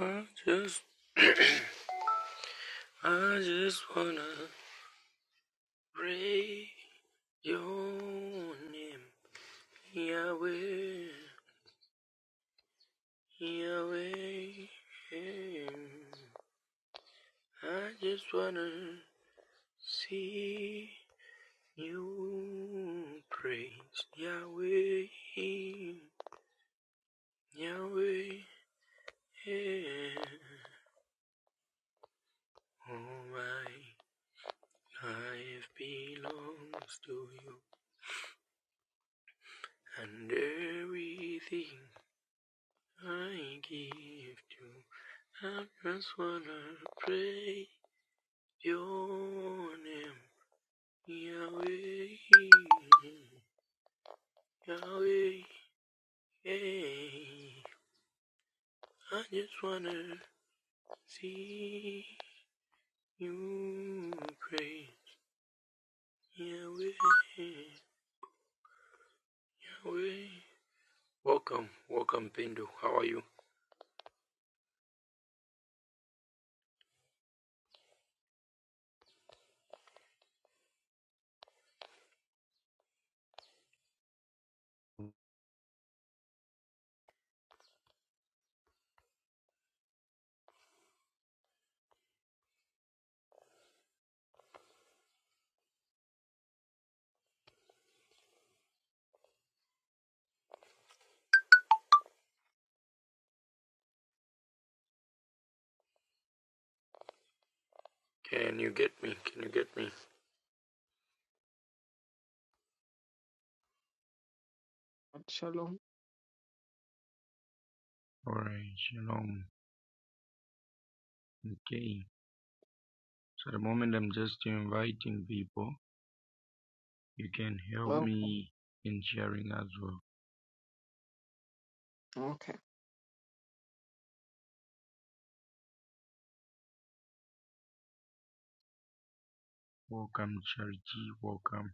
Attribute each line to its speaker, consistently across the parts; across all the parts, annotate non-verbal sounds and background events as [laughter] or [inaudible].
Speaker 1: I just, I just wanna pray your name, Yahweh, Yahweh. I just wanna see you praise Yahweh, Yahweh. All my life belongs to you, and everything. I give to I just wanna pray your name, Yahweh, Yahweh. hey. I just wanna see you pray, Yahweh, Yahweh. Welcome, welcome, Pindu. How are you? Can you get me? Can you get me?
Speaker 2: Shalom.
Speaker 1: Alright, shalom. Okay. So at the moment I'm just inviting people. You can help
Speaker 2: Well,
Speaker 1: me in sharing as well.
Speaker 2: okay.
Speaker 1: Welcome, Charity. Welcome.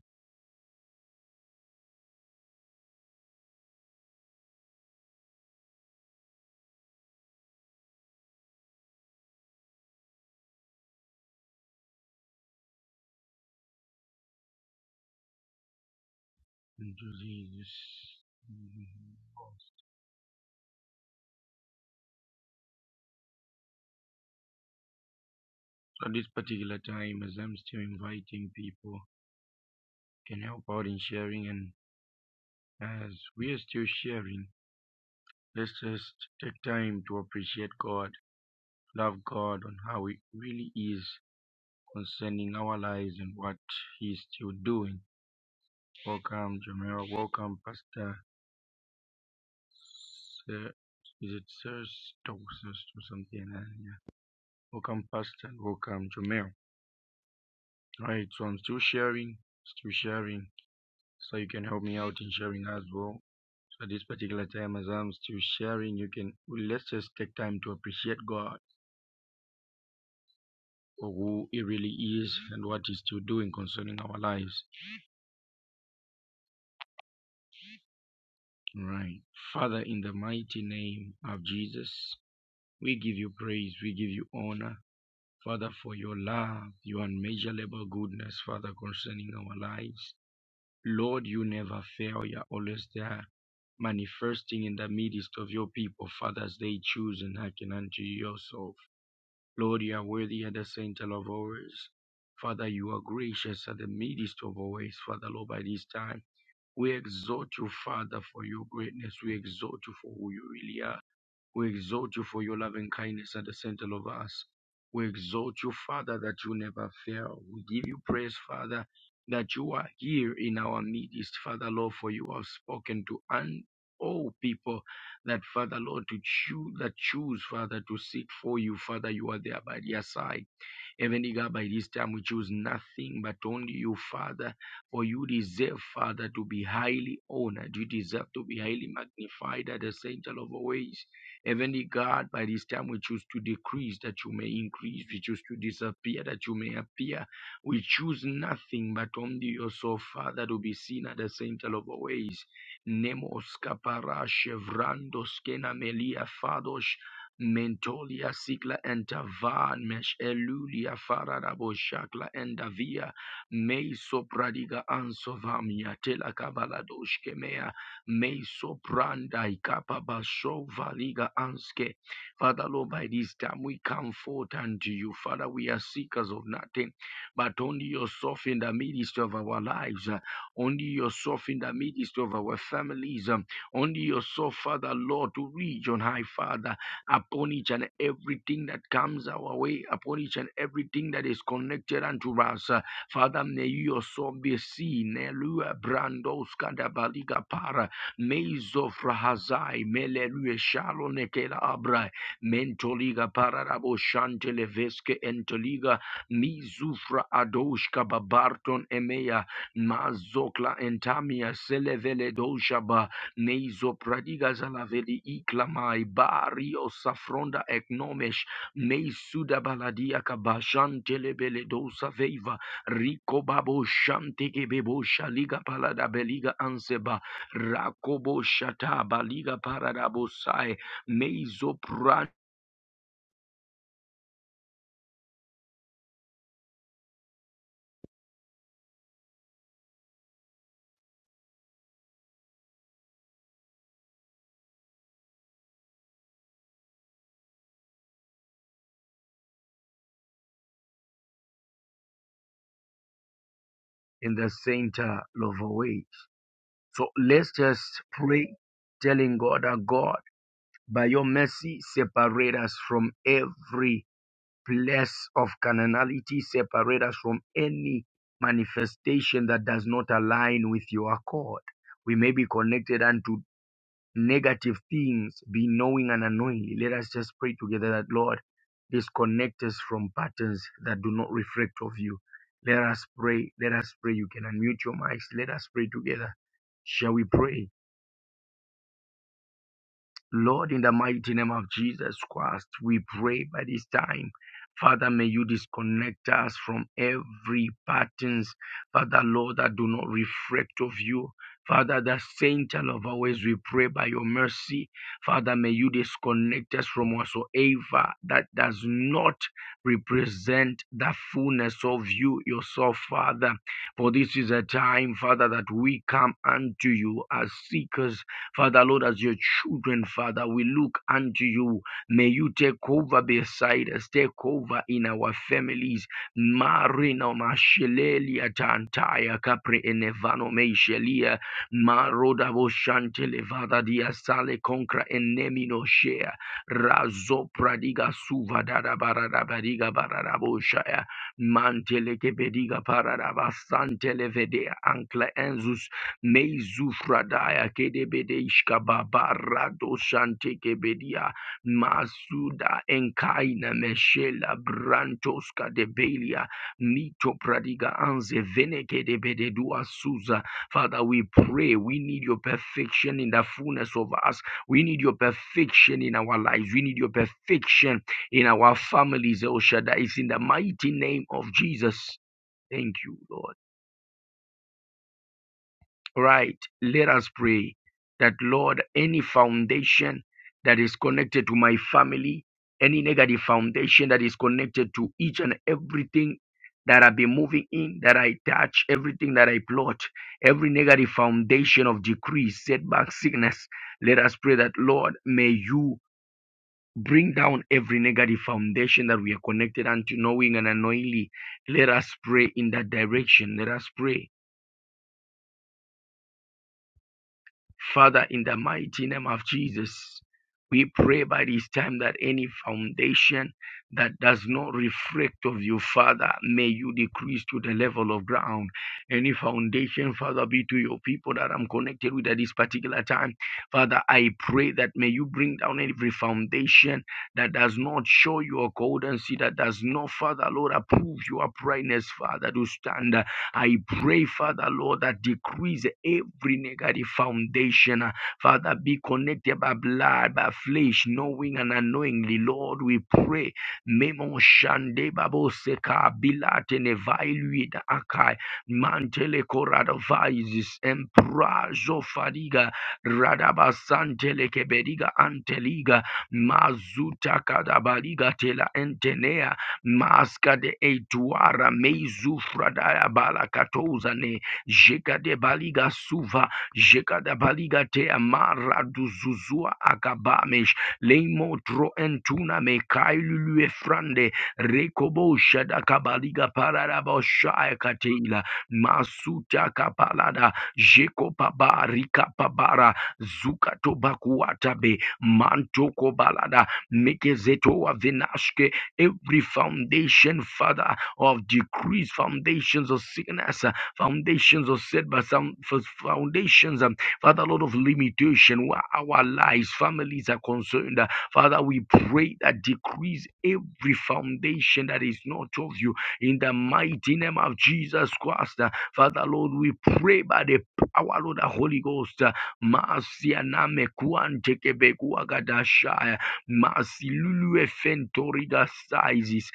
Speaker 1: Into this. So at this particular time, as I'm still inviting people, can help out in sharing, and as we are still sharing, let's just take time to appreciate God, love God on how He really is concerning our lives and what He's still doing. Welcome, Jamira. Welcome, Pastor. se- Is it thirst or something like yeah. Welcome Pastor, welcome Jomel. Alright, so I'm still sharing, still sharing. So you can help me out in sharing as well. So at this particular time as I'm still sharing, you can well, let's just take time to appreciate God for who He really is and what He's still doing concerning our lives. All Right. Father, in the mighty name of Jesus, we give you praise, we give you honor. Father, for your love, your unmeasurable goodness, Father, concerning our lives. Lord, you never fail. You're always there, manifesting in the midst of your people, Father, as they choose and hearken unto yourself. Lord, you are worthy at the center of ours. Father, you are gracious at the midst of our ways, Father, Lord, by this time. We exalt you, Father, for your greatness. We exalt you for who you really are. We exalt you for your loving kindness at the center of us. We exalt you, Father, that you never fail. We give you praise, Father, that you are here in our midst, Father, Lord, for you have spoken to un- all people that, Father, Lord, to choose, that choose, Father, to seek for you, Father, you are there by their side. Heavenly God, by this time we choose nothing but only you, Father, for you deserve, Father, to be highly honored. You deserve to be highly magnified at the center of our ways. Heavenly God, by this time we choose to decrease that you may increase. We choose to disappear that you may appear. We choose nothing but only yourself, Father, to be seen at the center of our ways. Nemos kapara shevrando skena melia fados Mentolia sigla entavan mesh elulia fararabo shakla endavia mei sopradiga ansovamia tela kabaladoshke mea mei sopranda ikapa basho valiga anske. Father Lord, by this time we come forth unto you. Father, we are seekers of nothing, but only yourself in the midst of our lives, uh, only yourself in the midst of our families, um, only yourself, Father Lord, to reach on high, Father upon each and everything that comes our way, upon each and everything that is connected unto us. Uh, Father, may your son be seen. Elua brandos kadabaliga para mezofrahazai melerue shalo nekela abra mentoliga para rabo shantele veske entoliga mizufra adoshka babarton emeya mazokla entamia selevele doshaba Neizo pradiga zalaveli iklamai bario safronda eknomesh meisuda baladia kabashan telebele dosa veiva riko babo shante kebebo shaliga palada beliga anseba rakobo shata baliga parada bosai meizo pran in the center of our way. So let's just pray telling God that God by your mercy separate us from every place of carnality separate us from any manifestation that does not align with your accord. We may be connected unto negative things, be knowing and unknowingly. Let us just pray together that, Lord, disconnect us from patterns that do not reflect of you. Let us pray. Let us pray. You can unmute your mics. Let us pray together. Shall we pray? Lord, in the mighty name of Jesus Christ, we pray by this time. Father, may you disconnect us from every patterns, Father, Lord, that do not reflect of you. Father, the saint of our ways, we pray by your mercy. Father, may you disconnect us from whatsoever that does not represent the fullness of you yourself, Father. For this is a time, Father, that we come unto you as seekers Father, Lord, as your children, Father, we look unto you. May you take over beside us, take over in our families. Marina mashelelia tantaya kapre enevano meishelia maroda voshantele vada dia sale concra enemino shea razo pradiga suva dada barada bariga barada voshaya mantele kebediga parada basantele vedea ankle enzus Neizufradaya kedebedeshka babarado shante kebedia masuda enkaina meshela brantoska debelia mito pradiga anze vene kedebededua suza. Father, we pray we need your perfection in the fullness of us. We need your perfection in our lives. We need your perfection in our families. El Shaddai, in the mighty name of Jesus. Thank you, Lord. Right. Let us pray that, Lord, any foundation that is connected to my family, any negative foundation that is connected to each and everything that i be moving in, that I touch, everything that I plot, every negative foundation of decrease, setback, sickness, let us pray that, Lord, may you bring down every negative foundation that we are connected unto knowing and unknowingly. Let us pray in that direction. Let us pray Father, in the mighty name of Jesus, we pray by this time that any foundation that does not reflect of you, Father, may you decrease to the level of ground. Any foundation, Father, be to your people that I'm connected with at this particular time. Father, I pray that may you bring down every foundation that does not show your goldency, that does not, Father, Lord, approve your brightness, Father, to stand. I pray, Father Lord, that decrease every negative foundation. uh, Father, be connected by blood, by flesh, knowing and unknowingly. Lord, we pray. Memo shande babo seka bilate nevailui da akai mantele korada vices emprazo fariga radabasantele keberiga anteliga mazuta kadabariga tela entenea maska de etuara meizu fradaya balakatoza ne jeka de baliga suva jeka de baliga te amara duzuzua akabamesh leimo tro entuna me kailulu efrande rekobo shada kabaliga pararabo shaya kateila masuta kapalada jeko paba rika pabara zuka tobakuatabe manto balada mekezetoa vinashke every foundation, Father, of decrease, foundations of sickness, uh, foundations of setbacks, some f- foundations, um, Father, Lord of limitation, where our lives, families are concerned. uh, Father, we pray that decrease every foundation that is not of you in the mighty name of Jesus Christ. uh, Father, Lord, we pray by the power of the Holy Ghost. uh, Masia name kuagadashaya. Masilulu efentoriga sizes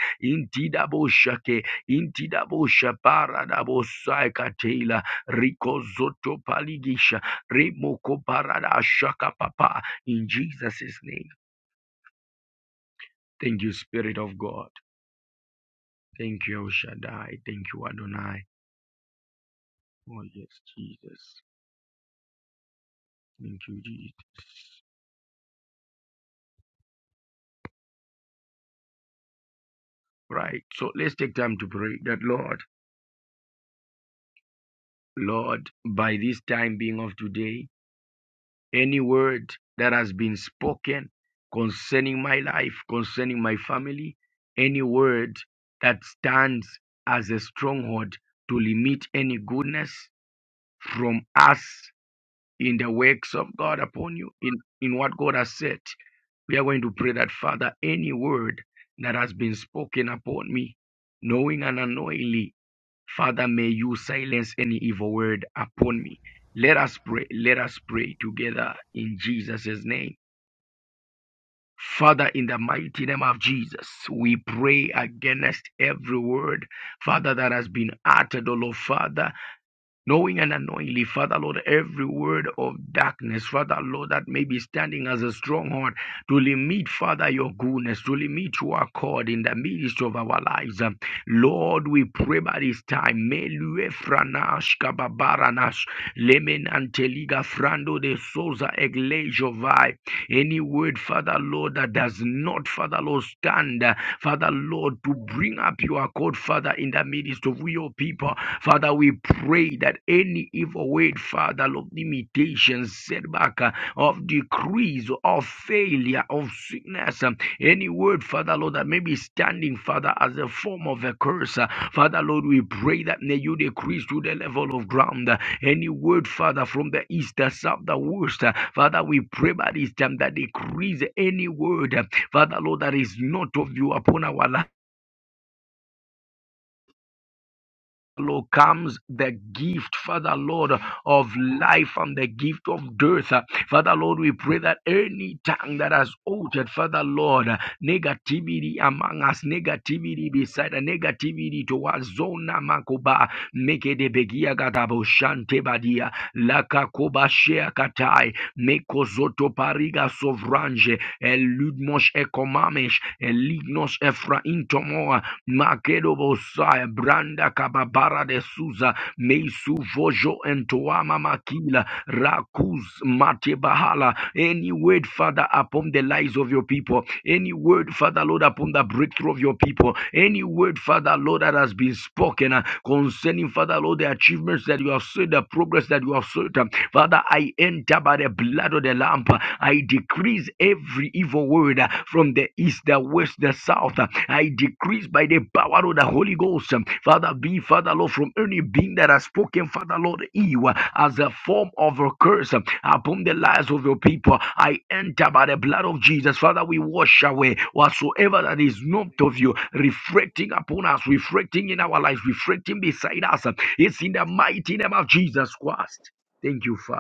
Speaker 1: dabo shapara dabo saika tela rikozoto paligisha remoko intidaboshaparadabosakatela rikozotopaligisha papa In Jesus' name. Thank you, Spirit of God. Thank you, El Shaddai. Thank you, Adonai. Oh, yes, Jesus. Thank you, Jesus. Right. So let's take time to pray that, Lord, Lord, by this time being of today, Any word that has been spoken concerning my life, concerning my family, any word that stands as a stronghold to limit any goodness from us in the works of God upon you, in, in what God has said, we are going to pray that, Father, any word that has been spoken upon me, knowing and unknowingly, Father, may you silence any evil word upon me. Let us pray. Let us pray together in Jesus' name. Father, in the mighty name of Jesus, we pray against every word, Father, that has been uttered, O Lord Father knowing and unknowingly, Father Lord, every word of darkness, Father Lord, that may be standing as a stronghold to limit, Father, your goodness, to limit your accord in the midst of our lives. Um, Lord, we pray by this time. Melue franash kababaranash lemen anteliga frando de soza eglejovai. Any word, Father Lord, that does not, Father Lord, stand, uh, Father Lord, to bring up your accord, Father, in the midst needs of your people. Father, we pray that any evil word, Father, of limitation, setback, uh, of decrease, of failure, of sickness, um, any word, Father, Lord, that may be standing, Father, as a form of a curse. uh, Father, Lord, we pray that may you decrease to the level of ground. uh, Any word, Father, from the east, the south, the west, uh, Father, we pray by this time that decrease any word, uh, Father, Lord, that is not of you upon our life Lord, comes the gift, Father Lord, of life and the gift of death. Father Lord, we pray that any tongue that has uttered, Father Lord, negativity among us, negativity beside us, negativity towards Zona Makoba, Meke de Begia Gatabo Shante Badia, Laka Koba Shea Katai, Meko Zoto Pariga Sovrange, Eludmos Ekomamesh, Elignos Efraintomoa, Makedobosai, Branda Kababara de Suza, Meisu Vojo and Makila, Rakuz Matebahala. Any word, Father, upon the lives of your people. Any word, Father, Lord, upon the breakthrough of your people. Any word, Father, Lord, that has been spoken uh, concerning, Father, Lord, the achievements that you have said, the progress that you have said. um, Father, I enter by the blood blood of the lamp, I decrease every evil word uh, from the east, the west, the south. Uh, I decrease by the power of the Holy Ghost. Um, Father, be Father Lord from any being that has spoken, Father Lord, you uh, as a form of a curse um, upon the lives of your people. I enter by the blood of Jesus. Father, we wash away whatsoever that is not of you, reflecting upon us, reflecting in our lives, reflecting beside us. Um, It's in the mighty name of Jesus Christ. Thank you, Father.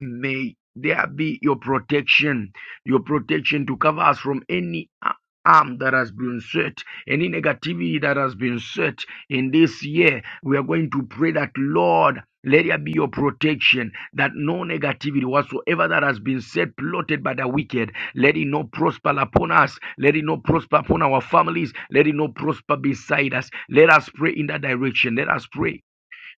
Speaker 1: May there be your protection, your protection to cover us from any a- harm that has been set, any negativity that has been set in this year. We are going to pray that, Lord, let there be your protection, that no negativity whatsoever that has been said, plotted by the wicked, let it not prosper upon us, let it not prosper upon our families, let it not prosper beside us. Let us pray in that direction. Let us pray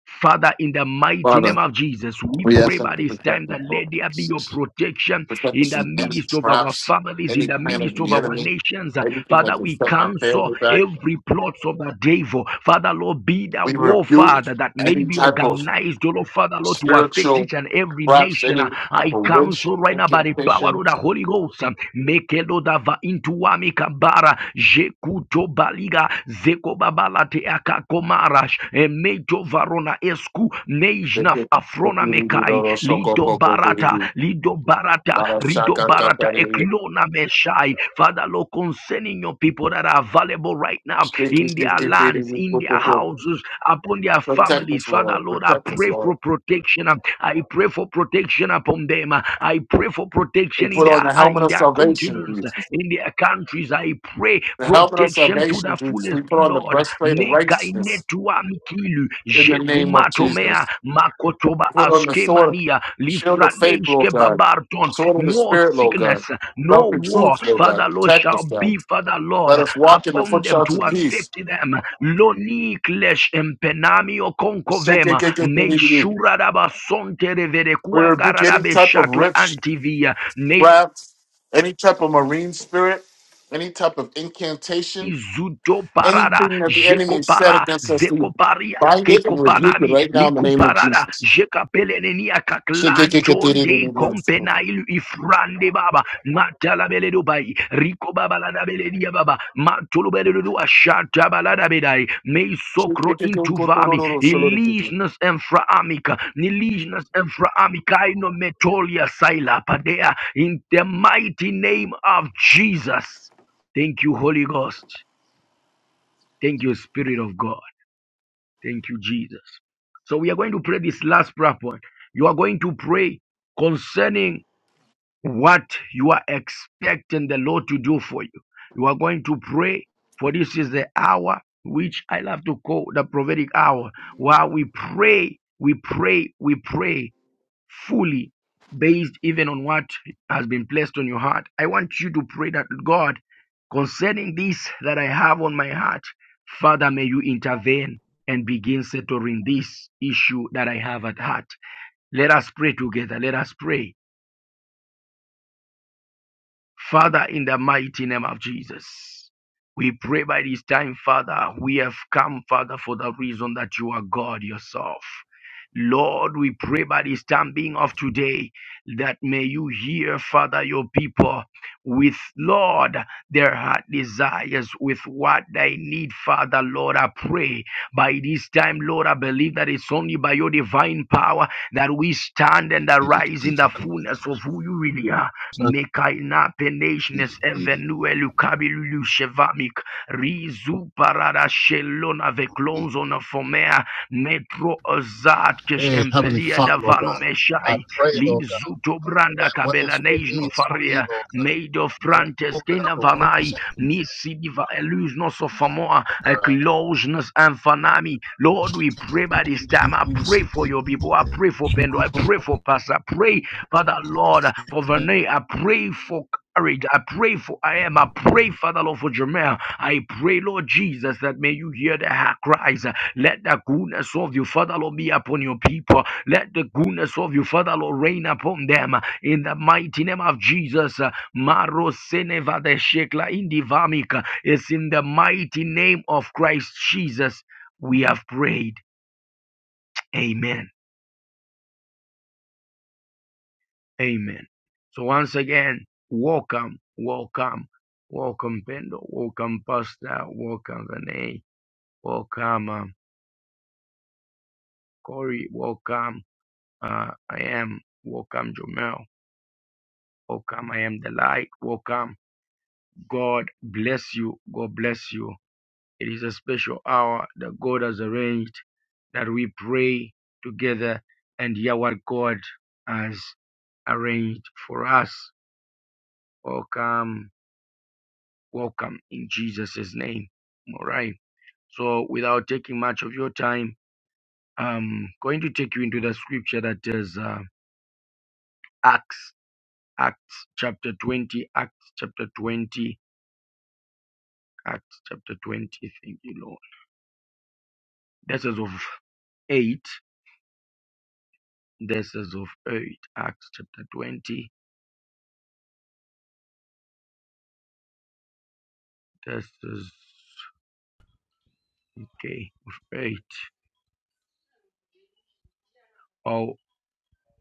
Speaker 1: Father, in the mighty name
Speaker 3: Father,
Speaker 1: of Jesus, we
Speaker 3: we
Speaker 1: pray
Speaker 3: ask them
Speaker 1: by
Speaker 3: to
Speaker 1: this time
Speaker 3: protect us
Speaker 1: that
Speaker 3: from
Speaker 1: let there be your
Speaker 3: disease.
Speaker 1: protection
Speaker 3: protect
Speaker 1: in
Speaker 3: us
Speaker 1: the
Speaker 3: from any
Speaker 1: midst of our
Speaker 3: traps,
Speaker 1: families, in
Speaker 3: any
Speaker 1: the
Speaker 3: plan of
Speaker 1: midst of
Speaker 3: the
Speaker 1: our
Speaker 3: enemy,
Speaker 1: nations.
Speaker 3: anything
Speaker 1: Father,
Speaker 3: that can
Speaker 1: we
Speaker 3: set my
Speaker 1: cancel
Speaker 3: family back.
Speaker 1: every plot of the devil. Father, Lord, be the
Speaker 3: We
Speaker 1: war,
Speaker 3: rebuke
Speaker 1: Father, that may
Speaker 3: any
Speaker 1: be
Speaker 3: type of
Speaker 1: organized, oh Lord, Father, Lord, to affect
Speaker 3: spiritual
Speaker 1: each and every
Speaker 3: traps,
Speaker 1: nation.
Speaker 3: any type
Speaker 1: I
Speaker 3: of witch
Speaker 1: cancel right now by the power of
Speaker 3: incantation.
Speaker 1: the Holy Ghost. Mekelodava intuami kabara, jekuto baliga, zekoba Kabalate akakomarash emejo varona esku nejnaf afrona mekai lido barata lido barata rido barata eklona meshai. Father, Lord, concerning your people that are available right now in their lands, in their houses, upon their
Speaker 3: Protect
Speaker 1: families,
Speaker 3: us,
Speaker 1: Father,
Speaker 3: Lord.
Speaker 1: Lord, I
Speaker 3: Protect us,
Speaker 1: pray
Speaker 3: Lord.
Speaker 1: for protection. I pray for protection upon them. I pray for
Speaker 3: We
Speaker 1: protection in
Speaker 3: put on
Speaker 1: their
Speaker 3: the helmet
Speaker 1: in
Speaker 3: of
Speaker 1: their
Speaker 3: salvation,
Speaker 1: continents,
Speaker 3: please.
Speaker 1: in their countries. I I pray
Speaker 3: The helmet of
Speaker 1: protection to the
Speaker 3: salvation, we
Speaker 1: fullest,
Speaker 3: we put on the
Speaker 1: Lord.
Speaker 3: breastplate of righteousness
Speaker 1: Nekainetua mkilu,
Speaker 3: in the name of
Speaker 1: jekumatomea,
Speaker 3: Jesus.
Speaker 1: makotoba
Speaker 3: Put on the sword,
Speaker 1: askemania,
Speaker 3: shield of faith, Lord
Speaker 1: lifraneshke
Speaker 3: God.
Speaker 1: babarton.
Speaker 3: Sword of the
Speaker 1: No
Speaker 3: Spirit, Lord God.
Speaker 1: sickness, no
Speaker 3: Belt of
Speaker 1: war,
Speaker 3: truth, Lord God.
Speaker 1: Father Lord,
Speaker 3: Protect
Speaker 1: shall
Speaker 3: us, God.
Speaker 1: be, Father Lord,
Speaker 3: Let us walk in the
Speaker 1: upon them
Speaker 3: footshots of
Speaker 1: to
Speaker 3: peace.
Speaker 1: affect them. Loni klesh empenamio
Speaker 3: We
Speaker 1: konkovema, neishura daba sonte reverekua
Speaker 3: rebuke
Speaker 1: garada
Speaker 3: any type of
Speaker 1: beshakla
Speaker 3: rich
Speaker 1: antivia, ne
Speaker 3: craft, any type of marine spirit, any type of incantation,
Speaker 1: Izudo parada,
Speaker 3: anything that the enemy has said
Speaker 1: jekopara,
Speaker 3: against us. We
Speaker 1: zekoparia,
Speaker 3: bind it and rebuke it
Speaker 1: kekopanani,
Speaker 3: right now in the name of
Speaker 1: likuparada,
Speaker 3: Jesus.
Speaker 1: jekapelenenia
Speaker 3: [laughs] Shake
Speaker 1: kaklanjon de kompenailu ifrande baba, matala beledo bai, riko baba la belenia baba, matulu beledo ashata balada bedai, mei sokro intuvami, ilisnas enfraamica, nilisnas enfraamica, ino metolia saila padea, in the mighty name of Jesus. Thank you, Holy Ghost. Thank you, Spirit of God. Thank you, Jesus. So we are going to pray this last prayer point. You are going to pray concerning what you are expecting the Lord to do for you. You are going to pray, for this is the hour which I love to call the prophetic hour. While we pray, we pray, we pray fully based even on what has been placed on your heart. I want you to pray that God, concerning this that I have on my heart, Father, may you intervene and begin settling this issue that I have at heart. Let us pray together. Let us pray. Father, in the mighty name of Jesus, we pray by this time, Father, we have come, Father, for the reason that you are God yourself. Lord, we pray by this time being of today that may you hear, Father, your people with, Lord, their heart desires, with what they need, Father, Lord. I pray by this time, Lord, I believe that it's only by your divine power that we stand and arise in the fullness of who you really are. Mekaina penejnes evenue lukabilulu shevamik. Rizu parada shelona veklonzo na fomea. Metro ozat kesh
Speaker 3: Hey, Heavenly
Speaker 1: empelia
Speaker 3: Father, Lord
Speaker 1: davano
Speaker 3: God, I
Speaker 1: meshai.
Speaker 3: pray, Lord God,
Speaker 1: Lizu tobranda branda
Speaker 3: that what is
Speaker 1: kabela
Speaker 3: for me
Speaker 1: nejno
Speaker 3: is for
Speaker 1: faria.
Speaker 3: me, Lord God.
Speaker 1: Meido
Speaker 3: I
Speaker 1: frantes
Speaker 3: open up the
Speaker 1: kenavanai,
Speaker 3: windows of heaven,
Speaker 1: nisi diva illusionos of Famoa, a
Speaker 3: God.
Speaker 1: closeness and anfanami. Lord, we pray by this time. I pray for your people. I pray for Pendo. I pray for Pastor. I pray, Father Lord, for Vernay. I pray for courage. I pray for I am. I pray, Father Lord, for Jamel. I pray, Lord Jesus, that may you hear the heart cries. Let the goodness of you, Father Lord, be upon your people. Let the goodness of you, Father Lord, reign upon them. In the mighty name of Jesus, Maro Seneva de Shekla Indivamika. It's in the mighty name of Christ Jesus we have prayed. Amen. Amen. So once again, welcome, welcome, welcome Pendo, welcome Pastor, welcome Renee, welcome um, Corey, welcome uh, I am, welcome Jomel, welcome I am the light, welcome. God bless you. God bless you. It is a special hour that God has arranged that we pray together and hear what God has arranged for us. Welcome, welcome in Jesus' name. All right. So, without taking much of your time, I'm going to take you into the scripture that is uh, Acts, Acts chapter 20, Acts chapter 20, Acts chapter 20. Thank you, Lord. This is of 8. This is of 8. Acts chapter 20 This is okay. Faith. Oh,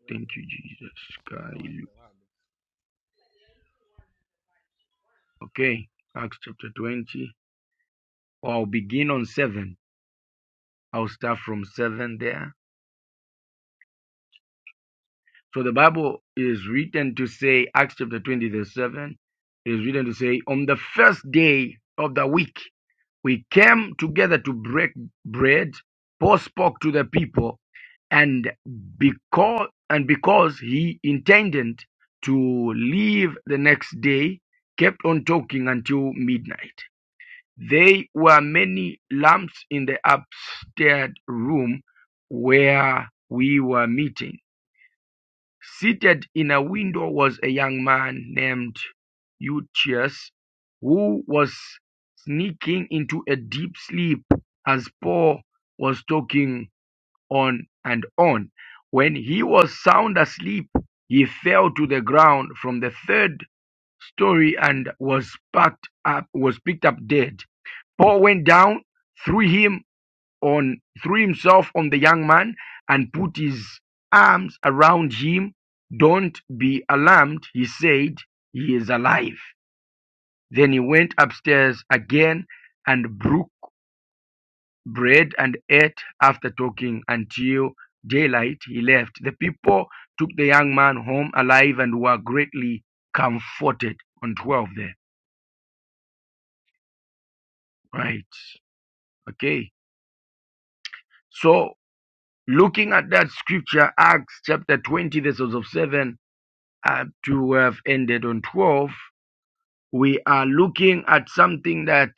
Speaker 1: thank you, Jesus. Okay. Acts chapter 20. Or I'll begin on 7. I'll start from 7 there. So the Bible is written to say, Acts chapter 20, verse 7 is written to say, on the first day of the week. We came together to break bread. Paul spoke to the people, and because, and because he intended to leave the next day, kept on talking until midnight. There were many lamps in the upstairs room where we were meeting Seated in a window was a young man named Eutychus, who was sneaking into a deep sleep as Paul was talking on and on. When he was sound asleep, he fell to the ground from the third story and was packed up was picked up dead. Paul went down, threw him on threw himself on the young man and put his arms around him. Don't be alarmed, he said. He is alive. Then he went upstairs again and broke bread and ate after talking until daylight. He left. The people took the young man home alive and were greatly comforted. On 12 there. Right. Okay. So looking at that scripture, Acts chapter 20, verses of 7 uh, to have ended on 12 we are looking at something that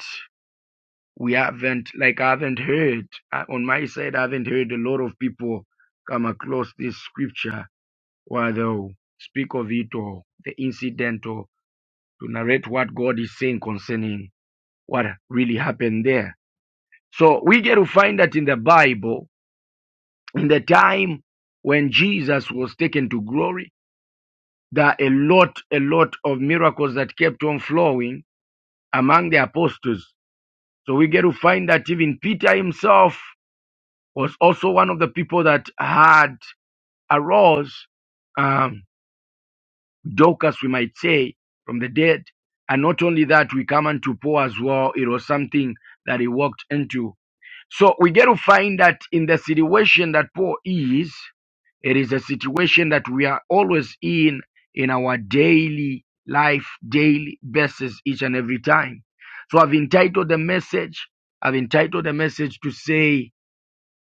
Speaker 1: we haven't like i haven't heard uh, on my side i haven't heard a lot of people come across this scripture where they'll speak of it or the incident or to narrate what god is saying concerning what really happened there so we get to find that in the bible in the time when jesus was taken to glory there are a lot a lot of miracles that kept on flowing among the apostles. So we get to find that even Peter himself was also one of the people that had arose, um, Dorcas, we might say, from the dead. And not only that, we come unto Paul as well. It was something that he walked into. So we get to find that in the situation that Paul is, it is a situation that we are always in in our daily life, daily basis, each and every time. So I've entitled the message, I've entitled the message to say,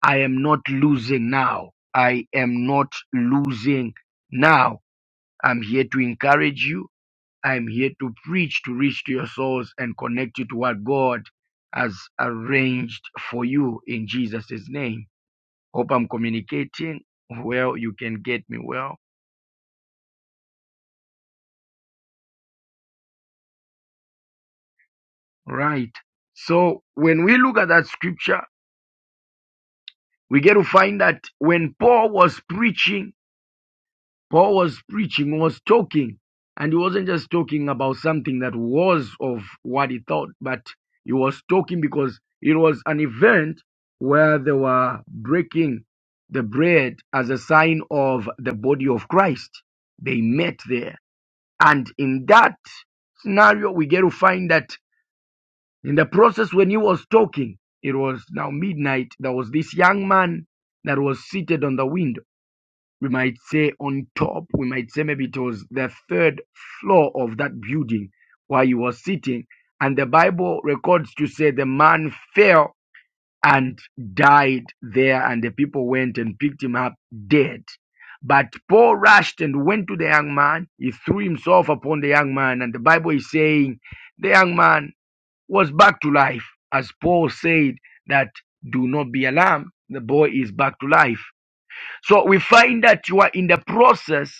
Speaker 1: I am not losing now. I am not losing now. I'm here to encourage you. I'm here to preach, to reach to your souls and connect you to what God has arranged for you in Jesus' name. Hope I'm communicating well. You can get me well. Right. So when we look at that scripture, we get to find that when Paul was preaching, Paul was preaching, was talking, and he wasn't just talking about something that was of what he thought, but he was talking because it was an event where they were breaking the bread as a sign of the body of Christ. They met there. And in that scenario, we get to find that In the process, when he was talking, it was now midnight. There was this young man that was seated on the window. We might say on top, we might say maybe it was the third floor of that building where he was sitting. And the Bible records to say the man fell and died there, and the people went and picked him up dead. But Paul rushed and went to the young man. He threw himself upon the young man, and the Bible is saying the young man was back to life. As Paul said that do not be alarmed, the boy is back to life. So we find that you are in the process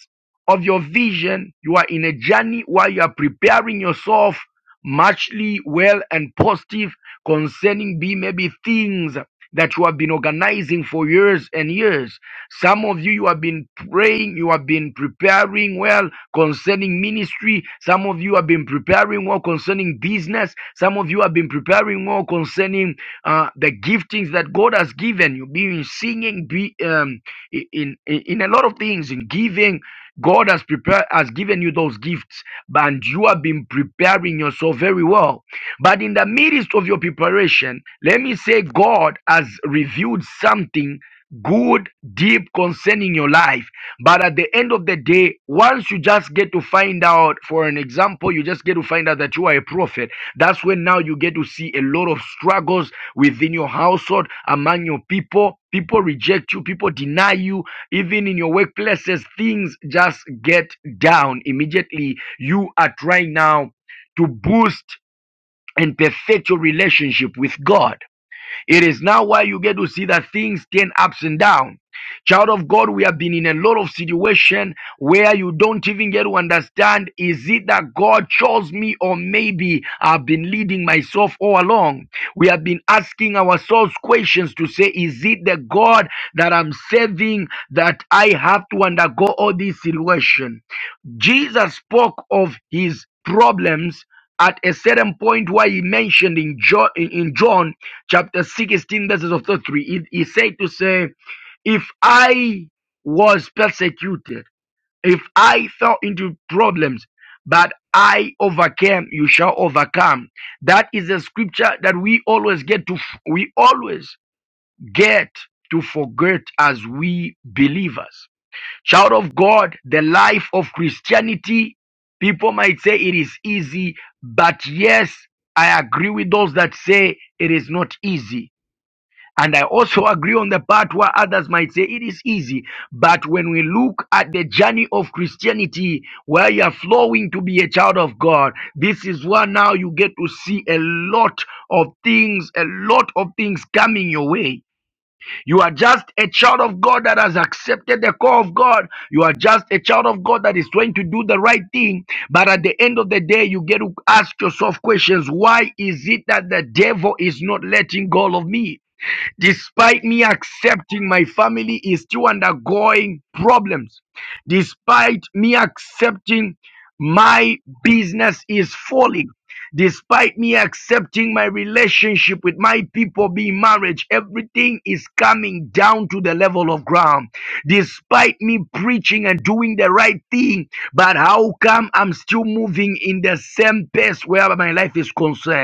Speaker 1: of your vision, you are in a journey where you are preparing yourself muchly well and positive concerning be maybe things that you have been organizing for years and years some of you, you have been praying, you have been preparing well concerning ministry. Some of you have been preparing well concerning business. Some of you have been preparing well concerning uh, the giftings that God has given you, be in singing, be um, in, in in a lot of things, in giving. God has prepared, has given you those gifts, and you have been preparing yourself very well. But in the midst of your preparation, let me say God has revealed something good, deep concern in your life. But at the end of the day, once you just get to find out, for an example, you just get to find out that you are a prophet, that's when now you get to see a lot of struggles within your household, among your people. People reject you, people deny you, even in your workplaces, things just get down immediately. You are trying now to boost and perfect your relationship with God. It is now why you get to see that things turn ups and down. Child of God, we have been in a lot of situation where you don't even get to understand is it that God chose me or maybe I've been leading myself all along. We have been asking ourselves questions to say is it the God that I'm serving that I have to undergo all this situation? Jesus spoke of his problems at a certain point where he mentioned in John, in John chapter 16, verses of 33, he, he said to say, if I was persecuted, if I fell into problems, but I overcame, you shall overcome. That is a scripture that we always get to, we always get to forget as we believers. Child of God, the life of Christianity, people might say it is easy, but yes, I agree with those that say it is not easy. And I also agree on the part where others might say it is easy. But when we look at the journey of Christianity, where you are flowing to be a child of God, this is where now you get to see a lot of things, a lot of things coming your way you are just a child of God that has accepted the call of God. You are just a child of God that is trying to do the right thing. But at the end of the day, you get to ask yourself questions. Why is it that the devil is not letting go of me? Despite me accepting my family is still undergoing problems. Despite me accepting my business is falling. Despite me accepting my relationship with my people being marriage, everything is coming down to the level of ground. Despite me preaching and doing the right thing, but how come I'm still moving in the same pace where my life is concerned?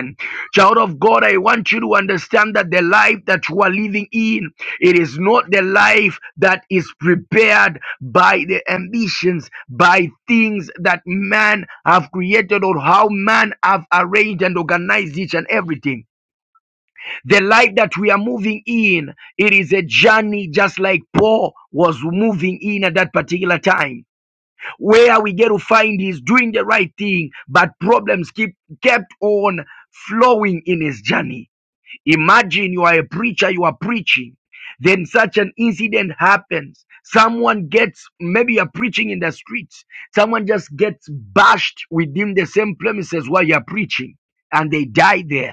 Speaker 1: Child of God, I want you to understand that the life that you are living in, it is not the life that is prepared by the ambitions, by things that man have created or how man have arranged and organized each and everything. The life that we are moving in, it is a journey just like Paul was moving in at that particular time where we get to find he's doing the right thing, but problems keep kept on flowing in his journey. Imagine you are a preacher, you are preaching. Then such an incident happens. Someone gets, maybe you're preaching in the streets. Someone just gets bashed within the same premises while you're preaching and they die there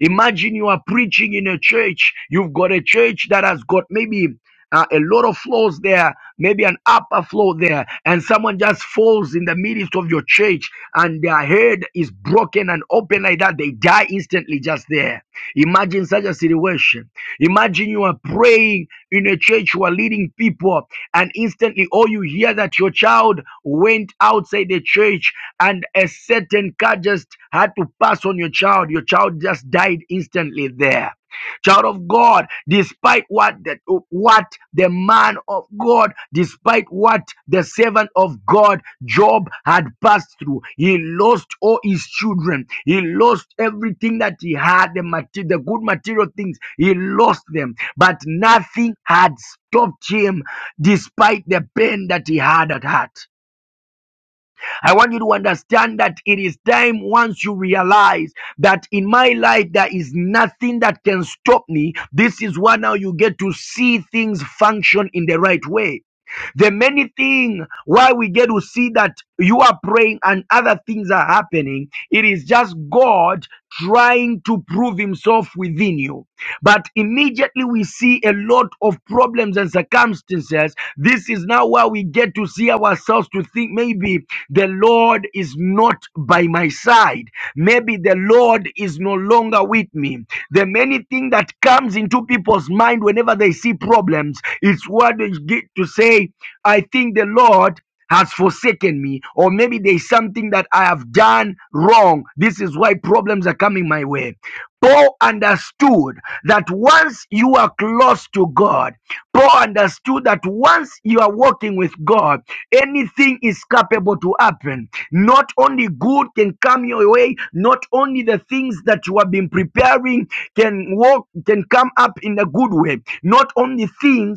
Speaker 1: Imagine you are preaching in a church. You've got a church that has got maybe uh, a lot of floors there, maybe an upper floor there, and someone just falls in the midst of your church and their head is broken and open like that. They die instantly just there. Imagine such a situation. Imagine you are praying in a church, you are leading people, and instantly all you hear that your child went outside the church and a certain car just had to pass on your child. Your child just died instantly there. Child of God, despite what the, what the man of God, despite what the servant of God, Job, had passed through, he lost all his children. He lost everything that he had, the, mater- the good material things. He lost them, but nothing had stopped him despite the pain that he had at heart. I want you to understand that it is time once you realize that in my life there is nothing that can stop me. This is why now you get to see things function in the right way. The many thing why we get to see that you are praying and other things are happening, it is just God trying to prove himself within you. But immediately we see a lot of problems and circumstances. This is now where we get to see ourselves to think maybe the Lord is not by my side. Maybe the Lord is no longer with me. The many thing that comes into people's mind whenever they see problems, it's what get to say, I think the Lord has forsaken me, or maybe there's something that I have done wrong. This is why problems are coming my way. Paul understood that once you are close to God, Paul understood that once you are walking with God, anything is capable to happen. Not only good can come your way, not only the things that you have been preparing can walk, can come up in a good way. Not only things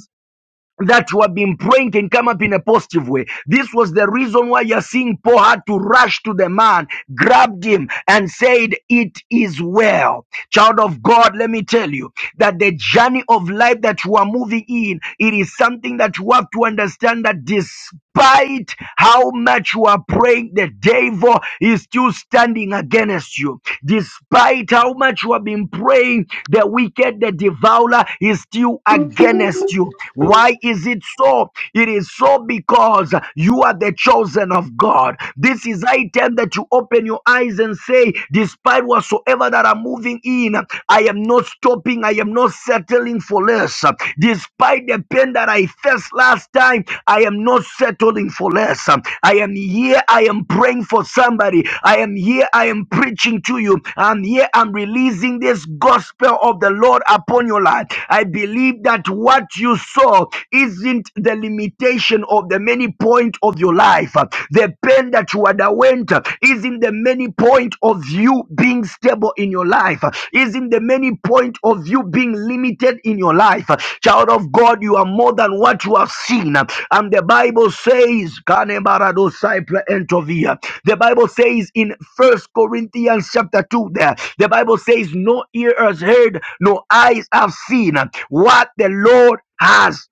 Speaker 1: that you have been praying can come up in a positive way. This was the reason why you're seeing Paul had to rush to the man, grabbed him, and said, It is well. Child of God, let me tell you that the journey of life that you are moving in, it is something that you have to understand that this despite how much you are praying, the devil is still standing against you. Despite how much you have been praying, the wicked, the devourer is still against you. Why is it so? It is so because you are the chosen of God. This is item that you open your eyes and say, despite whatsoever that I'm moving in, I am not stopping I am not settling for less. Despite the pain that I faced last time, I am not settling for less. I am here. I am praying for somebody. I am here. I am preaching to you. I'm here. I'm releasing this gospel of the Lord upon your life. I believe that what you saw isn't the limitation of the many points of your life. The pain that you underwent point, is in the many point of you being stable in your life, is in the many point of you being limited in your life. Child of God, you are more than what you have seen. And the Bible says, "Kanebarado saipre entovia." the Bible says in First Corinthians chapter 2, there, the Bible says, No ear has heard, no eyes have seen what the Lord has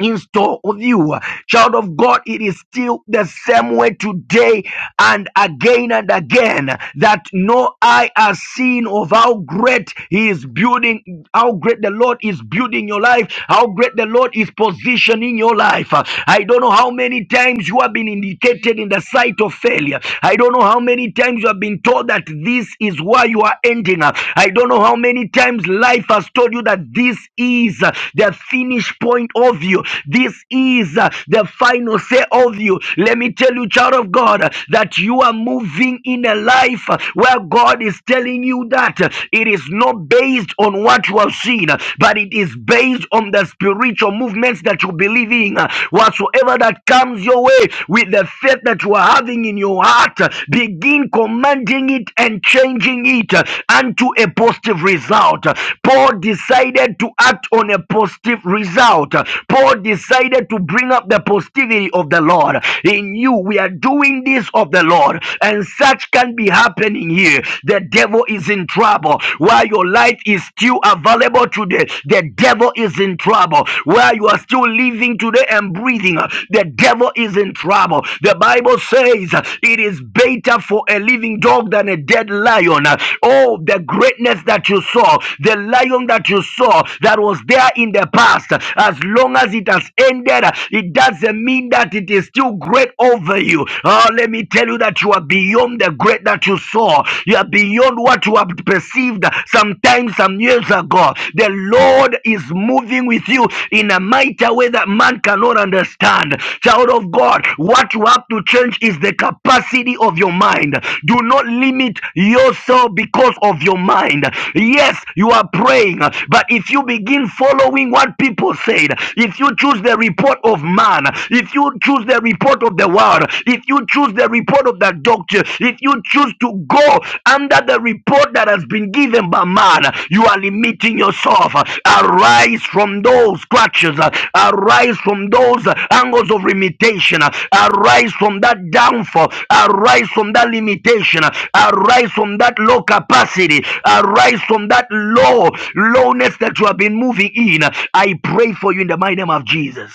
Speaker 1: in store with you. Child of God, it is still the same way today and again and again that no eye has seen of how great He is building, how great the Lord is building your life, how great the Lord is positioning your life. Uh, I don't know how many times you have been indicated in the sight of failure. I don't know how many times you have been told that this is where you are ending. up. I don't know how how many times life has told you that this is uh, the finish point of you? This is uh, the final say of you. Let me tell you, child of God, uh, that you are moving in a life uh, where God is telling you that uh, it is not based on what you have seen, uh, but it is based on the spiritual movements that you believe in. Uh, Whatsoever that comes your way with the faith that you are having in your heart heart, begin commanding it and changing it unto a positive result. Paul decided to act on a positive result. Paul decided to bring up the positivity of the Lord. He knew we are doing this of the Lord, and such can be happening here. The devil is in trouble. While your light is still available today, the devil is in trouble. While you are still living, living today and breathing, uh, the devil is in trouble. The Bible says uh, it is better for a living dog than a dead lion. Uh, Oh, the greatness that you saw, the lion that you saw that was there in the past, uh, as long as it has ended, uh, it doesn't mean that it is still great over you. Oh, let me tell you that you are beyond the great that you saw, you are beyond what you have perceived. Sometimes times some years ago. The Lord is moving with you in a mighty way that man cannot understand. Child of God, what you have to change is the capacity of your mind. Do not limit yourself because of your mind. Yes, you are praying, but if you begin following what people said, if you choose the report of man, if you choose the report of the world, if you choose the report of the structure. If you choose to go under the report that has been given by man, you are limiting yourself. Arise from those crutches. Arise from those angles of limitation. Arise from that downfall. Arise from that limitation. Arise from that low capacity. Arise from that low lowness that you have been moving in. I pray for you in the mighty name of Jesus.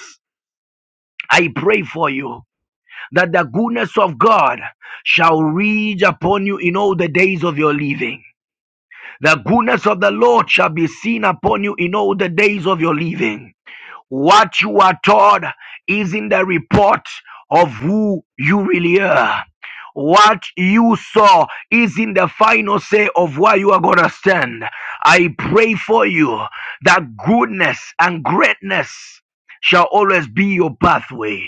Speaker 1: I pray for you that the goodness of God shall reach upon you in all the days of your living. The goodness of the Lord shall be seen upon you in all the days of your living. What you are taught is in the report of who you really are. What you saw is in the final say of where you are going to stand. I pray for you that goodness and greatness shall always be your pathway.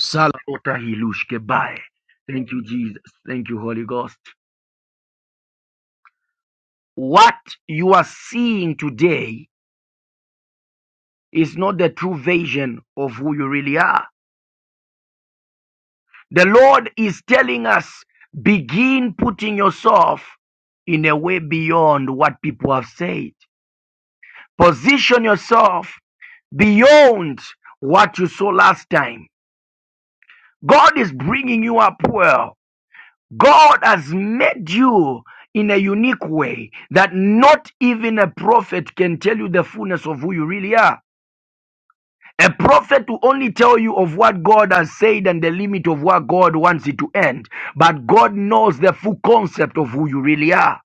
Speaker 1: Salakota-hilushkebai. Thank you, Jesus. Thank you, Holy Ghost. What you are seeing today is not the true vision of who you really are. The Lord is telling us begin putting yourself in a way beyond what people have said. Position yourself beyond what you saw last time. God is bringing you up well God has made you in a unique way that not even a prophet can tell you the fullness of who you really are. A prophet will only tell you of what God has said and the limit of what God wants it to end. But God knows the full concept of who you really are.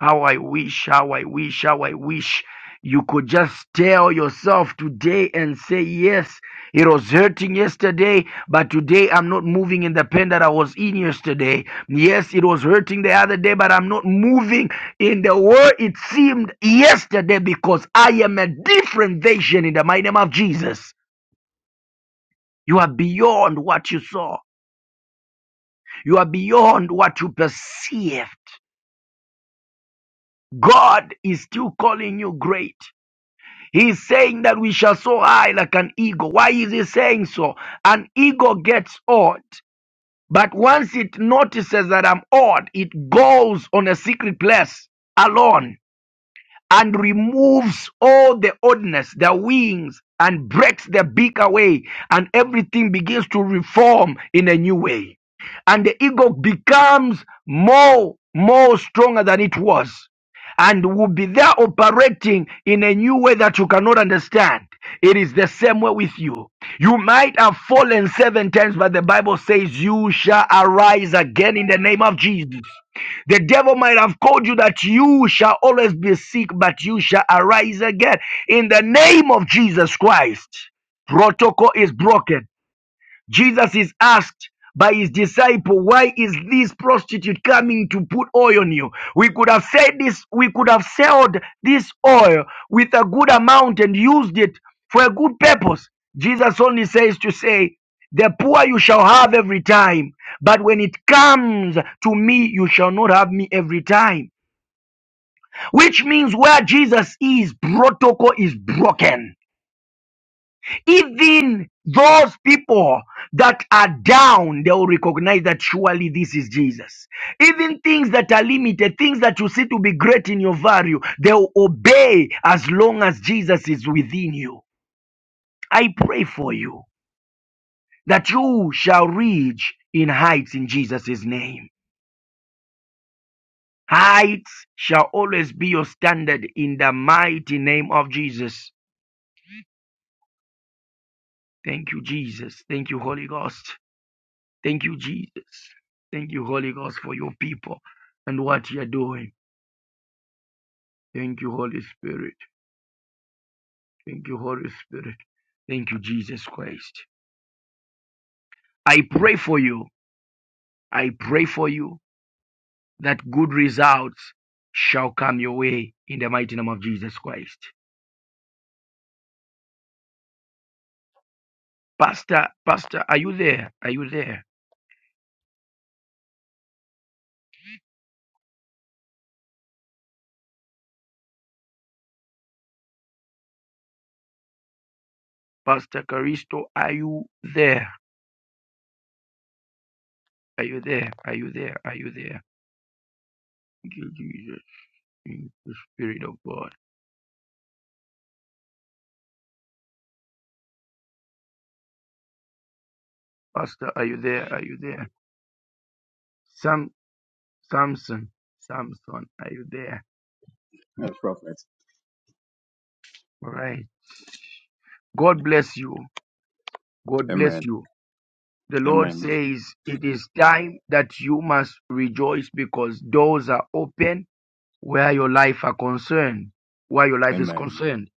Speaker 1: How I wish, how I wish, how I wish you could just tell yourself today and say, Yes, it was hurting yesterday, but today I'm not moving in the pain that I was in yesterday. Yes, it was hurting the other day, but I'm not moving in the way it seemed yesterday because I am a different version in the mighty name of Jesus. You are beyond what you saw, you are beyond what you perceived. God is still calling you great. He's saying that we shall soar high like an eagle. Why is he saying so? An eagle gets old, but once it notices that I'm old, it goes on a secret place alone and removes all the oddness, their wings, and breaks the beak away, and everything begins to reform in a new way. And the ego becomes more, more stronger than it was, and will be there operating in a new way that you cannot understand. It is the same way with you. You might have fallen seven times, but the Bible says you shall arise again in the name of Jesus. The devil might have called you that you shall always be sick, but you shall arise again. In the name of Jesus Christ, protocol is broken. Jesus is asked by his disciple, why is this prostitute coming to put oil on you? We could have said this, we could have sold this oil with a good amount and used it for a good purpose. Jesus only says to say, the poor you shall have every time, but when it comes to me, you shall not have me every time. Which means where Jesus is, protocol is broken even those people that are down, they will recognize that surely this is Jesus. Even things that are limited, things that you see to be great in your value, they will obey as long as Jesus is within you. I pray for you that you shall reach in heights in Jesus' name. Heights shall always be your standard in the mighty name of Jesus. Thank you, Jesus. Thank you, Holy Ghost. Thank you, Jesus. Thank you, Holy Ghost, for your people and what you're doing. Thank you, Holy Spirit. Thank you, Holy Spirit. Thank you, Jesus Christ. I pray for you. I pray for you that good results shall come your way in the mighty name of Jesus Christ. Pastor, Pastor, are you there? Are you there? Pastor Caristo, are you there? Are you there? Are you there? Are you there? Thank you, Jesus. Thank you, Spirit of God. Pastor, are you there? Are you there? Some Samson, Samson, are you there?
Speaker 4: Yes, prophet.
Speaker 1: All right. God bless you. God bless
Speaker 4: Amen.
Speaker 1: you. The Lord
Speaker 4: Amen.
Speaker 1: says it is time that you must rejoice because doors are open where your life are concerned, where your life is
Speaker 4: Amen.
Speaker 1: concerned.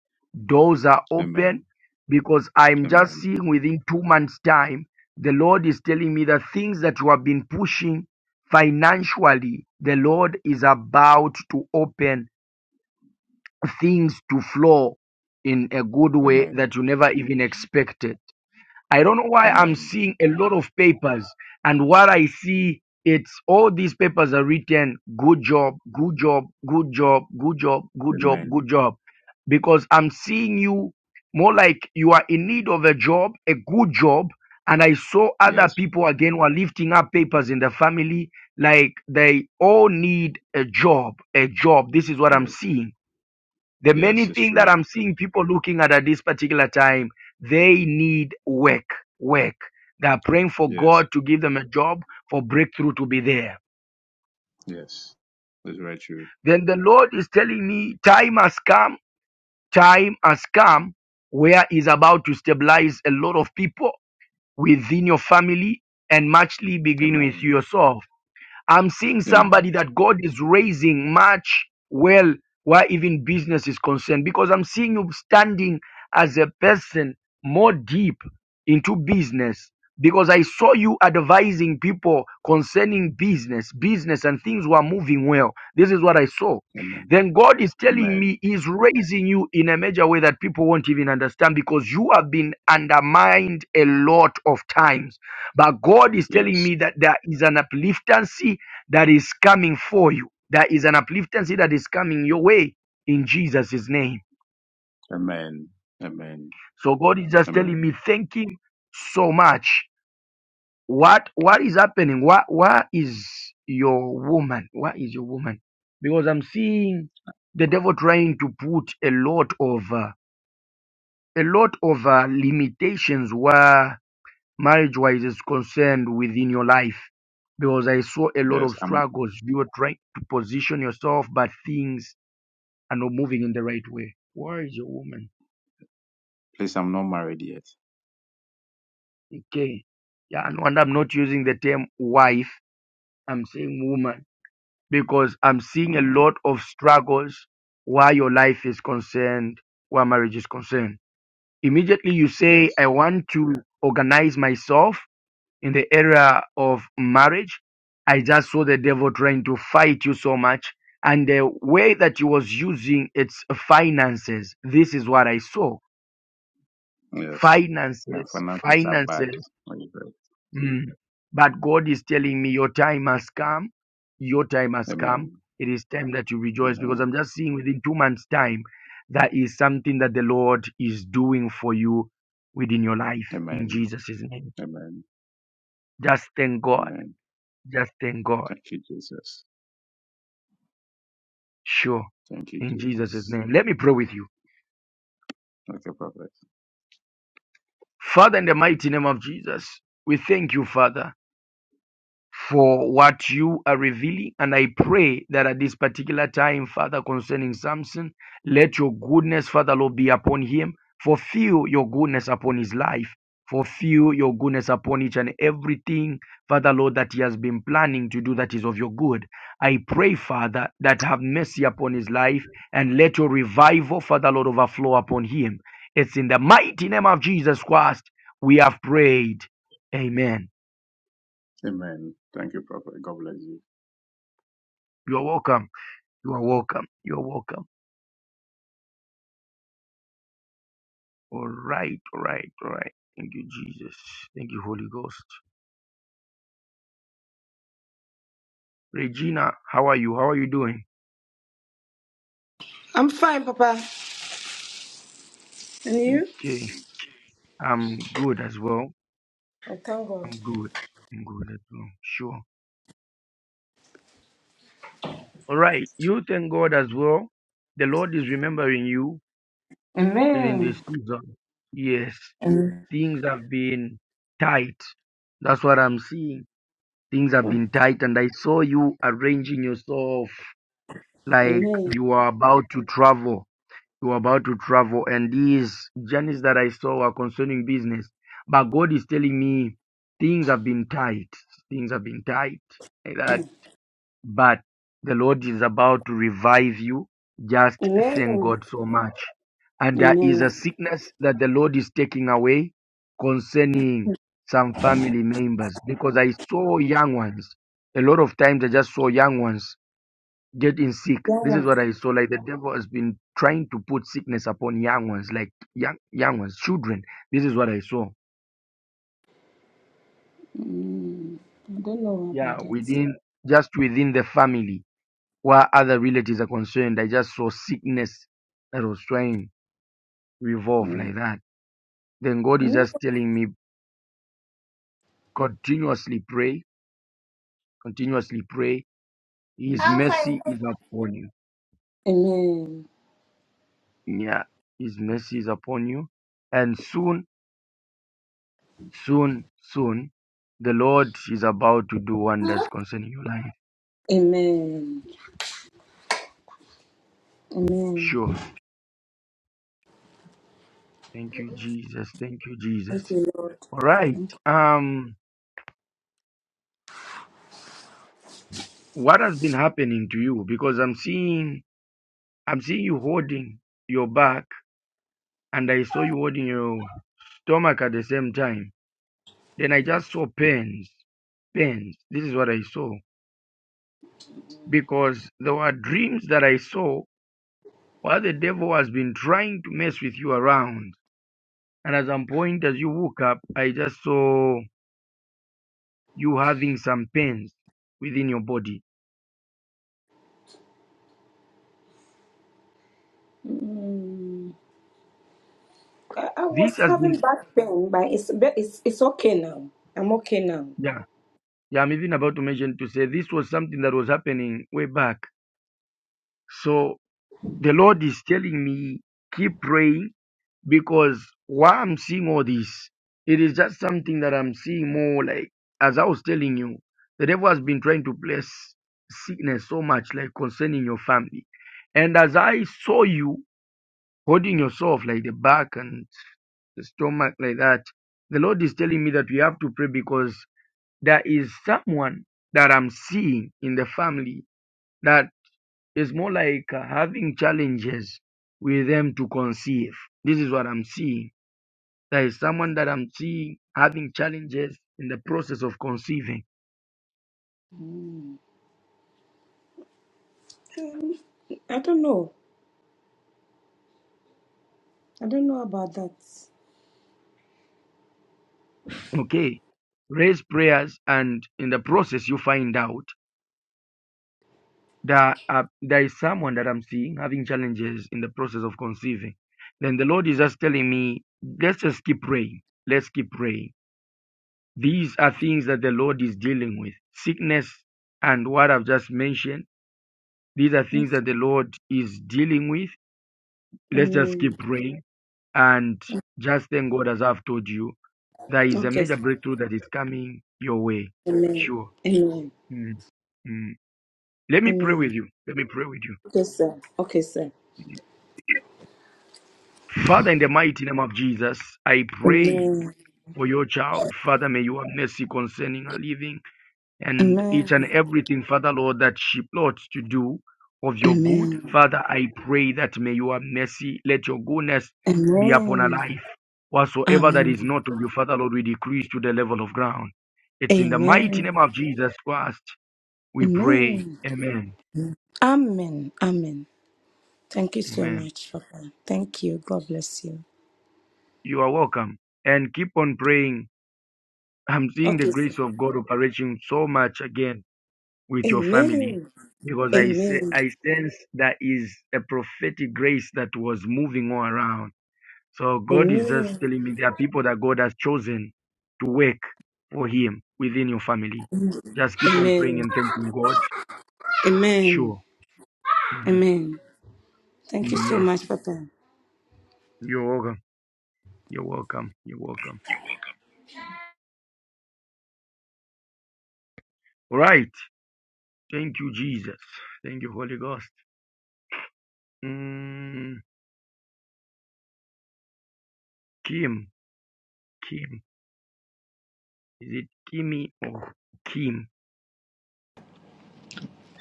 Speaker 1: Doors are
Speaker 4: Amen.
Speaker 1: open because I'm just
Speaker 4: Amen.
Speaker 1: seeing within two months' time, the Lord is telling me that things that you have been pushing financially, the Lord is about to open things to flow in a good way that
Speaker 4: Amen.
Speaker 1: you never even expected. I don't know why I'm
Speaker 4: Amen.
Speaker 1: seeing a lot of papers, and what I see it's all these papers are written good job, good job, good job, good job, good job, good
Speaker 4: Amen.
Speaker 1: job. Because I'm seeing you more like you are in need of a job, a good job. And I saw other
Speaker 4: Yes.
Speaker 1: people again who are lifting up papers in the family, like they all need a job, a job. This is what I'm
Speaker 4: Yes.
Speaker 1: seeing the
Speaker 4: Yes,
Speaker 1: many
Speaker 4: it's
Speaker 1: things that
Speaker 4: true.
Speaker 1: I'm seeing people looking at at this particular time, they need work, work. They are praying for
Speaker 4: Yes.
Speaker 1: God to give them a job, for breakthrough to be there.
Speaker 4: Yes. It's very true.
Speaker 1: Then the Lord is telling me, time has come, time has come where is about to stabilize a lot of people within your family and muchly begin with
Speaker 4: Amen.
Speaker 1: yourself. I'm seeing somebody
Speaker 4: Amen.
Speaker 1: that God is raising much well where even business is concerned because I'm seeing you standing as a person more deep into business because I saw you advising people concerning business, business and things were moving well. This is what I saw.
Speaker 4: Amen.
Speaker 1: Then God is telling
Speaker 4: Amen.
Speaker 1: me He's raising you in a major way that people won't even understand because you have been undermined a lot of times but God is telling
Speaker 4: Yes.
Speaker 1: me that there is an upliftancy that is coming for you. There is an upliftancy that is coming your way in Jesus' name.
Speaker 4: Amen. Amen.
Speaker 1: So God is just telling
Speaker 4: Amen.
Speaker 1: me, thank Him so much. What what is happening? What what is your woman? What is your woman? Because I'm seeing the devil trying to put a lot of uh, a lot of uh, limitations where marriage wise is concerned within your life because I saw a lot
Speaker 4: Yes.
Speaker 1: of
Speaker 4: I'm
Speaker 1: struggles. You were trying to position yourself, but things are not moving in the right way. Where is your woman?
Speaker 4: please I'm not married yet.
Speaker 1: Okay. Yeah, and and I'm not using the term wife, I'm saying woman because I'm seeing a
Speaker 4: Mm.
Speaker 1: lot of struggles where your life is concerned, where marriage is concerned. Immediately you say,
Speaker 4: Yes.
Speaker 1: I want to organize myself in the area of marriage. I just saw the devil trying to fight you so much. And the way that he was using its finances, this is what I saw
Speaker 4: Yes. My
Speaker 1: finances,
Speaker 4: finances are bad.
Speaker 1: finances. Mm. But God is telling me your time has come. Your time has come.
Speaker 4: Amen.
Speaker 1: It is time that you rejoice because
Speaker 4: Amen.
Speaker 1: I'm just seeing within two months' time, that is something that the Lord is doing for you within your life in
Speaker 4: Amen.
Speaker 1: Jesus' name.
Speaker 4: Amen.
Speaker 1: Just thank God.
Speaker 4: Amen.
Speaker 1: Just thank God.
Speaker 4: Thank you, Jesus.
Speaker 1: Sure.
Speaker 4: Thank you,
Speaker 1: In Jesus'
Speaker 4: Jesus.
Speaker 1: name. Let me pray with you.
Speaker 4: Thank you, Prophet.
Speaker 1: Father, in the mighty name of Jesus, we thank you, Father. for what you are revealing. And I pray that at this particular time, Father, concerning Samson, let your goodness, Father Lord, be upon him. Fulfill your goodness upon his life. Fulfill your goodness upon each and everything, Father Lord, that he has been planning to do that is of your good. I pray, Father, that have mercy upon his life and let your revival, Father Lord, overflow upon him. It's in the mighty name of Jesus Christ we have prayed. Amen.
Speaker 4: Amen. Thank you, Prophet. God bless you.
Speaker 1: You're welcome. You are welcome. You are welcome. All right, all right, all right. Thank you, Jesus. Thank you, Holy Ghost. Regina, how are you? How are you doing?
Speaker 5: I'm fine, Papa. And you?
Speaker 1: Okay, I'm good as well.
Speaker 5: Oh, thank God.
Speaker 1: I'm good. I'm good as well. Sure. All right. You thank God as well. The Lord is remembering you during
Speaker 5: Amen.
Speaker 1: this season. Yes,
Speaker 5: Amen.
Speaker 1: things have been tight. That's what I'm seeing. Things have been tight, and I saw you arranging yourself like
Speaker 5: Amen.
Speaker 1: you are about to travel you are about to travel and these journeys that i saw were concerning business but god is telling me things have been tight things have been tight like that but the lord is about to revive you just thank
Speaker 5: Amen.
Speaker 1: god so much and there is a
Speaker 5: Amen.
Speaker 1: sickness that the lord is taking away concerning some family members because i saw young ones a lot of times i just saw young ones getting sick.
Speaker 5: Yeah,
Speaker 1: This is
Speaker 5: one.
Speaker 1: what I saw. Like the devil has been trying to put sickness upon young ones, like young young ones, children. This is what I saw.
Speaker 5: Mm, I don't know about
Speaker 1: Yeah,
Speaker 5: that.
Speaker 1: within just within the family, where other relatives are concerned, I just saw sickness that was trying to revolve
Speaker 5: Mm,
Speaker 1: like that. Then God is
Speaker 5: No.
Speaker 1: just telling me continuously pray, continuously pray. His
Speaker 5: mm.
Speaker 1: mercy is upon you.
Speaker 5: Amen.
Speaker 1: Yeah, His mercy is upon you, and soon Soon, soon, the Lord is about to do wonders concerning your life.
Speaker 5: Amen. Amen.
Speaker 1: Sure. Thank you, Jesus. Thank you, Jesus.
Speaker 5: Thank you, Lord.
Speaker 1: All right.
Speaker 5: Thank
Speaker 1: Um, what has been happening to you? Because I'm seeing, I'm seeing you holding your back, and I saw you holding your stomach at the same time. Then I just saw pains, pains. This is what I saw because there were dreams that I saw where the devil has been trying to mess with you around And at some point, as you woke up, I just saw you having some pains within your body.
Speaker 5: you. Mm, I, I was
Speaker 1: This has been,
Speaker 5: having back pain, but it's but it's it's okay now. I'm okay now.
Speaker 1: yeah, yeah, I'm even about to mention to say this was something that was happening way back. So the Lord is telling me, keep praying because while I'm seeing all this, it is just something that I'm seeing more like, as I was telling you, the devil has been trying to place sickness so much, like concerning your family. And as I saw you holding yourself like the back and stomach like that. The Lord is telling me that we have to pray because there is someone that I'm seeing in the family that is more like uh, having challenges with them to conceive. This is what I'm seeing. There is someone that I'm seeing having challenges in the process of conceiving.
Speaker 5: I don't know. I don't know about that.
Speaker 1: Okay. Raise prayers, and in the process, you find out. there are, there is someone that I'm seeing having challenges in the process of conceiving. Then the Lord is just telling me, let's just keep praying. Let's keep praying. These are things that the Lord is dealing with. Sickness and what I've just mentioned, these are things
Speaker 5: Okay.
Speaker 1: that the Lord is dealing with. Let's just keep
Speaker 5: Amen.
Speaker 1: praying and just thank God as I've told you. There is a
Speaker 5: Okay.
Speaker 1: major breakthrough that is coming your way.
Speaker 5: Amen.
Speaker 1: Sure.
Speaker 5: Amen.
Speaker 1: Mm, mm. Let me pray
Speaker 5: Amen.
Speaker 1: with you. Let me pray with you.
Speaker 5: Okay, sir. Okay, sir.
Speaker 1: Father, in the mighty name of Jesus, I pray
Speaker 5: Amen.
Speaker 1: for your child. Father, may you have mercy concerning her living and
Speaker 5: Amen.
Speaker 1: each and everything, Father Lord, that she plots to do of your good.
Speaker 5: Amen.
Speaker 1: Father, I pray that may you have mercy. Let your goodness be upon her
Speaker 5: Amen.
Speaker 1: life. Whatsoever that is
Speaker 5: Amen.
Speaker 1: not of you, Father Lord, we decrease to the level of ground. It's in the mighty
Speaker 5: Amen.
Speaker 1: name of Jesus Christ we pray.
Speaker 5: Amen.
Speaker 1: Amen.
Speaker 5: Amen. Amen. Thank you so
Speaker 1: Amen.
Speaker 5: much, Papa. Thank you. God bless you.
Speaker 1: You are welcome. And keep on praying I'm seeing the
Speaker 5: Okay, sir.
Speaker 1: grace of God operating so much again with your family
Speaker 5: Amen.
Speaker 1: because I say
Speaker 5: Amen.
Speaker 1: I sense that is a prophetic grace that was moving all around. So God is just
Speaker 5: Amen.
Speaker 1: telling me there are people that God has chosen to work for Him within your family. Just keep on praying
Speaker 5: Amen.
Speaker 1: and thanking God.
Speaker 5: Amen.
Speaker 1: Sure. hmm
Speaker 5: Amen. Thank you so
Speaker 1: Yes.
Speaker 5: much, Papa.
Speaker 1: You're welcome. You're welcome. You're welcome. All right. Thank you, Jesus. Thank you, Holy Ghost. Mm, Kim. Kim. Is it Kimmy or Kim?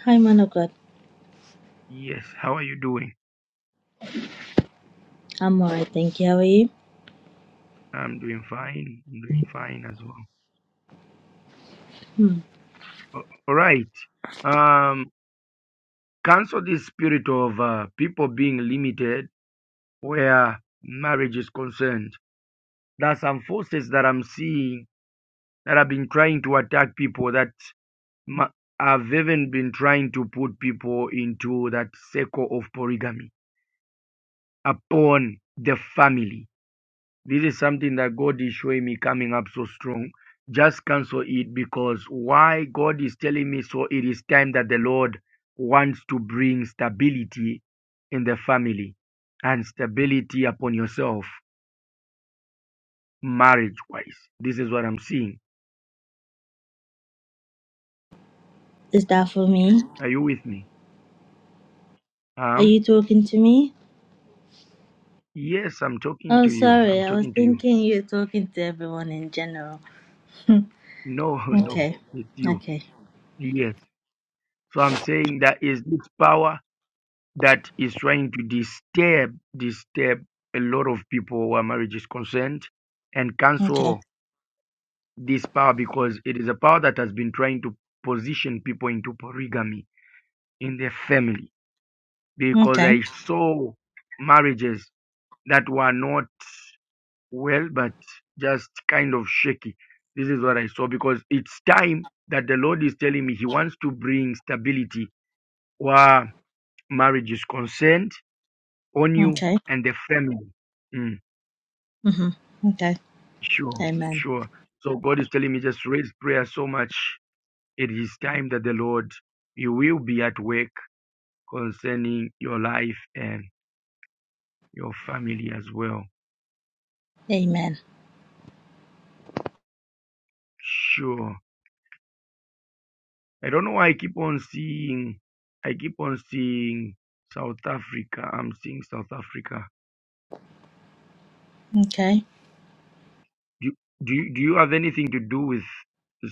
Speaker 6: Hi, man of God.
Speaker 1: Yes. How are you doing?
Speaker 6: I'm alright, thank you. How are you?
Speaker 1: I'm doing fine. I'm doing fine as well.
Speaker 6: Hmm.
Speaker 1: A- All right. Um, cancel this spirit of uh, people being limited where marriage is concerned. There are some forces that I'm seeing that have been trying to attack people that ma- have even been trying to put people into that circle of polygamy upon the family. This is something that God is showing me coming up so strong. Just cancel it because why God is telling me so it is time that the Lord wants to bring stability in the family and stability upon yourself marriage wise. This is what I'm seeing.
Speaker 6: Is that for me?
Speaker 1: Are you with me?
Speaker 6: Are
Speaker 1: Um
Speaker 6: you talking to me?
Speaker 1: yes, I'm talking
Speaker 6: Oh,
Speaker 1: to you. I'm
Speaker 6: sorry. I was
Speaker 1: talking to you.
Speaker 6: thinking you're talking to everyone in general. Hmm.
Speaker 1: No, [laughs] no,
Speaker 6: Okay.
Speaker 1: it's you.
Speaker 6: Okay.
Speaker 1: Yes. So I'm saying that is this power that is trying to disturb disturb a lot of people where marriage is concerned and
Speaker 6: Okay.
Speaker 1: cancel this power because it is a power that has been trying to position people into polygamy in their family because i
Speaker 6: Okay.
Speaker 1: saw marriages that were not well but just kind of shaky this is what i saw because it's time that the lord is telling me he wants to bring stability where marriage is concerned on you
Speaker 6: Okay.
Speaker 1: and the family. Mm,
Speaker 6: Mm-hmm. Okay.
Speaker 1: sure,
Speaker 6: Amen.
Speaker 1: sure. So God is telling me just raise prayer so much. It is time that the Lord, you will be at work concerning your life and your family as well.
Speaker 6: Amen.
Speaker 1: Sure. I don't know why I keep on seeing, I keep on seeing South Africa. I'm seeing South Africa.
Speaker 6: Okay.
Speaker 1: Do, do, you- do you have anything to do with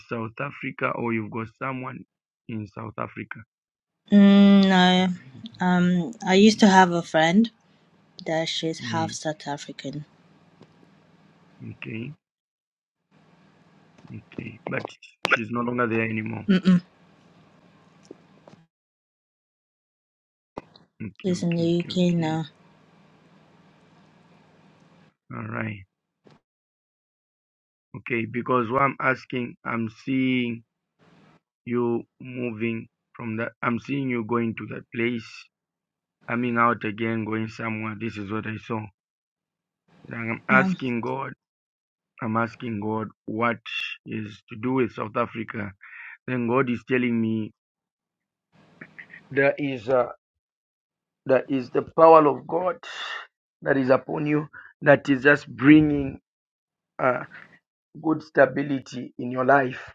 Speaker 1: South Africa or you've got someone in South Africa?
Speaker 6: Mm, no. Um, I used to have a friend that she's half
Speaker 1: Mm,
Speaker 6: South African.
Speaker 1: okay, okay. But she's no longer there anymore.
Speaker 6: Mm-mm.
Speaker 1: Okay,
Speaker 6: She's in
Speaker 1: okay,
Speaker 6: the
Speaker 1: okay,
Speaker 6: UK
Speaker 1: okay.
Speaker 6: now.
Speaker 1: All right. Okay, because what I'm asking, I'm seeing you moving from that. I'm seeing you going to that place, coming out again, going somewhere. This is what I saw. And I'm
Speaker 6: No.
Speaker 1: asking God. I'm asking God what is to do with South Africa. Then God is telling me there is a, there is the power of God that is upon you that is just bringing. uh, good stability in your life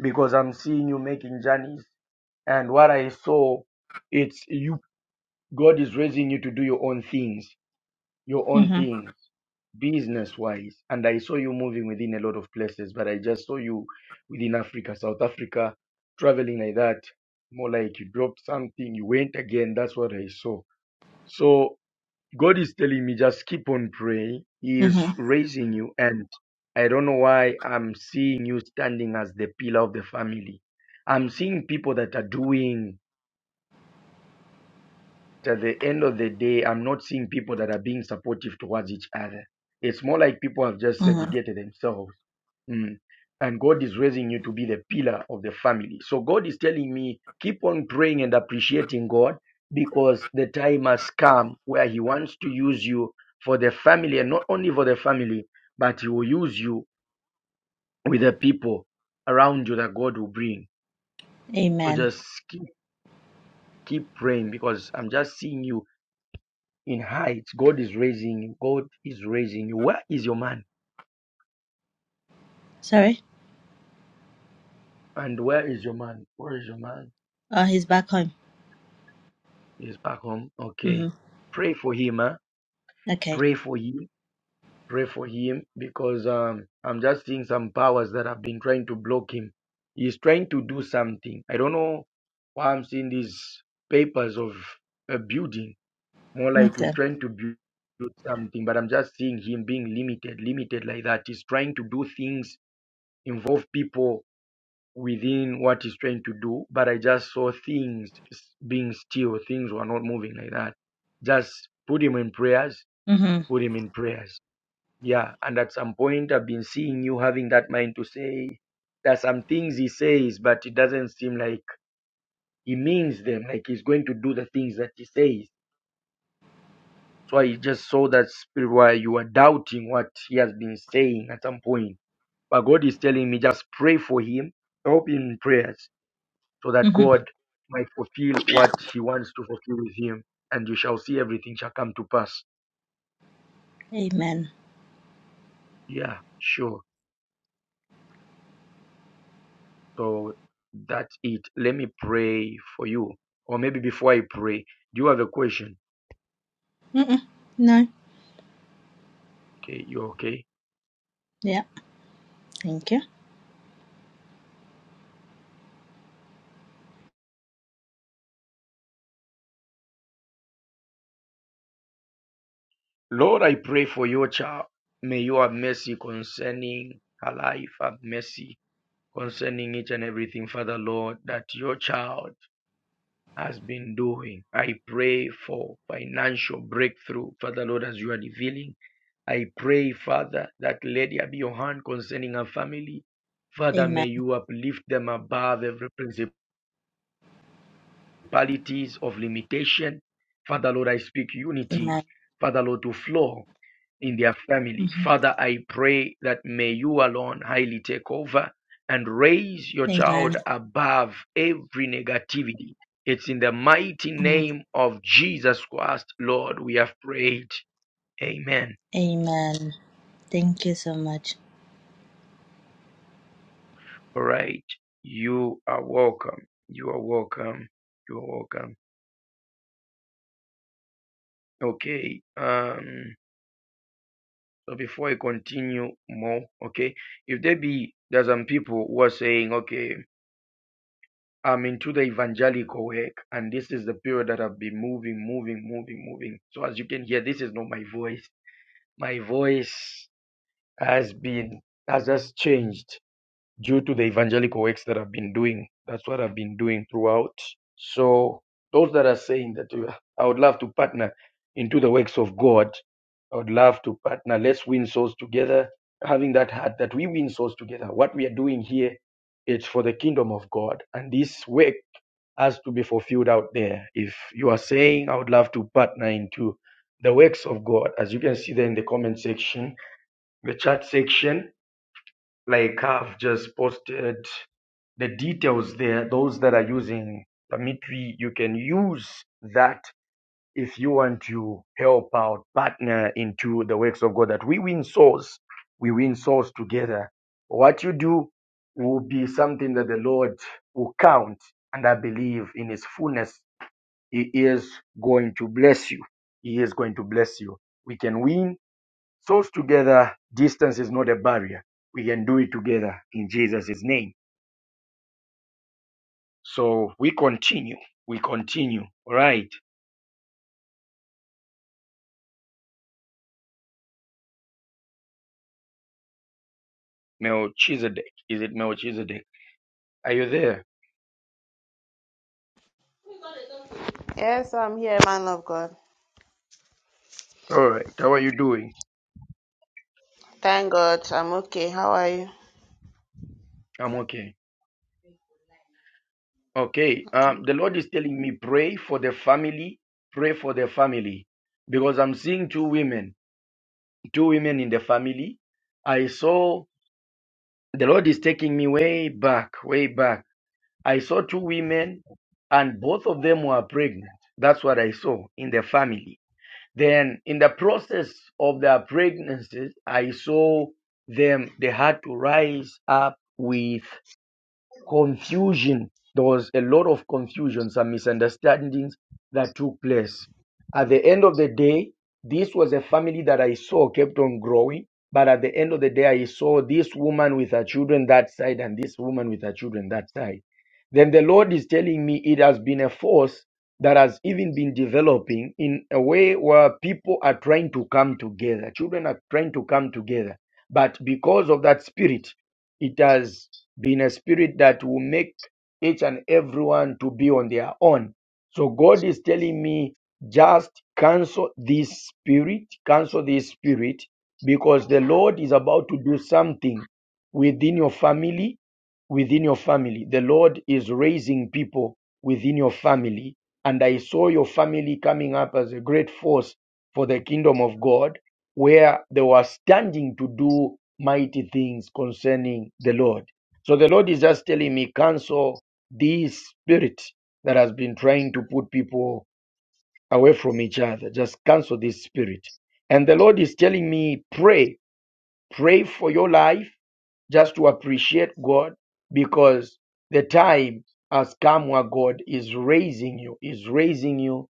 Speaker 1: because I'm seeing you making journeys. And what I saw, it's you, God is raising you to do your own things, your own
Speaker 6: Mm-hmm.
Speaker 1: things, business wise. And I saw you moving within a lot of places, but I just saw you within Africa, South Africa, traveling like that. More like you dropped something, you went again. That's what I saw. So God is telling me just keep on praying. He is
Speaker 6: Mm-hmm.
Speaker 1: raising you, and I don't know why I'm seeing you standing as the pillar of the family. I'm seeing people that are doing at the end of the day, I'm not seeing people that are being supportive towards each other. It's more like people have just
Speaker 6: Mm-hmm.
Speaker 1: segregated themselves. Mm. And God is raising you to be the pillar of the family. So God is telling me, keep on praying and appreciating God because the time has come where He wants to use you for the family and not only for the family, but He will use you with the people around you that God will bring. So
Speaker 6: Amen.
Speaker 1: just keep keep praying because I'm just seeing you in height. God is raising you. God is raising you. Where is your man?
Speaker 6: Sorry.
Speaker 1: And where is your man? Where is your man?
Speaker 6: Oh, he's back home.
Speaker 1: He's back home.
Speaker 6: hmm
Speaker 1: Okay. Pray for him, huh?
Speaker 6: Okay.
Speaker 1: Pray for him. Pray for him because um, I'm just seeing some powers that have been trying to block him. He's trying to do something. I don't know why I'm seeing these papers of a building. More like
Speaker 6: Okay.
Speaker 1: he's trying to build something, but I'm just seeing him being limited, limited like that. He's trying to do things, involve people within what he's trying to do, but I just saw things being still. Things were not moving like that. Just put him in prayers,
Speaker 6: hmm
Speaker 1: put him in prayers. Yeah. And at some point, I've been seeing you having that mind to say, there's some things he says, but it doesn't seem like he means them, like he's going to do the things that he says. So I just saw that spirit where you are doubting what he has been saying at some point. But God is telling me just pray for him, help in prayers. so that
Speaker 6: hmm
Speaker 1: God might fulfill what He wants to fulfill with Him, and you shall see everything shall come to pass.
Speaker 6: Amen.
Speaker 1: Yeah, sure. So that's it. Let me pray for you. Or maybe before I pray, do you have a question?
Speaker 6: Mm-mm. No.
Speaker 1: Okay, you okay?
Speaker 6: Yeah. Thank you.
Speaker 1: Lord, I pray for your child. May you have mercy concerning her life, have mercy concerning each and everything, Father Lord, that your child has been doing. I pray for financial breakthrough, Father Lord, as you are revealing. I pray, Father, that let there be your hand concerning our family. Father, may
Speaker 6: Amen.
Speaker 1: you uplift them above every principalities of limitation. Father Lord, I speak unity.
Speaker 6: Amen.
Speaker 1: Father Lord, to flow in their family.
Speaker 6: hmm
Speaker 1: Father, I pray that may you alone highly take over and raise your
Speaker 6: Amen.
Speaker 1: child above every negativity. It's in the mighty
Speaker 6: Mm.
Speaker 1: name of Jesus Christ, Lord, we have prayed. Amen.
Speaker 6: Amen. Thank you so much.
Speaker 1: All right. You are welcome. You are welcome. You are welcome. Okay. Um, so before I continue more, okay, if there be there's some people who are saying, okay, I'm into the evangelical work, and this is the period that I've been moving, moving, moving, moving. So as you can hear, this is not my voice. My voice has been has just changed due to the evangelical works that I've been doing. That's what I've been doing throughout. So those that are saying that uh, I would love to partner into the works of God, I would love to partner. Let's win souls together. Having that heart that we win souls together. What we are doing here is for the kingdom of God, and this work has to be fulfilled out there. If you are saying I would love to partner into the works of God, as you can see there in the comment section, the chat section, like I've just posted the details there. Those that are using Permitly, you can use that if you want to help out, partner into the works of God. That we win souls, we win souls together. What you do will be something that the Lord will count, and I believe in His fullness, He is going to bless you. He is going to bless you. We can win Souls together, distance is not a barrier. We can do it together in Jesus' name. So we continue. We continue. All right. Melchizedek. Is it Melchizedek? Are you there?
Speaker 7: Yes, I'm here, man of God.
Speaker 1: All right. How are you doing?
Speaker 7: Thank God, I'm okay. How are you?
Speaker 1: I'm okay. Okay. Um, the Lord is telling me pray for the family. Pray for the family. Because I'm seeing two women, two women in the family. I saw the Lord is taking me way back, way back I saw two women, and both of them were pregnant. That's what I saw in the family. Then, in the process of their pregnancies, I saw them, they had to rise up with confusion. There was a lot of confusion, some misunderstandings that took place. At the end of the day, this was a family that I saw kept on growing. But at the end of the day, I saw this woman with her children that side and this woman with her children that side. Then the Lord is telling me it has been a force that has even been developing in a way where people are trying to come together. Children are trying to come together. But because of that spirit, it has been a spirit that will make each and everyone to be on their own. So God is telling me just cancel this spirit, cancel this spirit, because the Lord is about to do something within your family, within your family. The Lord is raising people within your family. And I saw your family coming up as a great force for the kingdom of God where they were standing to do mighty things concerning the Lord. So the Lord is just telling me, cancel this spirit that has been trying to put people away from each other. Just cancel this spirit. And the Lord is telling me, pray, pray for your life just to appreciate God because the time has come where God is raising you, is raising you,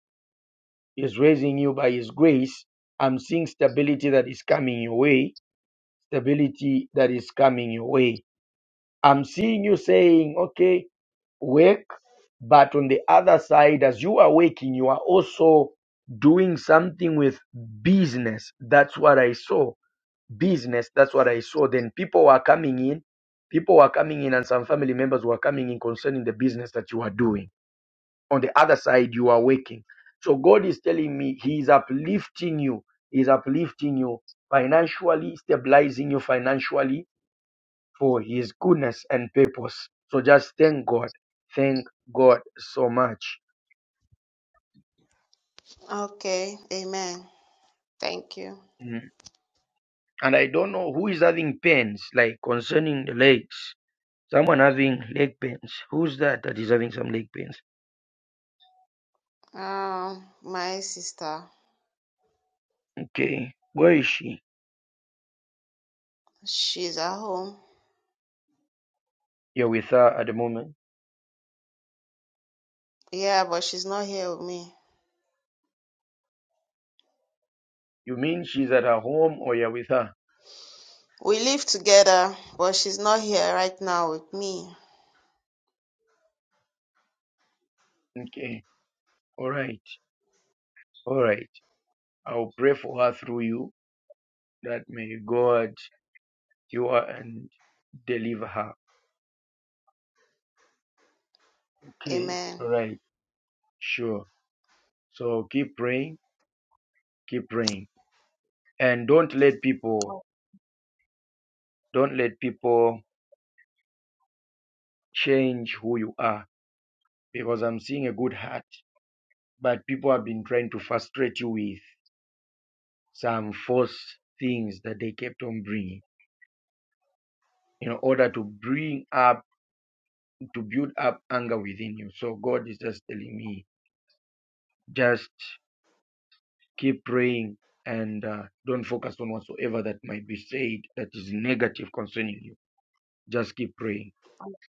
Speaker 1: is raising you by His grace. I'm seeing stability that is coming your way stability that is coming your way. I'm seeing you saying, okay, work, but on the other side, as you are working, you are also doing something with business. That's what I saw. Business, that's what I saw. Then people were coming in, people were coming in, and some family members were coming in concerning the business that you are doing. On the other side, you are working. So God is telling me He is uplifting you. He is uplifting you financially, stabilizing you financially, for his goodness and purpose. So just thank God. Thank God so much.
Speaker 7: Okay, amen. Thank you.
Speaker 1: Mm. And I don't know who is having pains, like concerning the legs. Someone having leg pains. Who's that that is having some leg pains?
Speaker 7: Um, my sister,
Speaker 1: Okay. Where is she?
Speaker 7: she's at home.
Speaker 1: You're with her at the moment.
Speaker 7: Yeah, but she's not here with me.
Speaker 1: You mean she's at her home or you're with her?
Speaker 7: We live together, but she's not here right now with me.
Speaker 1: Okay. All right. All right. I'll pray for her through you that may God you are and deliver her. Okay.
Speaker 7: Amen.
Speaker 1: All right. Sure. So keep praying keep praying and don't let people don't let people change who you are because i'm seeing a good heart but people have been trying to frustrate you with some false things that they kept on bringing in order to bring up to build up anger within you so god is just telling me just keep praying and uh, don't focus on whatsoever that might be said that is negative concerning you just keep praying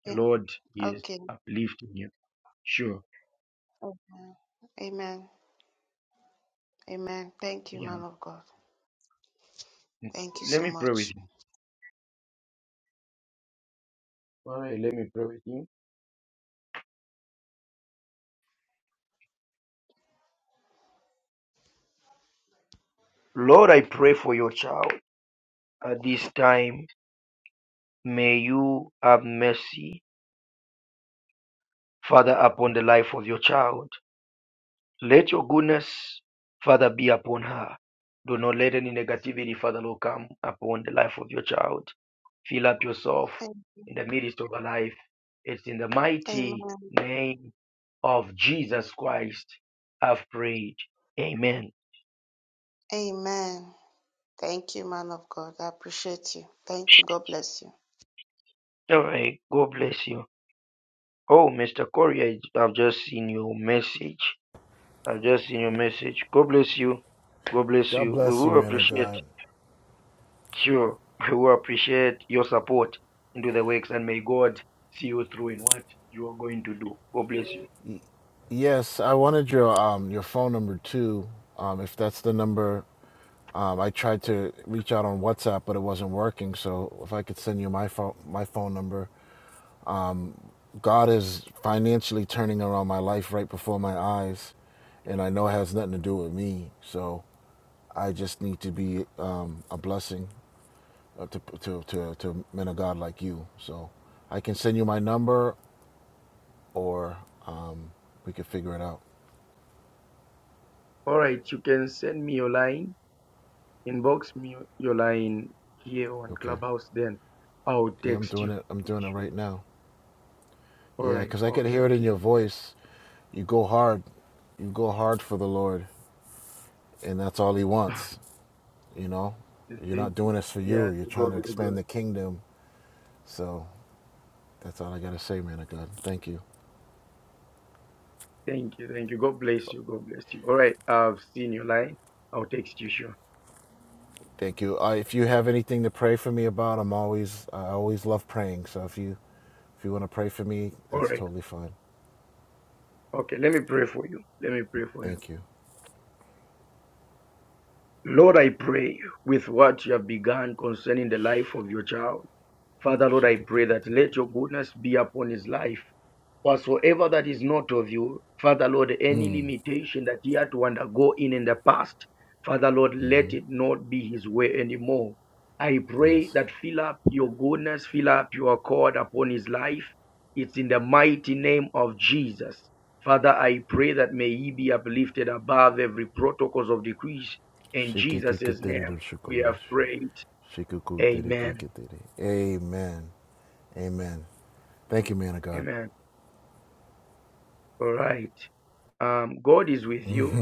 Speaker 1: the
Speaker 7: Yeah,
Speaker 1: lord is
Speaker 7: Okay.
Speaker 1: uplifting you sure
Speaker 7: Oh, Amen. Amen. Thank you,
Speaker 1: He
Speaker 7: man of God. Thank you
Speaker 1: Let
Speaker 7: so
Speaker 1: me pray with
Speaker 7: much.
Speaker 1: you. Alright, let me pray with you. Lord, I pray for your child at this time. May you have mercy, Father, upon the life of your child. Let your goodness, Father, be upon her. Do not let any negativity, Father, Lord, come upon the life of your child. Fill up yourself
Speaker 7: Am-
Speaker 1: in the midst of her life. It's in the mighty
Speaker 7: Amen.
Speaker 1: name of Jesus Christ I've prayed. Amen.
Speaker 7: Amen. Thank you, man of God. I appreciate you. Thank you. God bless you.
Speaker 1: All right. God bless you. Oh, Mr. Corey, I, I've just seen your message. I've just seen your message. God bless you. God bless
Speaker 3: God
Speaker 1: you. We
Speaker 3: bless you,
Speaker 1: will
Speaker 3: man of
Speaker 1: appreciate
Speaker 3: God.
Speaker 1: sure. We will appreciate your support into the works and may God see you through in what you are going to do. God bless you.
Speaker 3: Y- Yes, I wanted your um your phone number too. Um, if that's the number Um, I tried to reach out on WhatsApp, but it wasn't working. So if I could send you my phone, my phone number. Um, God is financially turning around my life right before my eyes, and I know it has nothing to do with me. So I just need to be um, a blessing uh, to, to to to men of God like you. So I can send you my number, or um, we can figure it out.
Speaker 1: All right, you can send me your line, inbox me your line here on
Speaker 3: Okay.
Speaker 1: Clubhouse, then I'll
Speaker 3: Yeah, I'm
Speaker 1: text
Speaker 3: doing
Speaker 1: you.
Speaker 3: it. I'm doing it
Speaker 1: Sure.
Speaker 3: right now.
Speaker 1: All
Speaker 3: Yeah,
Speaker 1: right.
Speaker 3: cause I could
Speaker 1: Okay,
Speaker 3: hear it in
Speaker 1: okay.
Speaker 3: your voice. You go hard. You go hard for the Lord. and that's all he wants. You know, you're
Speaker 1: Thank
Speaker 3: not
Speaker 1: you.
Speaker 3: doing this for
Speaker 1: Yeah,
Speaker 3: you. You're
Speaker 1: to God
Speaker 3: trying to
Speaker 1: be the glory.
Speaker 3: expand the kingdom. So that's all I gotta say, man of God. Thank you,
Speaker 1: Thank you, thank you. God bless you. God bless you. All right, I've seen your line. I'll text you sure.
Speaker 3: thank you. Uh, if you have anything to pray for me about, I'm always I always love praying. So if you if you want to pray for me,
Speaker 1: All
Speaker 3: that's
Speaker 1: right.
Speaker 3: totally fine.
Speaker 1: Okay, let me pray for you. Let me pray for you.
Speaker 3: Thank you.
Speaker 1: Lord, I pray with what you have begun concerning the life of your child. Father, Lord, I pray that let your goodness be upon his life. whatsoever that is not of you, Father Lord, any
Speaker 3: Mm,
Speaker 1: limitation that he had to undergo in in the past, Father Lord, let it not be his way anymore. I pray
Speaker 3: yes.
Speaker 1: that fill up your goodness, fill up your accord upon his life. It's in the mighty name of Jesus. Father, I pray that may he be uplifted above every protocols of decrees. In Jesus' name, we have prayed. Amen.
Speaker 3: Amen. Amen. Thank you, man of God.
Speaker 1: Amen. All right. Um, God is with you.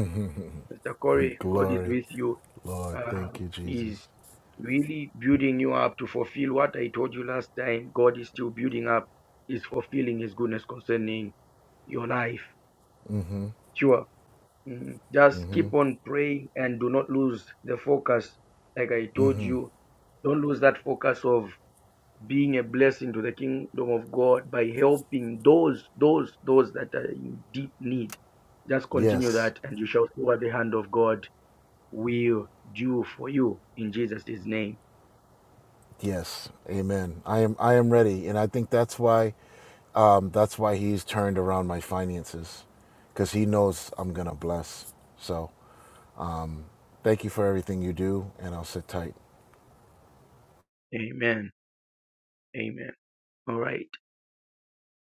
Speaker 1: Mr. Corey, God is
Speaker 3: Glory,
Speaker 1: with you.
Speaker 3: Lord.
Speaker 1: Uh,
Speaker 3: Thank you,
Speaker 1: he's
Speaker 3: Jesus.
Speaker 1: really building you up to fulfill what I told you last time. God is still building up, is fulfilling His goodness concerning your life. Sure. Mm, Just keep on praying and do not lose the focus. Like I told you, don't lose that focus of being a blessing to the kingdom of God by helping those, those, those that are in deep need. Just continue
Speaker 3: Yes.
Speaker 1: that and you shall see what the hand of God will do for you in Jesus' name.
Speaker 3: Yes, Amen. I am. I am ready, and I think that's why. Um, that's why He's turned around my finances, because He knows I'm gonna bless. So, um, thank you for everything you do, and I'll sit tight.
Speaker 1: Amen. Amen. All right.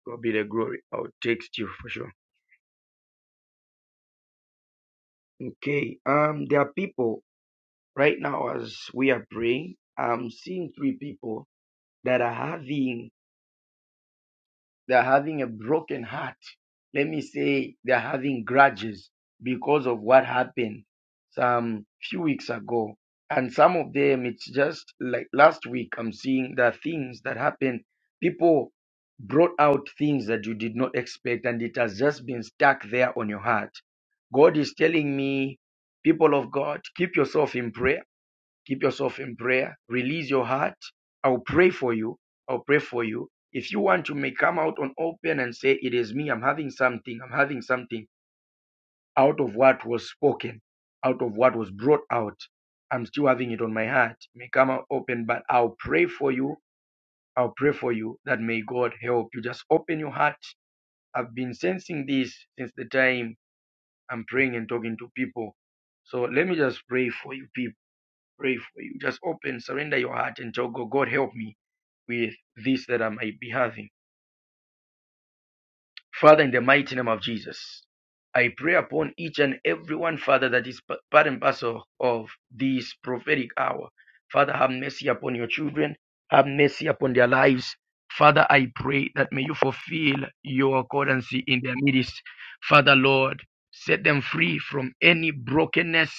Speaker 1: God be the glory. I'll text you for sure. Okay. Um, there are people right now as we are praying. I'm seeing three people that are having They're having a broken heart. Let me say they're having grudges because of what happened some few weeks ago. And some of them, it's just like last week, I'm seeing the things that happened. People brought out things that you did not expect, and it has just been stuck there on your heart. God is telling me, people of God, keep yourself in prayer keep yourself in prayer, release your heart. I'll pray for you. I'll pray for you. If you want, you may come out on open and say, It is me. I'm having something. I'm having something out of what was spoken, out of what was brought out. I'm still having it on my heart. It May come out open, but I'll pray for you. I'll pray for you that may God help you. Just open your heart. I've been sensing this since the time I'm praying and talking to people. So let me just pray for you people pray for you. Just open, surrender your heart and tell God, God, help me with this that I might be having. Father, in the mighty name of Jesus, I pray upon each and every one, Father, that is part and parcel of this prophetic hour. Father, have mercy upon your children, have mercy upon their lives. Father, I pray that may you fulfill your accordancy in their midst. Father, Lord, set them free from any brokenness,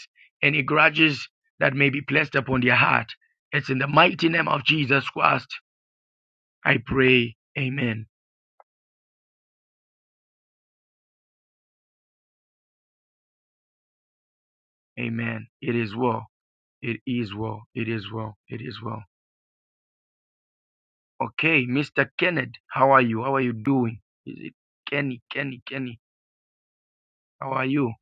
Speaker 1: any grudges that may be placed upon their heart. It's in the mighty name of Jesus Christ I pray. Amen. Amen. It is well. It is well. It is well. It is well. Okay, Mr. Kenneth, how are you? How are you doing? Is it Kenny, Kenny, Kenny? How are you?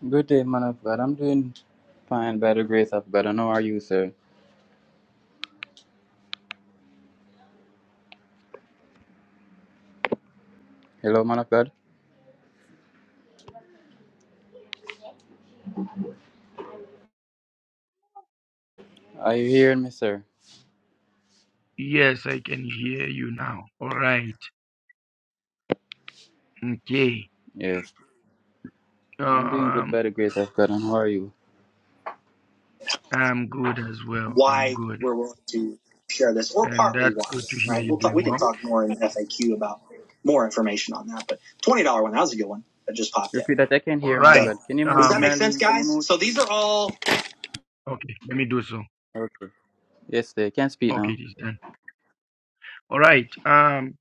Speaker 8: Good day, man of God. I'm doing fine by the grace of God. And how are you, sir? Hello, man of God. Are you hearing me, sir?
Speaker 1: Yes, I can hear you now. All right. Okay.
Speaker 8: Yes. I'm doing good
Speaker 1: Um,
Speaker 8: by the grace of God. And how are you?
Speaker 1: I'm good as well. I'm
Speaker 9: why
Speaker 1: good.
Speaker 9: we're willing to share this, or
Speaker 1: And
Speaker 9: partly
Speaker 1: that's
Speaker 9: why.
Speaker 1: good to hear
Speaker 9: Right?
Speaker 1: you are
Speaker 9: We'll talk.
Speaker 1: doing
Speaker 9: We can
Speaker 1: well.
Speaker 9: talk more in FAQ about more information on that. But twenty dollar one, that was a good one that just popped in.
Speaker 8: Repeat that. I can
Speaker 1: All
Speaker 8: hear, man of
Speaker 1: right.
Speaker 9: So
Speaker 8: God. Can you
Speaker 9: does
Speaker 8: move,
Speaker 9: that
Speaker 1: Um,
Speaker 9: make sense,
Speaker 8: Marilyn? Can you
Speaker 9: guys?
Speaker 8: move?
Speaker 9: So these are all.
Speaker 1: okay, let me do so.
Speaker 8: Okay. Yes, sir. Can speak
Speaker 1: Okay,
Speaker 8: now.
Speaker 1: it is done. All right. Um,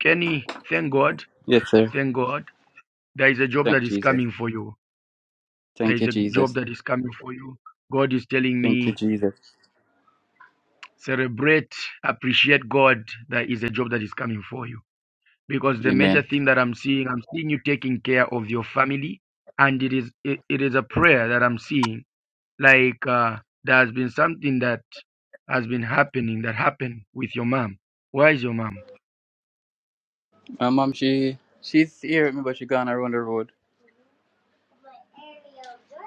Speaker 1: Kenny, thank God.
Speaker 8: Yes, sir.
Speaker 1: Thank God. There is a job
Speaker 8: Thank
Speaker 1: that is
Speaker 8: Jesus.
Speaker 1: coming for you. There
Speaker 8: Thank
Speaker 1: is
Speaker 8: you,
Speaker 1: a job
Speaker 8: Jesus.
Speaker 1: that is coming for you. God is telling
Speaker 8: Thank you,
Speaker 1: me,
Speaker 8: Jesus.
Speaker 1: celebrate, appreciate God. There is a job that is coming for you. Because the major
Speaker 8: Amen.
Speaker 1: thing that I'm seeing, I'm seeing you taking care of your family. And it is it, it is a prayer that I'm seeing. Like uh, there has been something that has been happening that happened with your mom. Where is your mom?
Speaker 8: My mom, she she's here with me, but she gone around the road.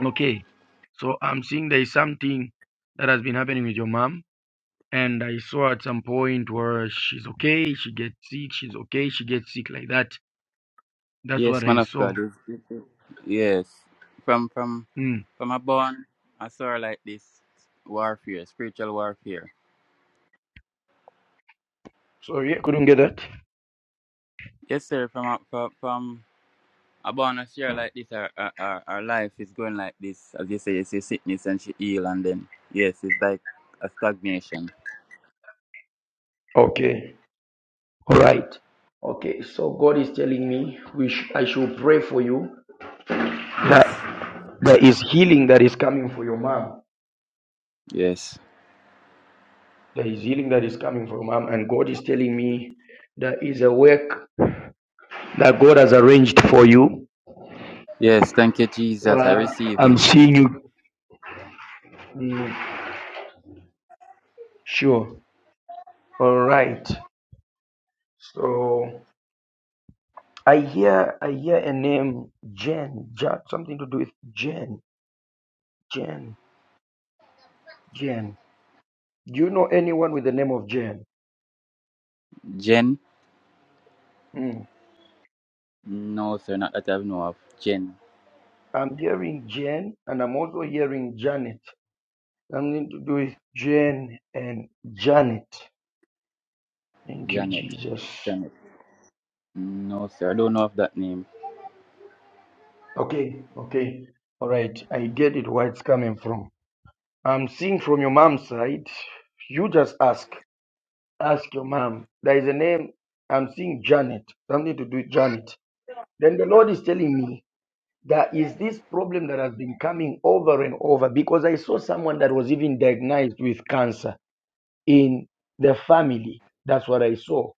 Speaker 1: Okay. So I'm seeing there is something that has been happening with your mom And I saw at some point where she's okay, she gets sick, she's okay, she gets sick like that. That's
Speaker 8: Yes,
Speaker 1: what I
Speaker 8: man of
Speaker 1: saw.
Speaker 8: God. Yes. yes, yes. Yes. From from
Speaker 1: Mm.
Speaker 8: from a born I saw like this warfare, spiritual warfare.
Speaker 1: So yeah, couldn't get that.
Speaker 8: Yes, sir, from a from, from a born I share like this our, our our our life is going like this. As you say, you see sickness and she heal and then yes, it's like a stagnation.
Speaker 1: Okay, all right. Okay, so God is telling me we sh- I should pray for you
Speaker 8: Yes.
Speaker 1: that there is healing that is coming for your mom.
Speaker 8: Yes.
Speaker 1: There is healing that is coming for your mom, and God is telling me there is a work that God has arranged for you.
Speaker 8: Yes, thank you, Jesus. I
Speaker 1: Well,
Speaker 8: receive
Speaker 1: I'm
Speaker 8: it.
Speaker 1: seeing you. Mm, sure. All right. So I hear I hear a name Jen, Ja- something to do with Jen, Jen, Jen. Do you know anyone with the name of Jen?
Speaker 8: Jen?
Speaker 1: Hmm.
Speaker 8: No, sir, not that I know of. Jen.
Speaker 1: I'm hearing Jen, and I'm also hearing Janet. Something to do with Jen and Janet. Thank you,
Speaker 8: Janet.
Speaker 1: Jesus.
Speaker 8: Janet. No, sir. I don't know of that name.
Speaker 1: Okay, okay, all right. I get it where it's coming from. I'm seeing from your mom's side. You just ask, ask your mom. There is a name. I'm seeing Janet. Something to do with Janet. Then the Lord is telling me there is this problem that has been coming over and over because I saw someone that was even diagnosed with cancer in the family. That's what I saw.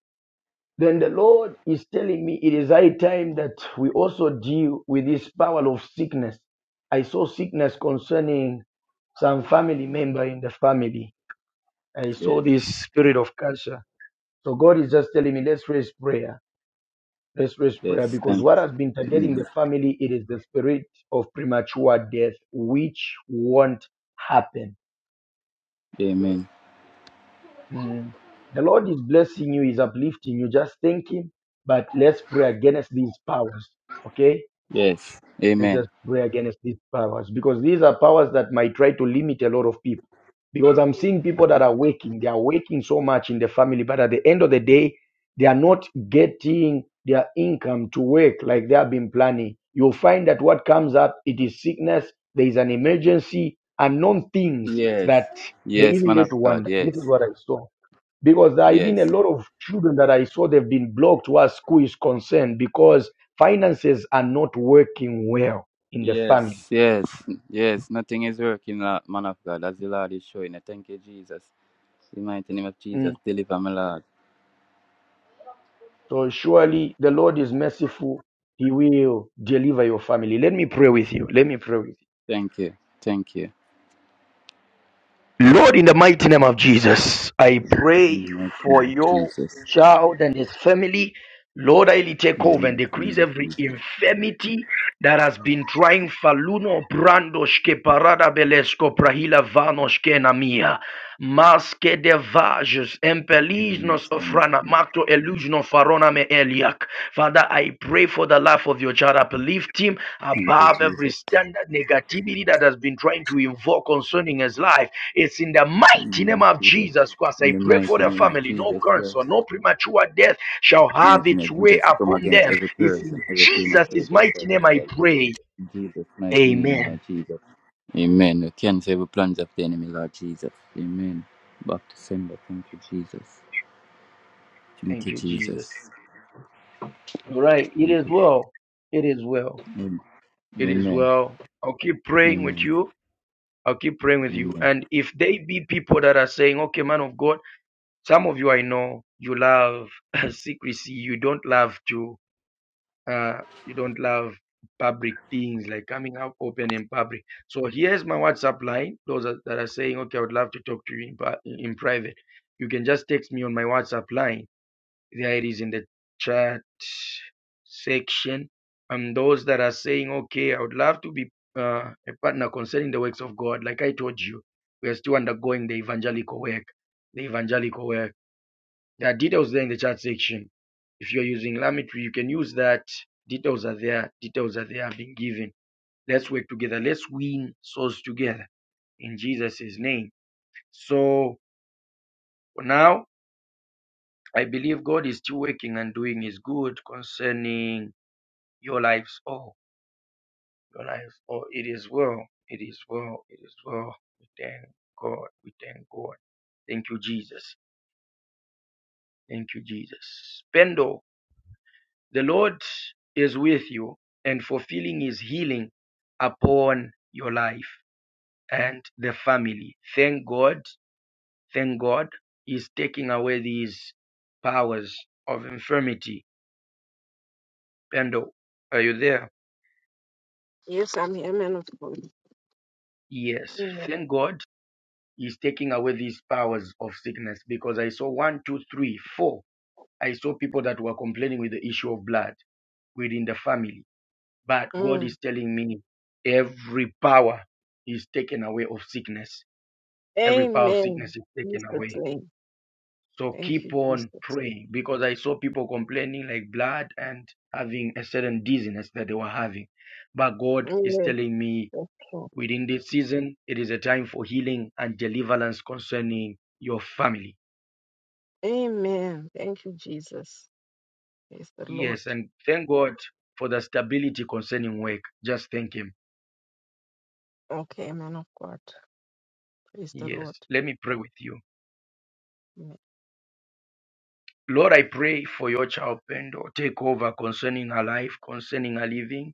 Speaker 1: Then the Lord is telling me it is high time that we also deal with this power of sickness. I saw sickness concerning some family member in the family. I saw
Speaker 8: Yes.
Speaker 1: this spirit of cancer. So God is just telling me, let's raise prayer Let's raise prayer
Speaker 8: Yes,
Speaker 1: because
Speaker 8: thank
Speaker 1: what has been targeting
Speaker 8: you.
Speaker 1: the family, it is the spirit of premature death, which won't happen.
Speaker 8: Amen.
Speaker 1: Mm. The Lord is blessing you, is uplifting you. Just thank Him. But let's pray against these powers. Okay?
Speaker 8: Yes.
Speaker 1: Let's
Speaker 8: Amen.
Speaker 1: just pray against these powers because these are powers that might try to limit a lot of people. Because I'm seeing people that are working, they are working so much in the family, but at the end of the day, they are not getting their income to work like they have been planning. You'll find that what comes up, it is sickness, there is an emergency, unknown things
Speaker 8: Yes.
Speaker 1: that they
Speaker 8: Yes,
Speaker 1: even
Speaker 8: man of
Speaker 1: get to
Speaker 8: God.
Speaker 1: wonder. This
Speaker 8: Yes.
Speaker 1: is what I saw because there are even a
Speaker 8: Yes.
Speaker 1: lot of children that I saw they've been blocked where school is concerned because finances are not working well in the
Speaker 8: Yes.
Speaker 1: family.
Speaker 8: Yes. Yes. Nothing is working, Lord- man of God, as the Lord is showing. I Thank you, Jesus. In the mighty name of
Speaker 1: Mm.
Speaker 8: Jesus, deliver me, Lord.
Speaker 1: So surely the Lord is merciful. He will deliver your family. Let me pray with you. Let me pray with
Speaker 8: Thank you. Thank you.
Speaker 1: you. Lord, in the mighty name of Jesus, I
Speaker 8: In
Speaker 1: pray
Speaker 8: the mighty
Speaker 1: for
Speaker 8: name of
Speaker 1: your
Speaker 8: Jesus.
Speaker 1: child and his family Lord, I really take
Speaker 8: In the
Speaker 1: over and
Speaker 8: mighty
Speaker 1: decrease
Speaker 8: name of
Speaker 1: every
Speaker 8: Jesus.
Speaker 1: infirmity that has been trying faluno brandoshke parada belesko prahila vanoshke namia. Maske de vages,
Speaker 8: In the
Speaker 1: empelisnos
Speaker 8: mighty name of
Speaker 1: ofrana,
Speaker 8: Jesus.
Speaker 1: macto illusiono farona me eliak. Father, I pray for the life of your child. Uplift him
Speaker 8: Thank you,
Speaker 1: above every
Speaker 8: Jesus.
Speaker 1: standard negativity that has been trying to invoke concerning his life. It's in the
Speaker 8: In the
Speaker 1: mighty
Speaker 8: name
Speaker 1: name of
Speaker 8: of Jesus.
Speaker 1: Jesus Christ.
Speaker 8: In
Speaker 1: I
Speaker 8: the
Speaker 1: pray for
Speaker 8: mighty
Speaker 1: the
Speaker 8: name of
Speaker 1: family, no
Speaker 8: Jesus. yes.
Speaker 1: cancer, no premature death shall have
Speaker 8: mighty name
Speaker 1: its
Speaker 8: of
Speaker 1: way
Speaker 8: Jesus, to come
Speaker 1: upon
Speaker 8: against
Speaker 1: them.
Speaker 8: every
Speaker 1: It's
Speaker 8: curse
Speaker 1: in
Speaker 8: and every premature
Speaker 1: Jesus'
Speaker 8: death,
Speaker 1: mighty
Speaker 8: Lord
Speaker 1: name I
Speaker 8: Jesus.
Speaker 1: pray.
Speaker 8: In Jesus' mighty name, Lord
Speaker 1: Amen.
Speaker 8: Jesus. Amen. We cancel every plans of the enemy, Lord Jesus. Amen. Back to sender. Thank you, Jesus. Thank
Speaker 1: Thank
Speaker 8: you,
Speaker 1: you, Jesus.
Speaker 8: Jesus.
Speaker 1: All right. It
Speaker 8: Thank
Speaker 1: is
Speaker 8: you.
Speaker 1: well. It is well.
Speaker 8: Amen.
Speaker 1: It is
Speaker 8: Amen.
Speaker 1: well. I'll keep praying with
Speaker 8: Amen.
Speaker 1: you. I'll keep praying with you.
Speaker 8: Amen.
Speaker 1: And if they be people that are saying, okay, man of God, some of you I know, you love [laughs] secrecy. You don't love to uh, you don't love public things like coming out open in public. So here's my WhatsApp line. Those are, that are saying, okay, I would love to talk to you in, pri- in private. You can just text me on my WhatsApp line. There it is in the chat section. And those that are saying, okay, I would love to be uh, a partner concerning the works of God. Like I told you, we are still undergoing the evangelical work. The evangelical work. There are details there in the chat section. If you're using Lametry, you can use that. Details are there. Details are there being given. Let's work together. Let's win souls together in Jesus' name. So for now, I believe God is still working and doing his good concerning your lives. Oh, your lives. Oh, it is well. It is well. It is well. We thank God. We thank God. Thank you, Jesus. Thank you, Jesus. Pendo. The Lord is with you and fulfilling his healing upon your life and the family. Thank God. Thank God. He's taking away these powers of infirmity. Pendo, are you there?
Speaker 2: Yes, I'm here, man of God.
Speaker 1: Yes.
Speaker 2: Amen.
Speaker 1: Thank God. He's taking away these powers of sickness because I saw one, two, three, four. I saw people that were complaining with the issue of blood within the family But God
Speaker 2: Mm.
Speaker 1: is telling me every power is taken away of sickness. Every power of
Speaker 2: Amen.
Speaker 1: sickness is taken
Speaker 2: Jesus'
Speaker 1: away.
Speaker 2: name.
Speaker 1: So
Speaker 2: Thank
Speaker 1: keep
Speaker 2: you,
Speaker 1: on
Speaker 2: Jesus.
Speaker 1: praying because I saw people complaining like blood and having a certain dizziness that they were having. But God
Speaker 2: Yes,
Speaker 1: is telling me
Speaker 2: that's true.
Speaker 1: within this season, it is a time for healing and deliverance concerning your family.
Speaker 2: Amen. Thank you, Jesus. Praise the Lord.
Speaker 1: Yes, and thank God for the stability concerning work. Just thank Him.
Speaker 2: Okay, man of God. Praise the
Speaker 1: Yes,
Speaker 2: Lord.
Speaker 1: let me pray with you.
Speaker 2: Amen.
Speaker 1: Lord, I pray for your child, Pendo. Take over concerning her life, concerning her living.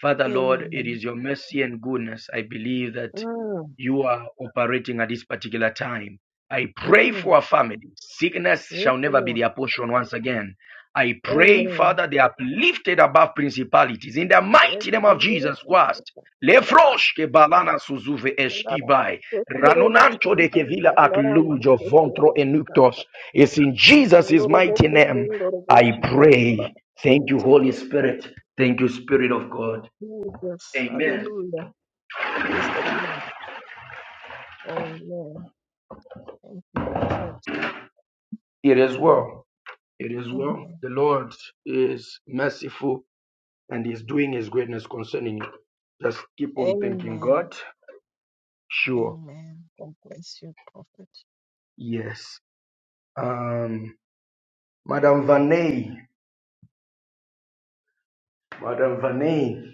Speaker 1: Father Lord, it
Speaker 2: Amen.
Speaker 1: is your mercy and goodness. I believe that
Speaker 2: Mm.
Speaker 1: you are operating at this particular time. I pray for
Speaker 2: Mm.
Speaker 1: our family. Sickness
Speaker 2: Yes,
Speaker 1: shall
Speaker 2: the
Speaker 1: never be
Speaker 2: Lord.
Speaker 1: their portion once again. I pray,
Speaker 2: Amen.
Speaker 1: Father, they are lifted above principalities in the
Speaker 2: Yes,
Speaker 1: mighty name of
Speaker 2: indeed.
Speaker 1: Jesus Christ.
Speaker 2: Barabas.
Speaker 1: Lefrosh ke balana suzuve
Speaker 2: Barabas. Barabas.
Speaker 1: eshkibai.
Speaker 2: Barabas.
Speaker 1: Ranonancho de kevila
Speaker 2: Barabas. Barabas.
Speaker 1: aklujo
Speaker 2: Yes,
Speaker 1: vontro
Speaker 2: Lord.
Speaker 1: enuctos. It's in Jesus' mighty name I pray. Thank you, Holy Spirit. Thank you, Spirit of God.
Speaker 2: Jesus,
Speaker 1: Amen.
Speaker 2: hallelujah. Praise the Lord. Amen. Thank you, Prophet.
Speaker 1: It is well. It is well.
Speaker 2: Amen.
Speaker 1: The Lord is merciful and is doing his greatness concerning you. Just keep on thanking
Speaker 2: Amen.
Speaker 1: God. Sure.
Speaker 2: Amen. God bless you, Prophet.
Speaker 1: Yes. Um, Madam Vaney. Madam Vaney.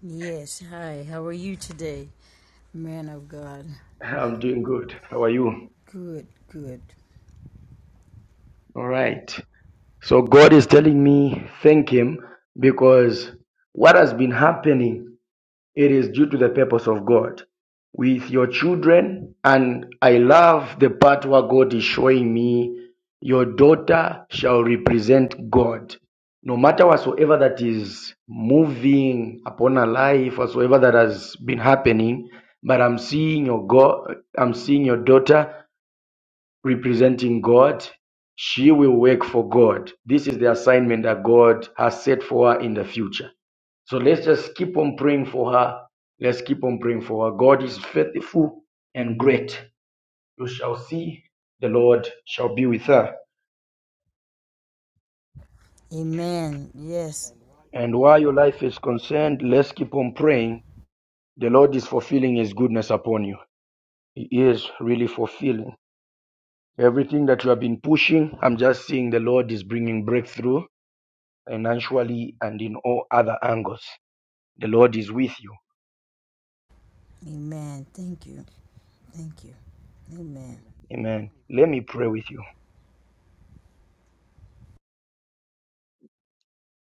Speaker 10: Yes, hi. How are you today, man of God?
Speaker 1: I'm doing good. How are you?
Speaker 10: Good, good.
Speaker 1: All right. So God is telling me thank him because what has been happening It is due to the purpose of God with your children. And I love the part where God is showing me your daughter shall represent God. No matter whatsoever that is moving upon her life, whatsoever that has been happening, but I'm seeing your God, I'm seeing your daughter representing God. She will work for God. This is the assignment that God has set for her in the future. So let's just keep on praying for her. Let's keep on praying for her. God is faithful and great. You shall see the Lord shall be with her.
Speaker 10: Amen. Yes.
Speaker 1: And while your life is concerned, let's keep on praying. The Lord is fulfilling His goodness upon you. He is really fulfilling everything that you have been pushing. I'm just seeing the Lord is bringing breakthrough financially and in all other angles. The Lord is with you.
Speaker 10: Amen. Thank you. Thank you. Amen.
Speaker 1: Amen. Let me pray with you.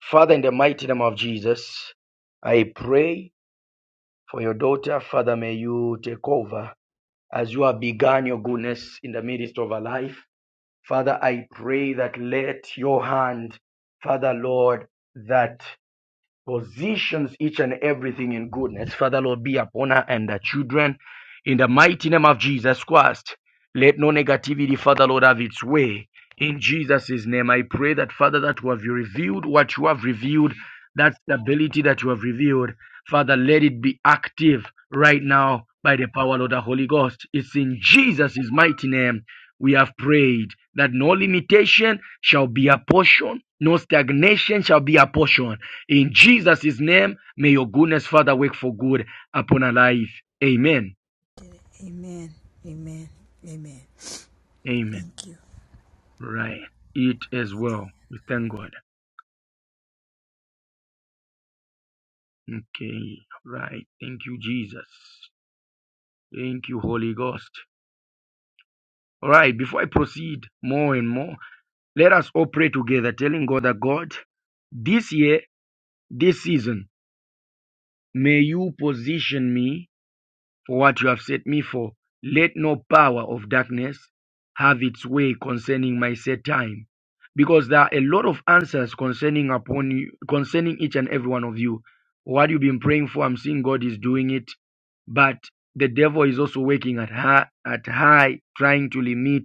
Speaker 1: Father, in the mighty name of Jesus, I pray for your daughter. Father, may you take over as you have begun your goodness in the midst of her life. Father, I pray that let your hand, Father Lord, that positions each and everything in goodness. Father, Lord, be upon her and her children in the mighty name of Jesus Christ. Let no negativity, Father, Lord, have its way. In Jesus' name, I pray that, Father, that you have revealed what you have revealed, that stability that you have revealed, Father, let it be active right now by the power of the Holy Ghost. It's in Jesus' mighty name we have prayed that no limitation shall be a portion, no stagnation shall be a portion in Jesus' name, may your goodness, Father, work for good upon our life. Amen.
Speaker 10: Amen. Amen. Amen.
Speaker 1: Amen.
Speaker 10: Thank you.
Speaker 1: Right. It as well. We thank God. Okay. Right. Thank you, Jesus. Thank you, Holy Ghost. All right. Before I proceed more and more, let us all pray together, telling God that God, this year, this season, may you position me for what you have set me for. Let no power of darkness have its way concerning my set time. Because there are a lot of answers concerning upon you, concerning each and every one of you. What you've been praying for, I'm seeing God is doing it, but the devil is also working at high, at high, trying to limit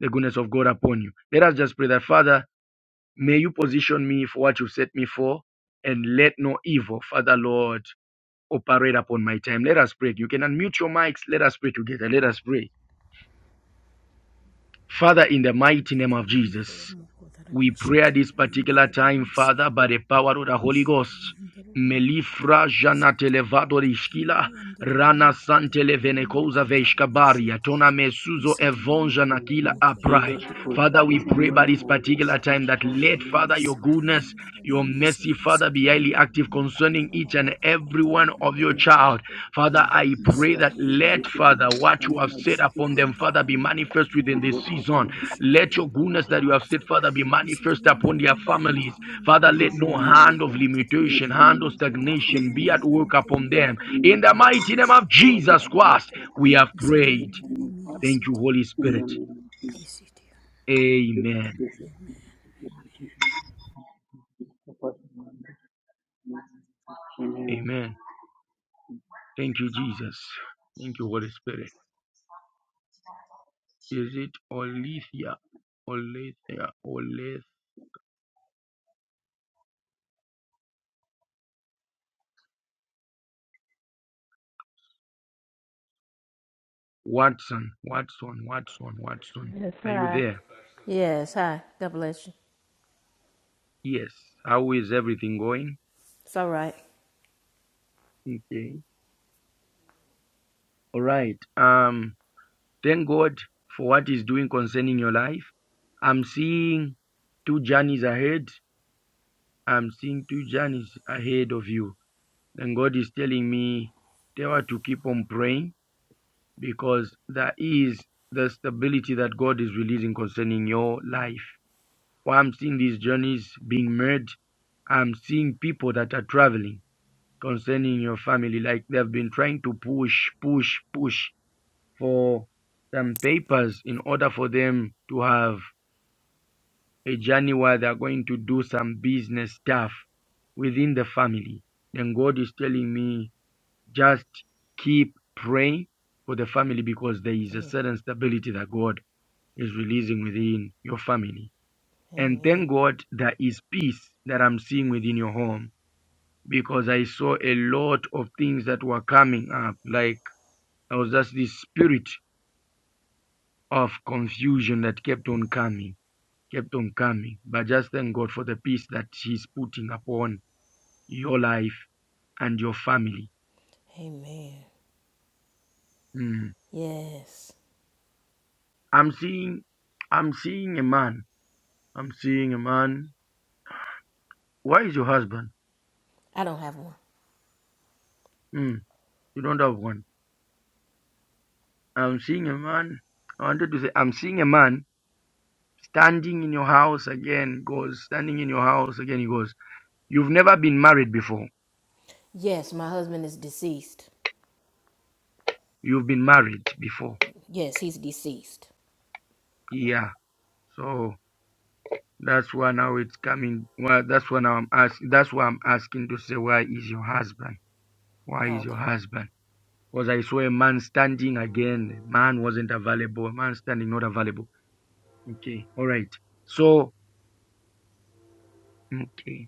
Speaker 1: the goodness of God upon you. Let us just pray that, Father, may you position me for what you've set me for, and let no evil, Father Lord, operate upon my time. Let us pray. You can unmute your mics. Let us pray together. Let us pray. Father, in the mighty name of Jesus, we pray at this particular time, Father, by the power of the Holy Ghost. Melifra jana televado rishkila rana santele venekosa veishkabaria tona mesuzo
Speaker 10: Isiti
Speaker 1: evonja
Speaker 10: yandere
Speaker 1: nakila
Speaker 11: Mhm.
Speaker 1: aprai.
Speaker 11: Jesus,
Speaker 1: Father, we
Speaker 11: position
Speaker 1: pray by
Speaker 11: me
Speaker 1: this
Speaker 11: for what you
Speaker 1: particular
Speaker 11: have in
Speaker 1: time that
Speaker 11: store for
Speaker 1: let
Speaker 11: me
Speaker 10: God
Speaker 1: Father
Speaker 11: in the
Speaker 10: bless
Speaker 1: your
Speaker 11: name of
Speaker 1: goodness, your mercy, Father, be highly active concerning each and every one of your
Speaker 11: Jesus.
Speaker 1: child. Father, I pray that let Father what you have said upon them, Father, be manifest within this season. Let your goodness that you have said, Father, be manifest upon their families. Father, let
Speaker 11: Position
Speaker 1: no
Speaker 11: me, O
Speaker 1: hand of
Speaker 11: God.
Speaker 1: limitation,
Speaker 11: Position
Speaker 1: hand
Speaker 11: me,
Speaker 1: of
Speaker 11: O God.
Speaker 1: stagnation be at work upon them.
Speaker 11: In the
Speaker 1: In
Speaker 11: name
Speaker 1: the
Speaker 11: of
Speaker 1: mighty name
Speaker 11: Jesus,
Speaker 1: of
Speaker 11: for what you
Speaker 1: Jesus
Speaker 11: have in
Speaker 1: Christ,
Speaker 11: store for
Speaker 1: we
Speaker 11: me.
Speaker 1: have
Speaker 11: Please
Speaker 1: prayed.
Speaker 11: position me, Father,
Speaker 1: Thank you, Holy
Speaker 11: in
Speaker 1: Spirit.
Speaker 11: the name of Jesus. Jipe
Speaker 1: Amen.
Speaker 11: kitu cha thamani, jipe kitu cha thamani. Apate maandiko. Amen.
Speaker 1: Amen. Thank you, Jesus. Thank you, Holy Spirit. Is it Olithia? Olithia. Olith. Watson. Watson. Watson. Watson.
Speaker 12: Yes,
Speaker 1: Are you
Speaker 12: hi.
Speaker 1: there?
Speaker 12: Yes, hi. God bless you.
Speaker 1: Yes. How is everything going?
Speaker 12: It's all right.
Speaker 1: Okay. All right. Um. Thank God for what He's doing concerning your life. I'm seeing two journeys ahead. I'm seeing two journeys ahead of you. And God is telling me, Tewa, to keep on praying because there is the stability that God is releasing concerning your life. While I'm seeing these journeys being made, I'm seeing people that are traveling concerning your family, like they've been trying to push, push, push. for some papers in order for them to have a journey where they're going to do some business stuff within the family. Then God is telling me just keep praying for the family because there is a certain stability that God is releasing within your family. And
Speaker 12: Amen.
Speaker 1: thank God there is peace that I'm seeing within your home because I saw a lot of things that were coming up. Like there was just this spirit of confusion that kept on coming kept on coming. But just thank God for the peace that He's putting upon your life and your family.
Speaker 12: Amen.
Speaker 1: Mm.
Speaker 12: Yes.
Speaker 1: I'm seeing, I'm seeing a man. I'm seeing a man. Where is your husband?
Speaker 12: I don't have one.
Speaker 1: Mm. You don't have one. I'm seeing a man. I wanted to say, I'm seeing a man standing in your house again. Goes standing in your house again. He goes, You've never been married before.
Speaker 12: Yes, my husband is deceased.
Speaker 1: You've been married before.
Speaker 12: Yes, he's deceased.
Speaker 1: Yeah. So That's why now it's coming. Well, that's why now I'm asking. That's why I'm asking to say, where is your husband? Why
Speaker 12: Oh,
Speaker 1: is your
Speaker 12: okay.
Speaker 1: husband? Because I saw a man standing again. Man wasn't available. Man standing not available. Okay. All right. So, okay.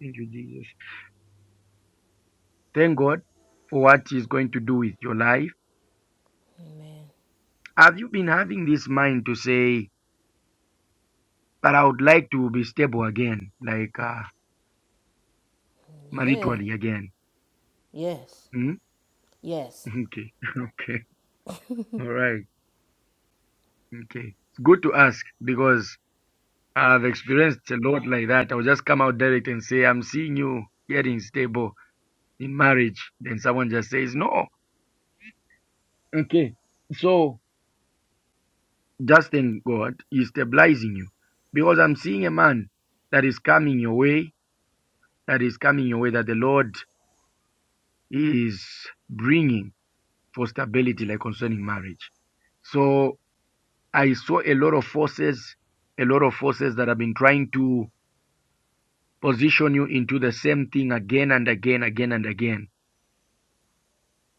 Speaker 1: Thank you, Jesus. Thank God for what He's going to do with your life.
Speaker 12: Amen.
Speaker 1: Have you been having this mind to say, but I would like to be stable again, like uh,
Speaker 12: Yeah.
Speaker 1: maritally again?
Speaker 12: Yes.
Speaker 1: Hmm? [laughs]
Speaker 12: Yes.
Speaker 1: Okay. [laughs] Okay. All right. Okay. It's good to ask because I've experienced a lot like that. I'll just come out direct and say, I'm seeing you getting stable in marriage. Then someone just says, No. Okay. So just thank God he's stabilizing you. Because I'm seeing a man that is coming your way, that is coming your way, that the Lord is bringing for stability, like concerning marriage. So I saw a lot of forces, a lot of forces that have been trying to position you into the same thing again and again, again and again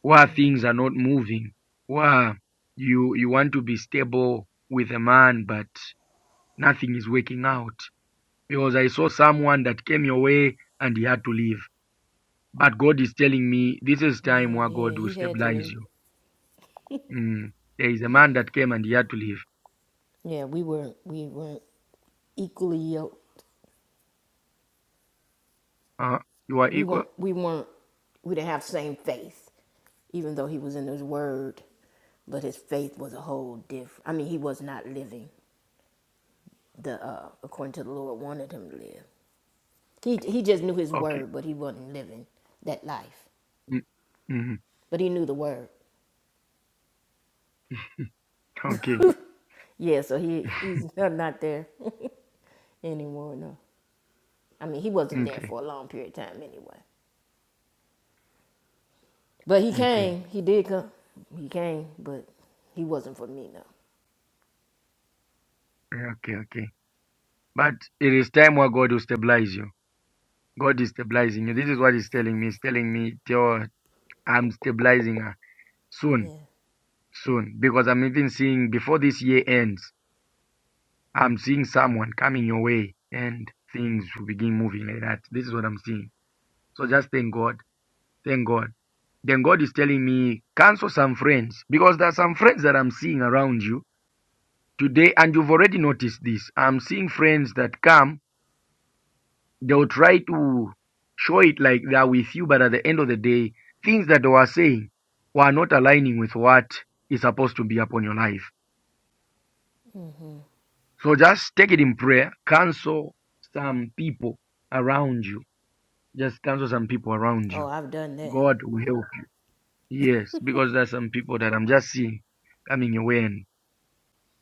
Speaker 1: where things are not moving, where you you want to be stable with a man but nothing is working out. Because I saw someone that came your way and he had to leave. But God is telling me this is
Speaker 12: Yeah,
Speaker 1: time where
Speaker 12: yeah.
Speaker 1: God will
Speaker 12: He had to
Speaker 1: stabilize
Speaker 12: leave.
Speaker 1: you. Mm. There is a man that came and he had to leave.
Speaker 12: Yeah, we weren't we weren't equally yoked.
Speaker 1: Uh, you are
Speaker 12: We
Speaker 1: equal.
Speaker 12: weren't we weren't we didn't have same faith, even though he was in his word. But his faith was a whole different I mean, he was not living the uh, according to the Lord wanted him to live. He he just knew his
Speaker 1: Okay.
Speaker 12: word, but he wasn't living that life.
Speaker 1: Mm, mm,
Speaker 12: But he knew the word.
Speaker 1: okay.
Speaker 12: Yeah, so he
Speaker 1: [laughs]
Speaker 12: he's [laughs] not not there [laughs] anymore. No, I mean he wasn't there
Speaker 1: Okay,
Speaker 12: for a long period of time anyway. But he
Speaker 1: okay,
Speaker 12: came. He did come. He came, but he wasn't for me. No.
Speaker 1: okay, okay. But it is time where God will stabilize you. God is stabilizing you. This is what He's telling me. He's telling me, tell I'm stabilizing her soon,
Speaker 12: Yeah.
Speaker 1: soon. Because I'm even seeing before this year ends, I'm seeing someone coming your way and things will begin moving like that. This is what I'm seeing. So just thank God. Thank God. Then God is telling me, cancel some friends. Because there are some friends that I'm seeing around you today, and you've already noticed this. I'm seeing friends that come they'll try to show it like they are with you, but at the end of the day, things that they were saying were not aligning with what is supposed to be upon your life. So just take it in prayer. Cancel some people around you. Just cancel some people around
Speaker 12: Oh,
Speaker 1: you.
Speaker 12: I've done that.
Speaker 1: God will help you. Yes, because there are some people that I'm just seeing coming your way and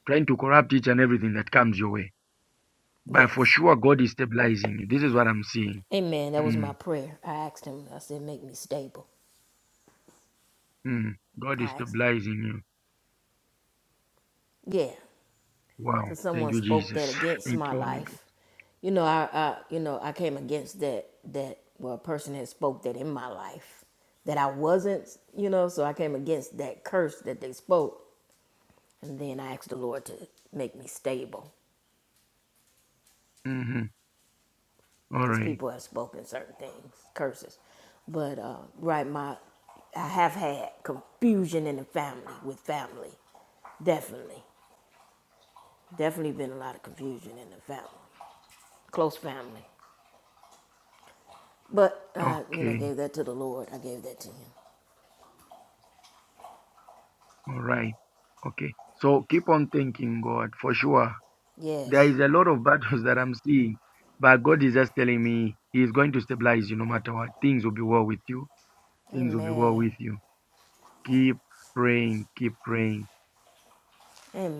Speaker 1: trying to corrupt each and everything that comes your way. But for
Speaker 12: Yes.
Speaker 1: sure, God is stabilizing you. This is what I'm seeing.
Speaker 12: Amen. That was
Speaker 1: Mm,
Speaker 12: my prayer. I asked him. I said, "Make me stable."
Speaker 1: mm. God is
Speaker 12: I asked him.
Speaker 1: stabilizing you.
Speaker 12: Yeah.
Speaker 1: Wow.
Speaker 12: because
Speaker 1: Thank
Speaker 12: someone
Speaker 1: you,
Speaker 12: spoke that
Speaker 1: Jesus.
Speaker 12: against
Speaker 1: Thank
Speaker 12: my
Speaker 1: you, Holy Ghost.
Speaker 12: life. You know, I, I you know I came against that that well, a person had spoke that in my life that I wasn't. You know, so I came against that curse that they spoke, and then I asked the Lord to make me stable
Speaker 1: hmm All
Speaker 12: because
Speaker 1: right.
Speaker 12: people have spoken certain things, curses. But uh, right, my I have had confusion in the family with family, definitely, definitely been a lot of confusion in the family, close family. But I, you know,
Speaker 1: Okay.
Speaker 12: gave that to the Lord. I gave that to Him.
Speaker 1: All right. Okay. So keep on thanking God for sure. There
Speaker 12: Yes.
Speaker 1: is a lot of battles [laughs] that I'm seeing, but God is just telling me He is going to stabilize you no matter what. Things will be well with you. Things will be well
Speaker 12: Amen.
Speaker 1: with you. Keep praying. Keep praying.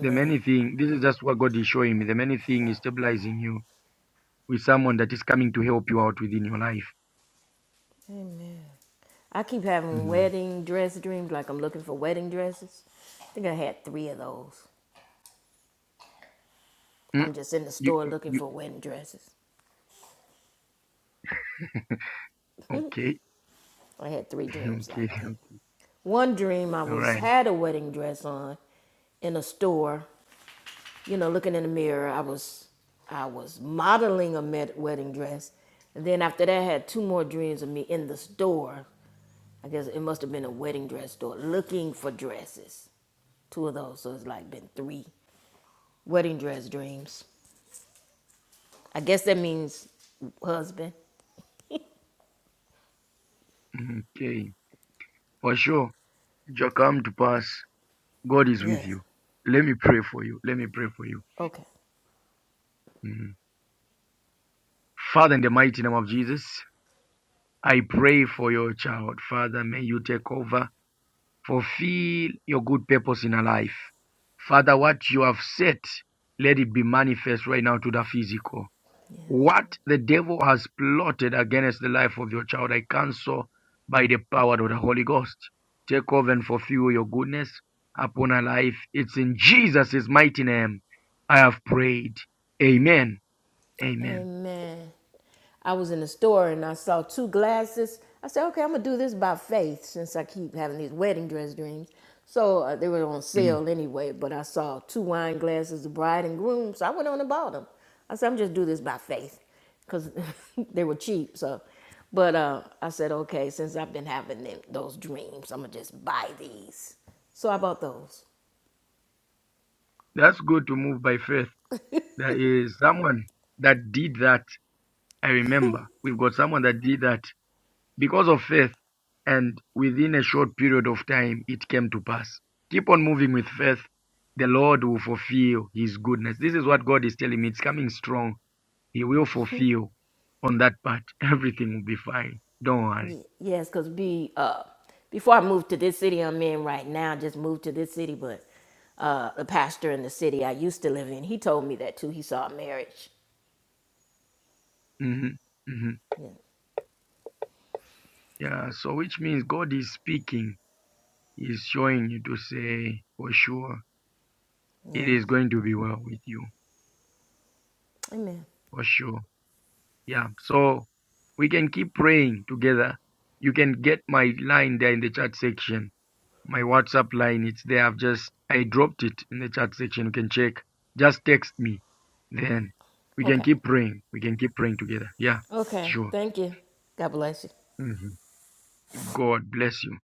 Speaker 1: The many thing, this is just what God is showing me. The many thing is stabilizing you with someone that is coming to help you out within your life.
Speaker 12: I keep having
Speaker 1: Mm.
Speaker 12: wedding dress dreams, like I'm looking for wedding dresses. I think I had three of those.
Speaker 1: Mm,
Speaker 12: I'm just in the
Speaker 1: You,
Speaker 12: store
Speaker 1: you,
Speaker 12: looking for
Speaker 1: you-
Speaker 12: wedding dresses.
Speaker 1: [laughs] okay.
Speaker 12: I had three dreams
Speaker 1: [laughs] Okay.
Speaker 12: like that. One dream I
Speaker 1: All
Speaker 12: was
Speaker 1: right.
Speaker 12: had a wedding dress on in a store you know, looking in the mirror, I was I was modeling a med- wedding dress, and then after that, I had two more dreams of me in the store. I guess it must have been a wedding dress store looking for dresses. Two of those, so it's like been three wedding dress dreams. I guess that means husband.
Speaker 1: Mhm. Okay. For sure, it shall come to pass. God is with
Speaker 12: Yes.
Speaker 1: you. Let me pray for you. Let me pray for you.
Speaker 12: Okay.
Speaker 1: Mhm. Father, in the mighty name of Jesus, I pray for your child. Father, may you take over, fulfill your good purpose in her life. Father, what you have said, let it be manifest right now to the physical. What the devil has plotted against the life of your child, I cancel by the power of the Holy Ghost. Take over and fulfill your goodness upon her life. It's in Jesus' mighty name I have prayed. Amen. Amen.
Speaker 12: Amen. I was in the store and I saw two glasses. I said, okay, I'm going to do this by faith since I keep having these wedding dress dreams. So uh, they were on
Speaker 1: Mm.
Speaker 12: sale anyway, but I saw two wine glasses, the bride and groom. So I went on and bought them. I said, I'm just do this by faith because [laughs] they were cheap. So, but uh, I said, okay, since I've been having them, those dreams, I'm going to just buy these. So I bought those.
Speaker 1: That's good to move by faith. There is someone that did that. I remember. We've got someone that did that. because of faith, and within a short period of time, it came to pass. Keep on moving with faith. The Lord will fulfill His goodness. This is what God is telling me. It's coming strong. He will fulfill on that part. [laughs] Everything will be fine. Don't worry.
Speaker 12: Ye- Yes, because be uh before I moved to this city I'm in right now, just moved to this city, but uh the pastor in the city I used to live in, he told me that too. He saw a marriage.
Speaker 1: hmm hmm
Speaker 12: Yeah.
Speaker 1: Yeah, so which means God is speaking. He's showing you to say, for sure, it
Speaker 12: Yes.
Speaker 1: is going to be well with you.
Speaker 12: Amen.
Speaker 1: For sure. Yeah. So we can keep praying together. You can get my line there in the chat section. My WhatsApp line, it's there. I've just I dropped it in the chat section. You can check. Just text me. Then we can
Speaker 12: Okay.
Speaker 1: keep praying. We can keep praying together. Yeah,
Speaker 12: Okay.
Speaker 1: sure.
Speaker 12: Thank you. God bless you.
Speaker 1: hmm God bless you.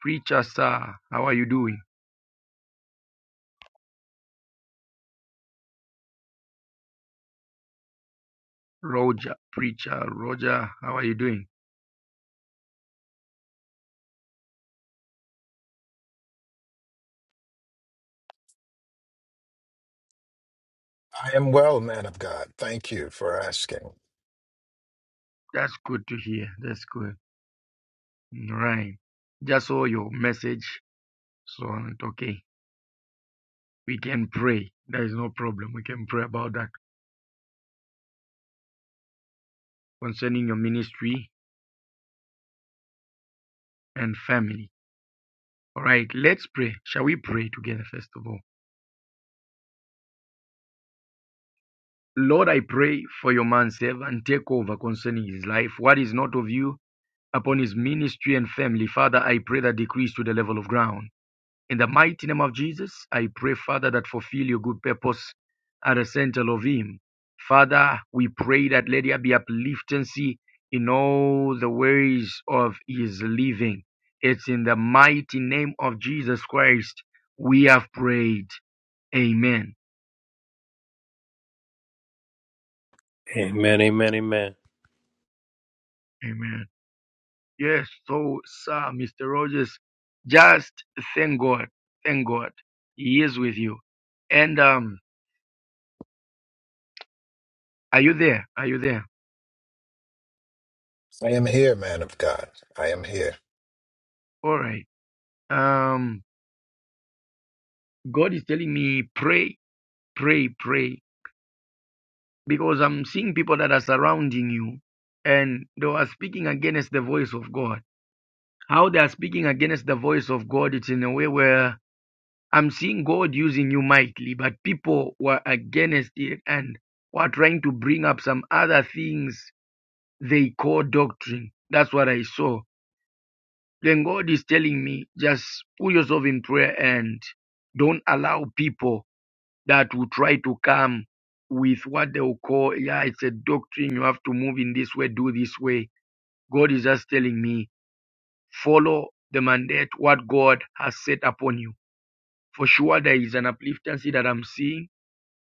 Speaker 1: Preacher sir, how are you doing? Roger, preacher, Roger, how are you doing?
Speaker 13: I am well, man of God. Thank you for asking.
Speaker 1: That's good to hear. That's good. Right. Just saw your message. So it's okay. we can pray. There is no problem. We can pray about that concerning your ministry and family. All right, let's pray. Shall we pray together first of all? Lord, I pray for your man servant. and Take over concerning his life. What is not of you upon his ministry and family, Father, I pray that decrease to the level of ground. In the mighty name of Jesus, I pray, Father, that fulfill your good purpose at the center of him. Father, we pray that let there be upliftancy in all the ways of his living. It's in the mighty name of Jesus Christ we have prayed. Amen.
Speaker 14: Amen, amen, amen.
Speaker 1: Amen. Yes, so, sir, Mr. Rogers, just thank God. Thank God. He is with you. And um, are you there? Are you there?
Speaker 13: I am here, man of God. I am here.
Speaker 1: All right. Um, God is telling me, pray, pray, pray, because I'm seeing people that are surrounding you and they are speaking against the voice of God. How they are speaking against the voice of God, it's in a way where I'm seeing God using you mightily, but people were against it and were trying to bring up some other things they call doctrine. That's what I saw. Then God is telling me, just put yourself in prayer and don't allow people that will try to come with what they will call, yeah, it's a doctrine. You have to move in this way, do this way. God is just telling me, follow the mandate, what God has set upon you. For sure, there is an upliftancy that I'm seeing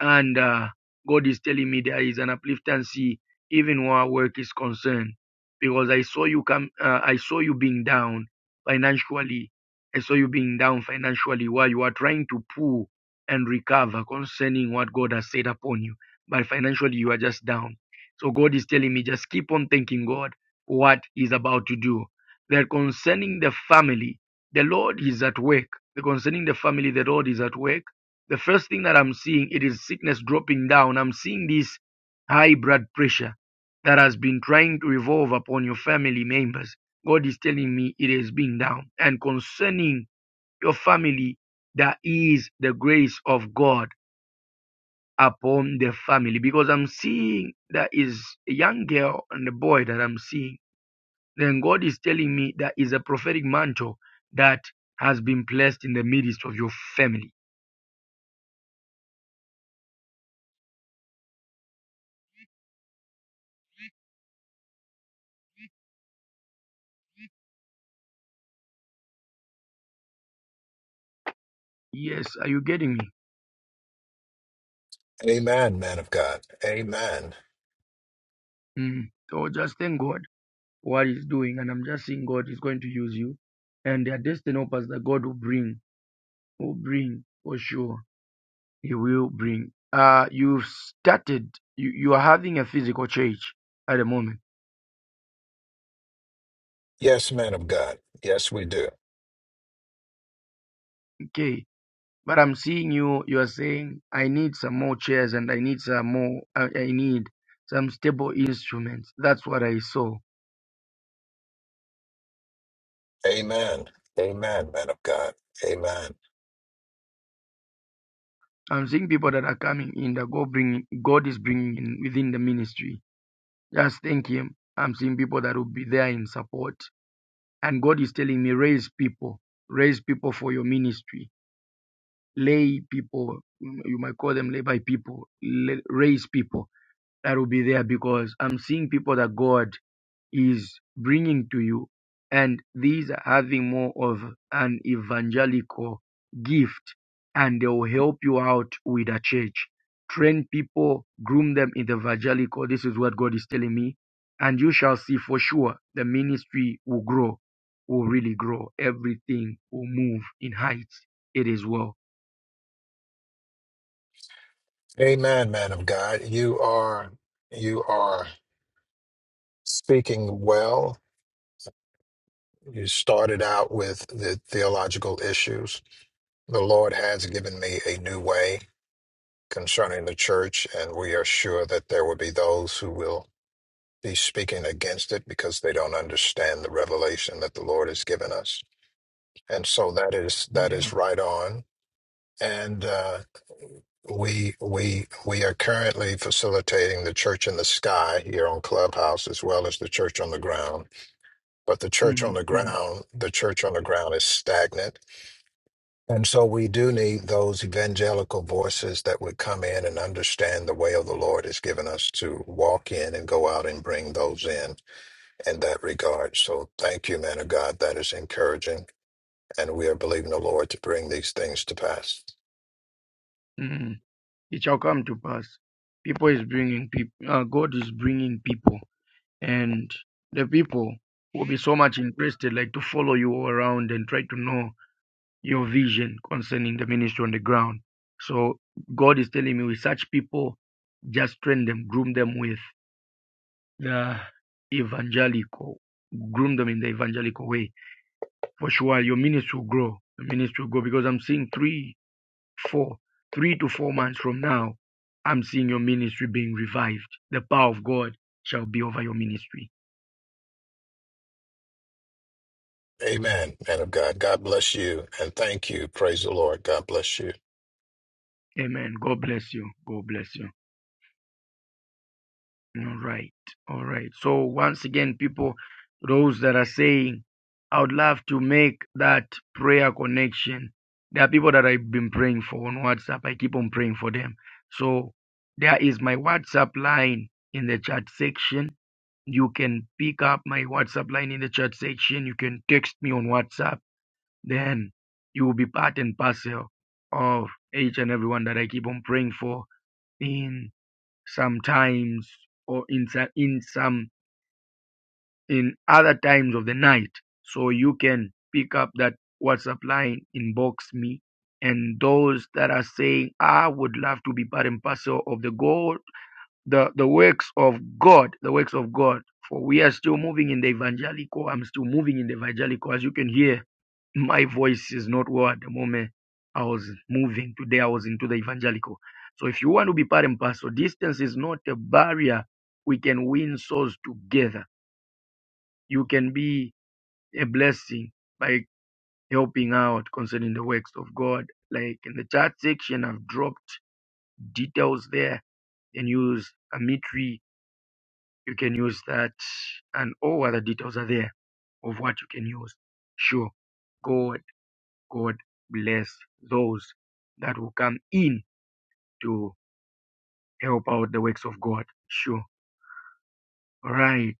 Speaker 1: and uh, God is telling me there is an upliftancy even where work is concerned. Because I saw you come, uh, I saw you being down financially. I saw you being down financially while you are trying to pull and recover concerning what God has said upon you. But financially, you are just down. So God is telling me just keep on thanking God for what He's about to do. That concerning the family, the Lord is at work. The concerning the family, the Lord is at work the first thing that I'm seeing it is sickness dropping down. I'm seeing this high blood pressure that has been trying to revolve upon your family members. God is telling me it is being down. And concerning your family, there is the grace of God upon the family because I'm seeing there is a young girl and a boy that I'm seeing. Then God is telling me there is a prophetic mantle that has been placed in the midst of your family. Yes, are you getting me?
Speaker 13: Amen, man of God. Amen.
Speaker 1: Mm. So just thank God what He's doing, and I'm just seeing God is going to use you, and there are destiny helpers that God will bring, will bring for sure. He will bring. Uh, you've started. You you are having a physical church at the moment,
Speaker 13: Yes, man of God. Yes, we do.
Speaker 1: okay? But I'm seeing you. You are saying I need some more chairs, and I need some more. I, I need some stable instruments. That's what I saw.
Speaker 13: Amen. Amen, man of God. Amen.
Speaker 1: I'm seeing people that are coming in that God bringing. God is bringing in within the ministry Just thank Him. I'm seeing people that will be there in support. And God is telling me, raise people, raise people for your ministry, lay people, you might call them lay by people, raise people that will be there because I'm seeing people that God is bringing to you, and these are having more of an evangelical gift, and they will help you out with a church. Train people, groom them in the evangelical. This is what God is telling me, and you shall see for sure the ministry will grow, will really grow. Everything will move in heights. It is well.
Speaker 13: Amen, man of God. You are you are speaking well. You started out with the theological issues. The Lord has given me a new way concerning the church, and we are sure that there will be those who will He's speaking against it because they don't understand the revelation that the Lord has given us, and so that is that
Speaker 1: Yeah.
Speaker 13: is right on. And uh, we we we are currently facilitating the Church in the Sky here on Clubhouse as well as the Church on the Ground. But the Church
Speaker 1: hmm
Speaker 13: on the Ground, the Church on the Ground is stagnant, and so we do need those evangelical voices that would come in and understand the way of the Lord has given us to walk in and go out and bring those in. in that regard. So thank you, man of God. That is encouraging. And we are believing the Lord to bring these things to pass.
Speaker 1: It shall come to pass. People is bringing people. Uh, God is bringing people and the people will be so much interested like to follow you all around and try to know your vision concerning the ministry on the ground so god is telling me with such people just train them groom them with the evangelical groom them in the evangelical way for sure your ministry will grow The ministry will grow because i'm seeing three four three to four months from now i'm seeing your ministry being revived the power of god shall be over your ministry
Speaker 13: Amen, man of God. God bless you and thank you. Praise the Lord. God bless you.
Speaker 1: Amen. God bless you. God bless you. All right. All right. So once again, people, those that are saying, I would love to make that prayer connection. There are people that I've been praying for on WhatsApp. I keep on praying for them. So there is my WhatsApp line in the chat section. You can pick up my WhatsApp line in the chat section. You can text me on WhatsApp. Then you will be part and parcel of each and everyone that I keep on praying for in sometimes or in some in some in other times of the night so you can pick up that whatsapp line inbox me and those that are saying i would love to be part and parcel of the god the the works of god the works of god for we are still moving in the evangelical i'm still moving in the evangelical as you can hear my voice is not what the moment. I was moving today. I was into the evangelical. So if you want to be part and parcel, distance is not a barrier. We can win souls together. You can be a blessing by helping out concerning the works of God. Like in the chat section, I've dropped details there. You can use Amitri. You can use that, and all other details are there of what you can use. Sure, go God bless those that will come in to help out the works of God. Sure. All Right.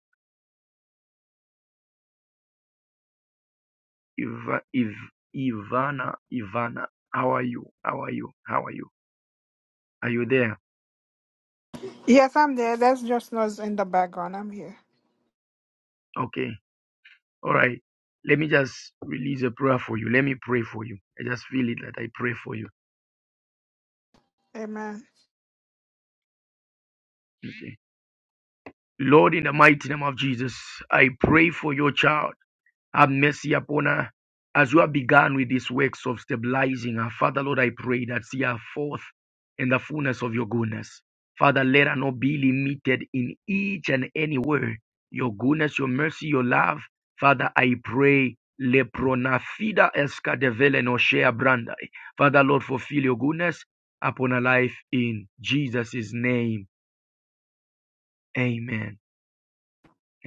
Speaker 1: If Iv, Ivana, Ivana, how are you? How are you? How are you? Are you there?
Speaker 15: Yes, I'm there. That's just noise in the background. I'm here.
Speaker 1: Okay. All right. Let me just release a prayer for you. Let me pray for you. I just feel it that I pray for you.
Speaker 15: Amen.
Speaker 1: Okay. Lord, in the mighty name of Jesus, I pray for your child. Have mercy upon her. As you have begun with these works of stabilizing her, Father, Lord, I pray that see her forth in the fullness of your goodness. Father, let her not be limited in each and any word. Your goodness, your mercy, your love. Father, I pray. Lepronafida escadevele no shea brandai. Father, Lord, fulfill your goodness upon her life in Jesus' name. Amen.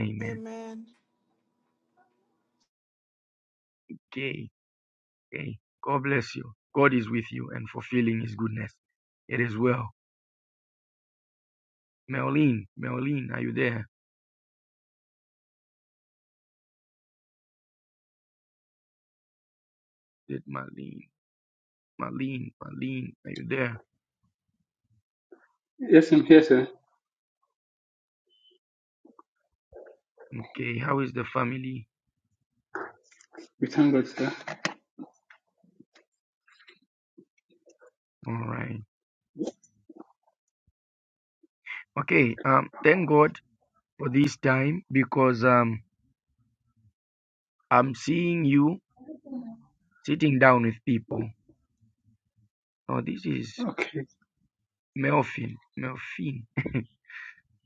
Speaker 1: Amen.
Speaker 15: Amen.
Speaker 1: Okay. Okay. God bless you. God is with you and fulfilling his goodness. It is well. Marlene, Marlene, are you there? Did Marlene, Marlene, Marlene, are you there?
Speaker 11: Yes, I'm here, sir.
Speaker 1: Okay, how is the family?
Speaker 11: We thank God, sir.
Speaker 1: All right. Okay, um, thank God for this time because um I'm seeing you sitting down with people. Oh, this is
Speaker 11: Okay.
Speaker 1: Melvin. Melvin. [laughs]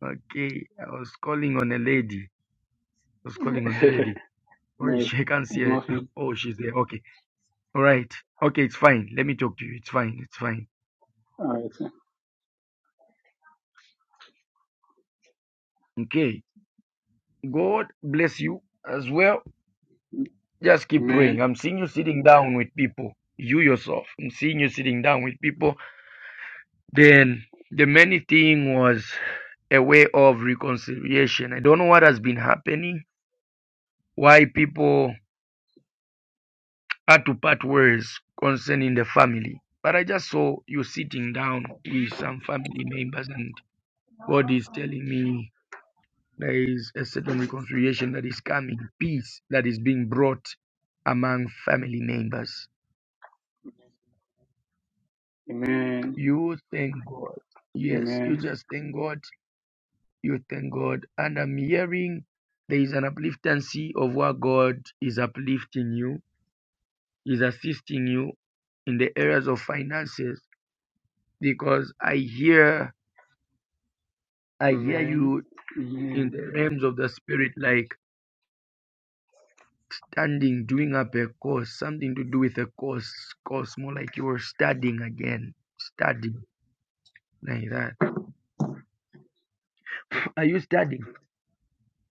Speaker 1: Okay, I was calling on a lady. I was calling on a
Speaker 11: [laughs]
Speaker 1: lady. Sorry, [laughs]
Speaker 11: no, it's,
Speaker 1: she can't see
Speaker 11: it's
Speaker 1: her. [laughs]
Speaker 11: morphine.
Speaker 1: Oh, she's there. Okay. All right. Okay, it's fine. Let me talk to you. It's fine. It's fine.
Speaker 11: All right, sir.
Speaker 1: Okay. God bless you as well. Just keep
Speaker 11: Amen.
Speaker 1: praying. I'm seeing you sitting down with people. You yourself. I'm seeing you sitting down with people. Then the many thing was a way of reconciliation. I don't know what has been happening, why people had to part words concerning the family. But I just saw you sitting down with some family members, and God is telling me There is a certain reconciliation that is coming, peace that is being brought among family members.
Speaker 11: Amen.
Speaker 1: You thank God. Yes, you
Speaker 11: Amen.
Speaker 1: just thank God. You thank God. And I'm hearing there is an upliftancy of what God is uplifting you, is assisting you in the areas of finances because I hear I hear
Speaker 11: Amen.
Speaker 1: you in
Speaker 11: Amen.
Speaker 1: the realms of the spirit like Studying, doing up a course, something to do with a course, course, more like you were studying again, studying like that. [clears throat] Are you studying?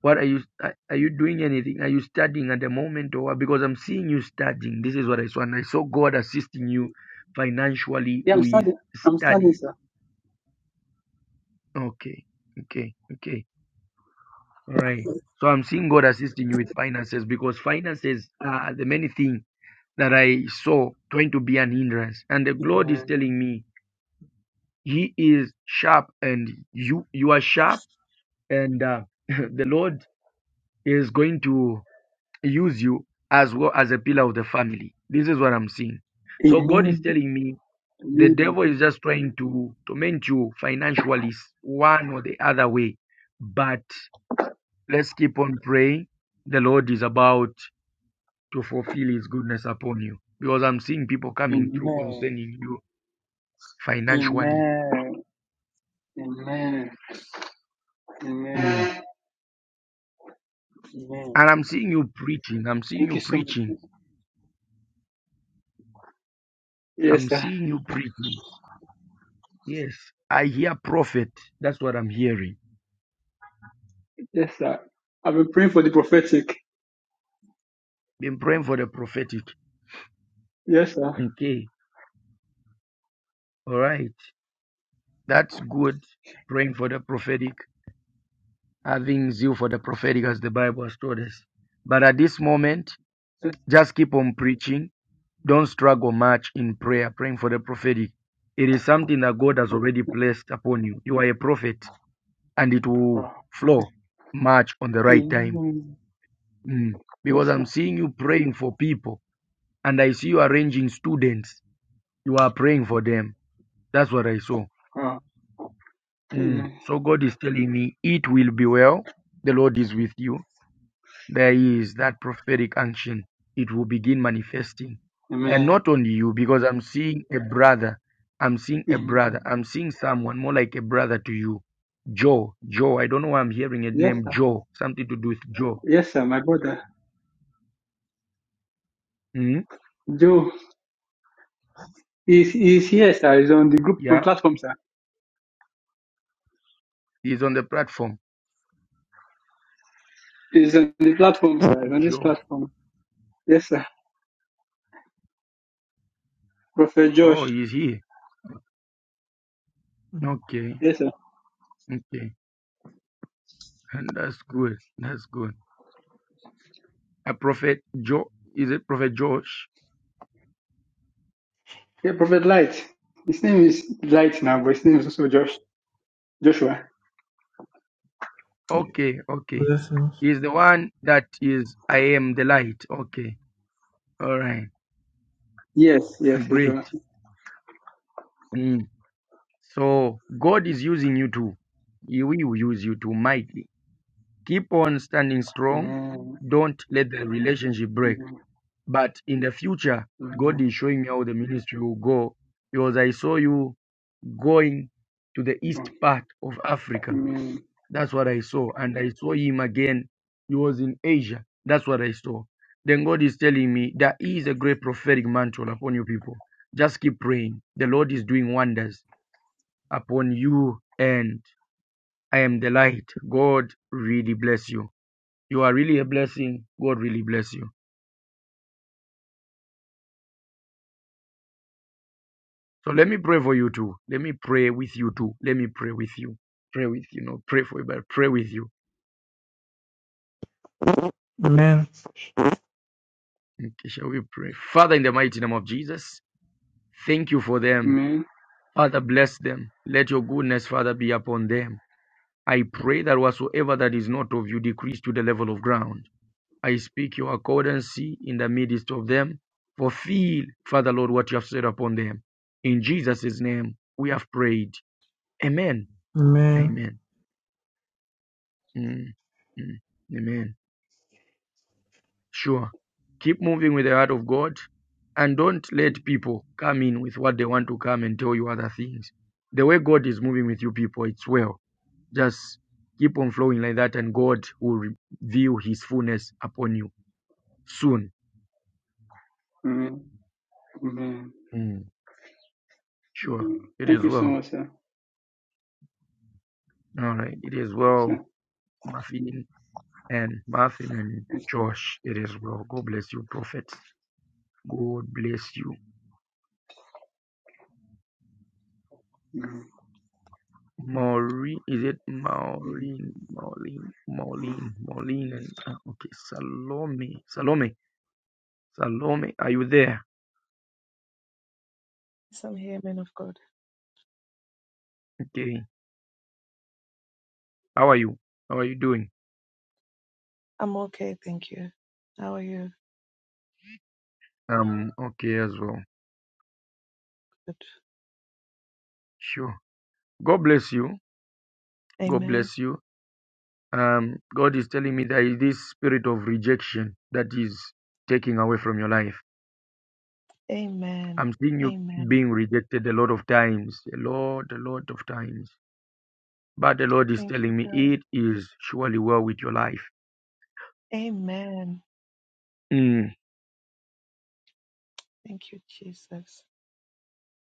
Speaker 1: What are you are are you doing anything? Are you studying at the moment or what? Because I'm seeing you studying. This is what I saw, and I saw God assisting you financially
Speaker 11: Yeah, I'm
Speaker 1: with
Speaker 11: standing. I'm standing,
Speaker 1: studies.
Speaker 11: sir.
Speaker 1: Okay, okay, okay, all right. So I'm seeing God assisting you with finances because finances are the many things that I saw going to be an hindrance, and the Lord is
Speaker 11: Amen.
Speaker 1: telling me He is sharp, and you you are sharp, and uh, [laughs] the Lord is going to use you as well as a pillar of the family. This is what I'm seeing. So God is
Speaker 11: Amen.
Speaker 1: telling me the
Speaker 11: Amen.
Speaker 1: devil is just trying to torment you financially s- one or the other way. But let's keep on praying. The Lord is about to fulfill his goodness upon you because I'm seeing people coming through
Speaker 11: Amen.
Speaker 1: concerning you financially.
Speaker 11: Amen. Amen.
Speaker 1: Mm.
Speaker 11: Amen. Amen.
Speaker 1: And I'm seeing you preaching. I'm seeing
Speaker 11: Thank
Speaker 1: you
Speaker 11: you so
Speaker 1: preaching
Speaker 11: much. Yes,
Speaker 1: I'm
Speaker 11: sir.
Speaker 1: seeing you preaching. Yes, I hear prophet. That's what I'm hearing.
Speaker 11: Yes, sir. I've been praying for the prophetic.
Speaker 1: Been praying for the prophetic.
Speaker 11: Yes, sir.
Speaker 1: Okay, all right. That's good. Praying for the prophetic, having zeal for the prophetic as the Bible has taught us. But at this moment,
Speaker 11: Yes.
Speaker 1: just keep on preaching. Don't struggle much in prayer, praying for the prophetic. It is something that God has
Speaker 11: Okay,
Speaker 1: already
Speaker 11: sir.
Speaker 1: placed upon you. You are a prophet and it will
Speaker 11: Wow.
Speaker 1: flow much on the right time.
Speaker 11: Amen.
Speaker 1: Mm.
Speaker 11: Yes,
Speaker 1: Because I'm
Speaker 11: sir.
Speaker 1: seeing you praying for people And I see you arranging students. You are praying for them. That's what I saw.
Speaker 11: Wow.
Speaker 1: Mm.
Speaker 11: Amen.
Speaker 1: So God is telling me it will be well. The Lord is with you. There is that prophetic action. It will begin manifesting. And
Speaker 11: Amen.
Speaker 1: not only you, because I'm seeing a brother. I'm seeing a brother.
Speaker 11: Amen.
Speaker 1: I'm seeing someone more like a brother to you. Joe. Joe. I don't know why I'm hearing a
Speaker 11: Yes,
Speaker 1: name
Speaker 11: sir.
Speaker 1: Joe. Something to do with Joe.
Speaker 11: Yes, sir. My brother
Speaker 1: Mm?
Speaker 11: Joe is is here, sir. He's on the group on
Speaker 1: Yeah.
Speaker 11: platform, sir.
Speaker 1: He's on the platform.
Speaker 11: He's on the platform, sir. He's on this
Speaker 1: Joe.
Speaker 11: platform. Yes, sir. Prophet Josh.
Speaker 1: Oh, he's here. Okay.
Speaker 11: Yes, sir.
Speaker 1: Okay. And that's good. That's good. A prophet Joe. is it Prophet Josh?
Speaker 11: Yeah, Prophet Light. His name is Light now, but his name is also Josh. Joshua.
Speaker 1: Okay, okay.
Speaker 16: Blessings.
Speaker 1: He's the one that is I am the light. Okay. All right.
Speaker 11: Yes, yes,
Speaker 1: [laughs]
Speaker 11: he's
Speaker 1: Great.
Speaker 11: on.
Speaker 1: Mm. So God is using you too. He will use you too mightily. Keep on standing strong.
Speaker 11: Amen.
Speaker 1: Don't let the relationship break.
Speaker 11: Amen.
Speaker 1: But in the future, God
Speaker 11: Amen.
Speaker 1: is showing me how the ministry will go. Because I saw you going to the east part of Africa
Speaker 11: Amen.
Speaker 1: That's what I saw. And I saw him again. He was in Asia. That's what I saw. Then God is telling me there is a great prophetic mantle upon you people. Just keep praying. The Lord is doing wonders upon you, and I am the light. God really bless you. You are really a blessing. God really bless you. So let me pray for you too. Let me pray with you too. Let me pray with you. Pray with you. No, pray for you, but pray with you.
Speaker 16: Amen.
Speaker 1: Okay, shall we pray? Father, in the mighty name of Jesus, thank you for them.
Speaker 11: Amen.
Speaker 1: Father, bless them. Let your goodness, Father, be upon them. I pray that whatsoever that is not of you decrease to the level of ground. I speak your accordancy in the midst of them. Fulfill, Father Lord, what you have said upon them. In Jesus' name, we have prayed. Amen.
Speaker 16: Amen.
Speaker 1: Amen. Mm, mm, Amen. Sure. Keep moving with the heart of God and don't let people come in with what they want to come and tell you other things. The way God is moving with you people, it's well. Just keep on flowing like that, and God will reveal His fullness upon you soon.
Speaker 11: Amen. Amen.
Speaker 1: Mm, sure,
Speaker 11: Amen.
Speaker 1: it
Speaker 11: Thank
Speaker 1: is
Speaker 11: you so
Speaker 1: well.
Speaker 11: much, sir.
Speaker 1: All right, it is
Speaker 11: Yes, sir.
Speaker 1: well, Muffin and Muffin and
Speaker 11: Yes.
Speaker 1: Josh. It is well. God bless you, prophets. God bless you.
Speaker 11: Amen.
Speaker 1: Maureen, is it
Speaker 11: Amen.
Speaker 1: Maureen? Maureen,
Speaker 11: Amen.
Speaker 1: Maureen, Maureen, and uh, okay, Salome, Salome, Salome. Are you there?
Speaker 17: Yes, I'm here, man of God.
Speaker 1: Okay, how are you? How are you doing?
Speaker 17: I'm okay, thank you. How are you?
Speaker 1: Um, okay, as well.
Speaker 17: Good.
Speaker 1: Sure. God bless you. God
Speaker 17: Amen.
Speaker 1: bless you. Um, God is telling me there is this spirit of rejection that is taking away from your life.
Speaker 17: Amen.
Speaker 1: I'm seeing you
Speaker 17: Amen.
Speaker 1: being rejected a lot of times, a lot, a lot of times. But the Lord is
Speaker 17: Thank you,
Speaker 1: telling me
Speaker 17: God.
Speaker 1: it is surely well with your life.
Speaker 17: Amen.
Speaker 1: Mm.
Speaker 17: Thank you, Jesus.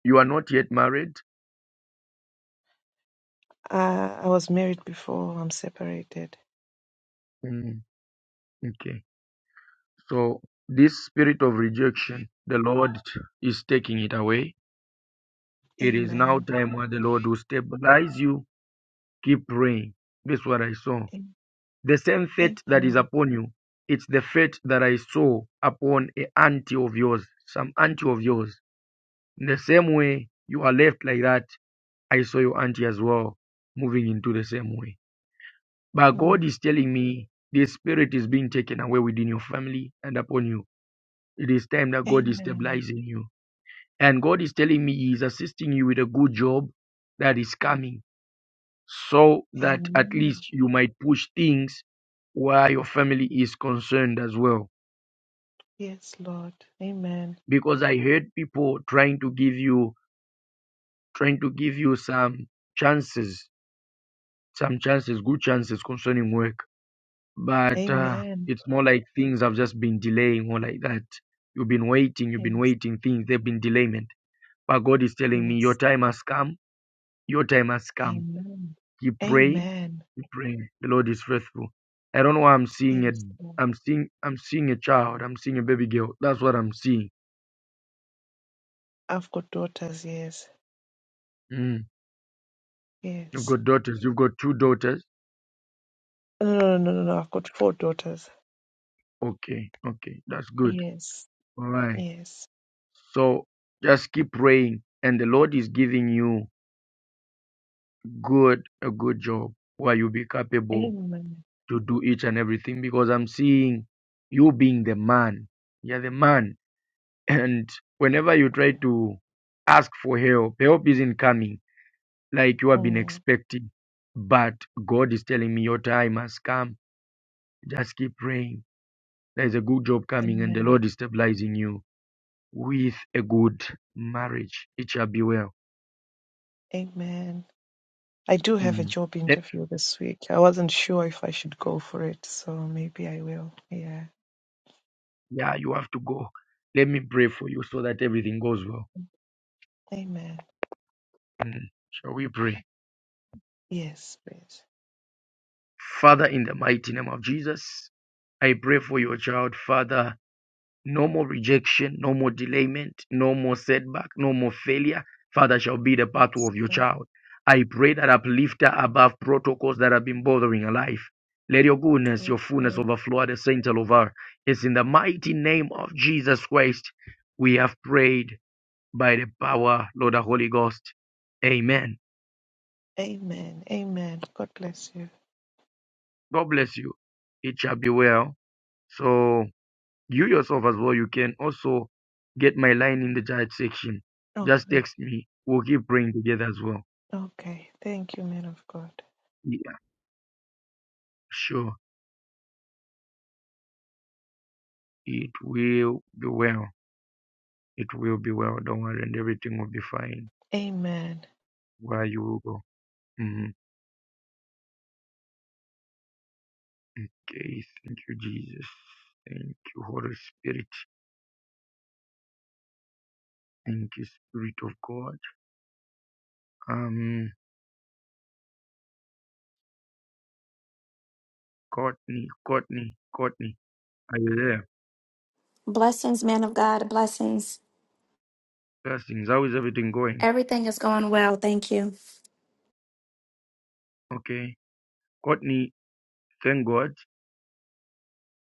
Speaker 1: You are not yet married.
Speaker 17: Uh, I was married before I'm separated.
Speaker 1: Mm. Okay. So this spirit of rejection, the Lord is taking it away. It is now
Speaker 17: Amen.
Speaker 1: time where the Lord will stabilize you. Keep praying. That's what I saw.
Speaker 17: Am-
Speaker 1: The same fate that is
Speaker 17: Amen.
Speaker 1: upon you, it's the fate that I saw upon a auntie of yours, some auntie of yours. In the same way you are left like that, I saw your auntie as well moving into the same way. But God
Speaker 17: Mm.
Speaker 1: is telling me this spirit is being taken away within your family and upon you. It is time that God is
Speaker 17: Amen.
Speaker 1: stabilizing you. And God is telling me He is assisting you with a good job that is coming so that at
Speaker 17: Amen.
Speaker 1: least you might push things where your family is concerned as well
Speaker 17: Yes, Lord. Amen.
Speaker 1: because I heard people trying to give you trying to give you some chances, some chances, good chances concerning work. But uh,
Speaker 17: Amen.
Speaker 1: it's more like things have just been delaying or like that. You've been waiting, you've been
Speaker 17: Yes.
Speaker 1: waiting, things they've been delayment. But God is telling me your
Speaker 17: Yes.
Speaker 1: time has come, your time has come.
Speaker 17: Amen.
Speaker 1: Keep praying,
Speaker 17: Amen.
Speaker 1: keep praying. The Lord is faithful. I don't know why I'm seeing it.
Speaker 17: Yes, Lord.
Speaker 1: I'm seeing I'm seeing a child, I'm seeing a baby girl. That's what I'm seeing.
Speaker 17: I've got daughters, yes.
Speaker 1: Mm. You've
Speaker 17: Yes.
Speaker 1: got daughters, you've got two daughters
Speaker 17: No, no, no, no, no. I've got four daughters.
Speaker 1: Okay, okay, that's good.
Speaker 17: Yes,
Speaker 1: All right.
Speaker 17: yes.
Speaker 1: So just keep praying, and the Lord is giving you good a good job where you'll be capable
Speaker 17: Amen.
Speaker 1: to do each and everything. Because I'm seeing you being the man. You're the man, [laughs] and whenever you try to ask for help, help isn't coming like you have been
Speaker 17: Oh,
Speaker 1: expecting. But God is telling me your time has come. Just keep praying. There's a good job coming, and the
Speaker 17: amen.
Speaker 1: Lord is stabilizing you with a good marriage. It shall be well.
Speaker 17: Amen. I do have a
Speaker 1: Mm.
Speaker 17: job
Speaker 1: Let,
Speaker 17: interview this week. I wasn't sure if I should go for it, so maybe I will. Yeah.
Speaker 1: yeah, you have to go. Let me pray for you so that everything goes well.
Speaker 17: Amen.
Speaker 1: Mm. Shall we pray?
Speaker 17: Yes, please.
Speaker 1: Father, in the mighty name of Jesus, I pray for your child, Father. No more rejection, no more delayment, no more setback, no more failure. Father, shall be the pathway
Speaker 17: Yes.
Speaker 1: of your
Speaker 17: Lord.
Speaker 1: child. I pray that uplifter above protocols that have been bothering her life. Let your goodness,
Speaker 17: Yes,
Speaker 1: your fullness
Speaker 17: Lord.
Speaker 1: overflow at the center of her. It's in the mighty name of Jesus Christ we have prayed by the power, Lord, the Holy Ghost. Amen.
Speaker 17: Amen. Amen. God bless you.
Speaker 1: God bless you. It shall be well. So. You yourself as well, you can also get my line in the chat section. Just
Speaker 17: Okay.
Speaker 1: text me. We'll keep praying together as well.
Speaker 17: Okay. Thank you, man of God.
Speaker 1: Yeah, sure. It will be well. It will be well. Don't worry, and everything will be fine.
Speaker 17: Amen.
Speaker 1: Where you will go. Mhm. Okay. Thank you, Jesus. Thank you, Holy Spirit. Thank you, Spirit of God. Um, Courtney, Courtney, Courtney, are you there?
Speaker 18: Blessings, man of God. Blessings.
Speaker 1: Blessings. How is everything going?
Speaker 18: Everything is going well. Thank you.
Speaker 1: Okay. Courtney, thank God.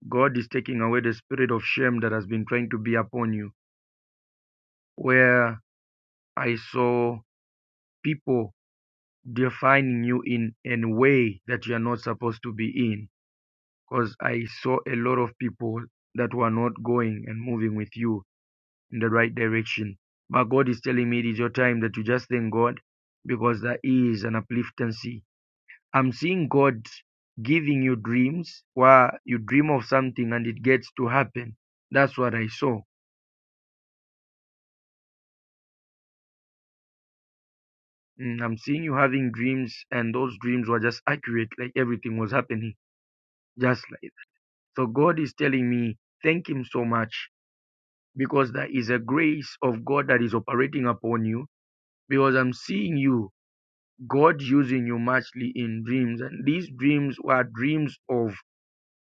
Speaker 1: God is taking away the spirit of shame that has been trying to be upon you. Where I saw people defining you in a way that you are not supposed to be in, because I saw a lot of people that were not going and moving with you in the right direction. But God is telling me it is your time that you just thank God because there is an upliftancy. I'm seeing God giving you dreams where you dream of something and it gets to happen. That's what I saw Mm, I'm seeing you having dreams, and those dreams were just accurate, like everything was happening just like. So God is telling me, thank Him so much because there is a grace of God that is operating upon you. Because I'm seeing you, God using you muchly in dreams, and these dreams were dreams of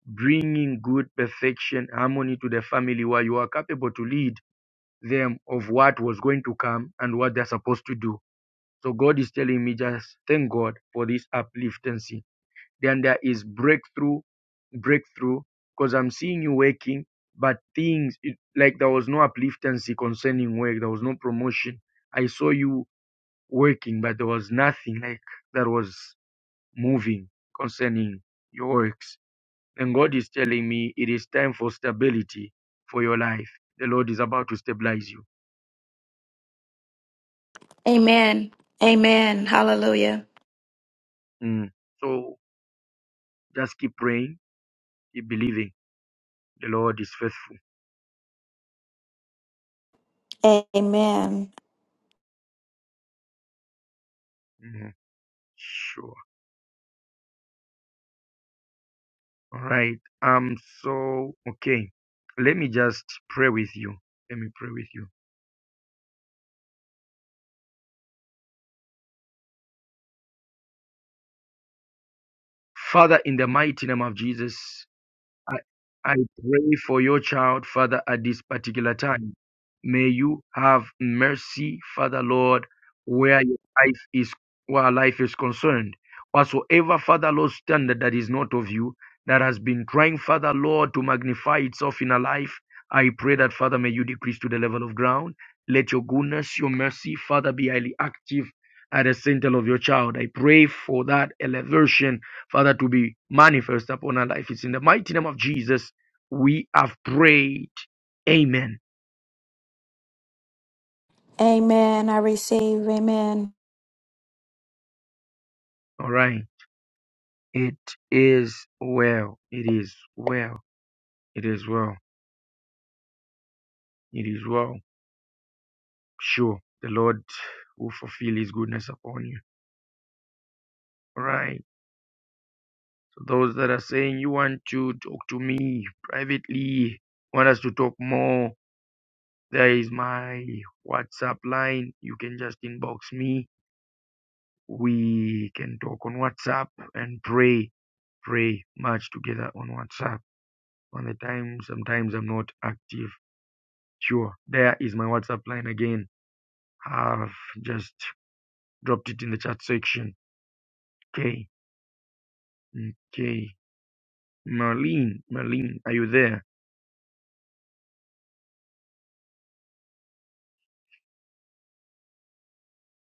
Speaker 1: bringing good perfection, harmony to the family, where you are capable to lead them of what was going to come and what they're supposed to do. So God is telling me just thank God for this upliftancy then there is breakthrough, breakthrough, because I'm seeing you working, but things it, like there was no upliftancy concerning work, there was no promotion. I saw you working, but there was nothing like that was moving concerning your works. And God is telling me it is time for stability for your life. The Lord is about to stabilize you.
Speaker 18: Amen. Amen. Hallelujah.
Speaker 1: Mm. So just keep praying, keep believing. The Lord is faithful.
Speaker 18: Amen.
Speaker 1: Mm. Sure. All right. Um, so, okay. Let me just pray with you. Let me pray with you. Father, in the mighty name of Jesus, I, I pray for your child, Father, at this particular time. May you have mercy, Father Lord, where your life is where life is concerned. Whatsoever, Father Lord, standard that is not of you, that has been trying, Father Lord, to magnify itself in a life, I pray that, Father, may you decrease to the level of ground. Let your goodness, your mercy, Father, be highly active at the center of your child. I pray for that elevation Father, to be manifest upon our life. It's in the mighty name of Jesus we have prayed. Amen.
Speaker 18: Amen. I receive. Amen.
Speaker 1: All right. It is well. It is well. It is well. It is well. Sure. The Lord will fulfill his goodness upon you. All right. So those that are saying you want to talk to me privately, want us to talk more, there is my WhatsApp line. You can just inbox me. We can talk on WhatsApp and pray pray much together on WhatsApp. On the time, sometimes I'm not active. Sure, there is my WhatsApp line again. I've just dropped it in the chat section. Okay, okay. Marlene, Marlene, are you there?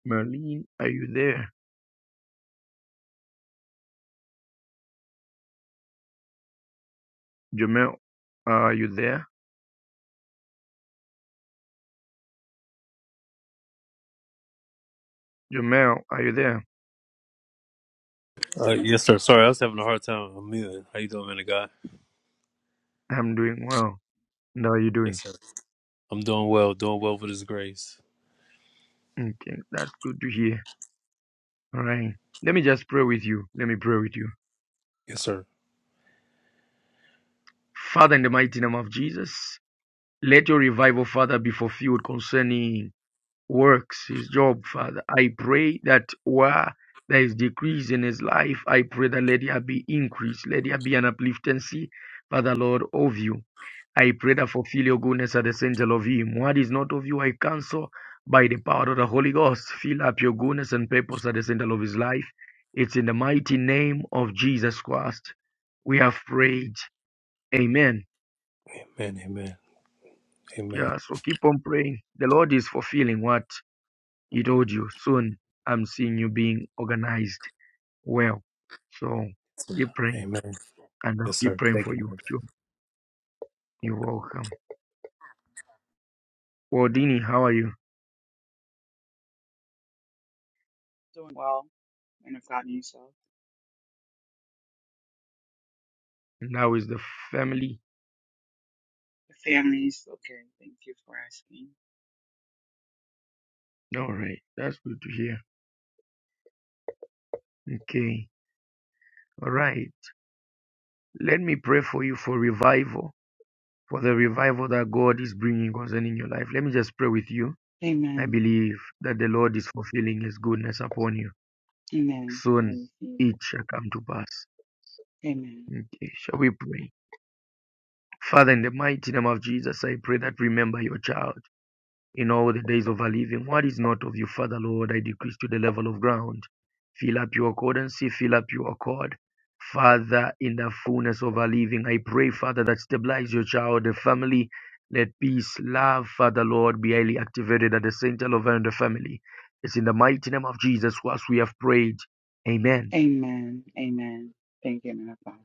Speaker 1: Marlene, are you there? Jamel, are you there? Jamel, are you there?
Speaker 14: Uh, yes, sir. Sorry, I was having a hard time. I'm muted. How you doing, man of God?
Speaker 1: I'm doing well. And how are you doing?
Speaker 14: Yes, sir. I'm doing well, doing well with his grace.
Speaker 1: Okay, that's good to hear. All right. Let me just pray with you. Let me pray with you.
Speaker 14: Yes, sir.
Speaker 1: Father, in the mighty name of Jesus, Let your revival, Father, be fulfilled concerning works, his job, Father. I pray that where there is decrease in his life, I pray that let there be increase, let there be an upliftancy, Father Lord, of you. I pray that fulfill your goodness at the center of him. What is not of you, I cancel by the power of the Holy Ghost. Fill up your goodness and purpose at the center of his life. It's in the mighty name of Jesus Christ. We have prayed. Amen.
Speaker 14: Amen, amen, amen,
Speaker 1: Yeah, so keep on praying. The Lord is fulfilling what He told you. Soon I'm seeing you being organized well. So keep praying
Speaker 14: amen.
Speaker 1: and I'll
Speaker 14: Yes,
Speaker 1: keep
Speaker 14: sir.
Speaker 1: praying
Speaker 14: Thank
Speaker 1: for
Speaker 14: you,
Speaker 1: you.
Speaker 14: man.
Speaker 1: Sure. You're welcome. Well, Dini, how are you?
Speaker 19: Doing well, and if God and yourself.
Speaker 1: And how is the family?
Speaker 19: The family's okay. Thank you for asking.
Speaker 1: All right. That's good to hear. Okay. All right. Let me pray for you for revival, for the revival that God is bringing concerning your life. Let me just pray with you. I
Speaker 19: Amen.
Speaker 1: believe that the Lord is fulfilling His goodness upon you.
Speaker 19: Amen. I
Speaker 1: Soon
Speaker 19: receive.
Speaker 1: it shall come to pass.
Speaker 19: Amen.
Speaker 1: Okay, shall we pray? Father, in the mighty name of Jesus, I pray that remember your child in all the days of her living. What is not of you, Father, Lord, I decrease to the level of ground. Fill up your cordancy, fill up your accord. Father, in the fullness of her living, I pray, Father, that stabilize your child, the family. Let peace, love, Father, Lord, be highly activated at the center of her and the family. It's in the mighty name of Jesus, whilst we have prayed. Amen.
Speaker 19: Amen. Amen. Thank you, man of God.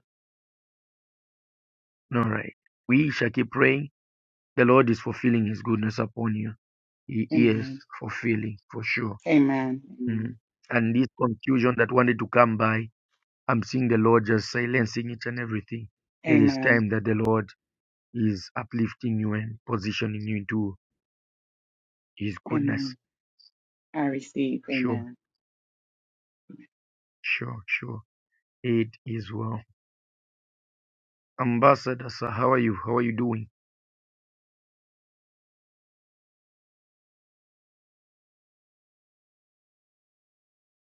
Speaker 1: All right. We shall keep praying The Lord is fulfilling his goodness upon you. He is
Speaker 19: Amen.
Speaker 1: fulfilling for sure.
Speaker 19: Amen.
Speaker 1: Mm.
Speaker 19: Amen.
Speaker 1: And this confusion that wanted to come by, I'm seeing the Lord just silencing it and everything. It is
Speaker 19: Amen.
Speaker 1: time that the Lord is uplifting you and positioning you into his goodness.
Speaker 19: Amen. I receive.
Speaker 1: Sure,
Speaker 19: Amen.
Speaker 1: sure, sure. It is well. Ambassador, sir, how are you? How are you doing?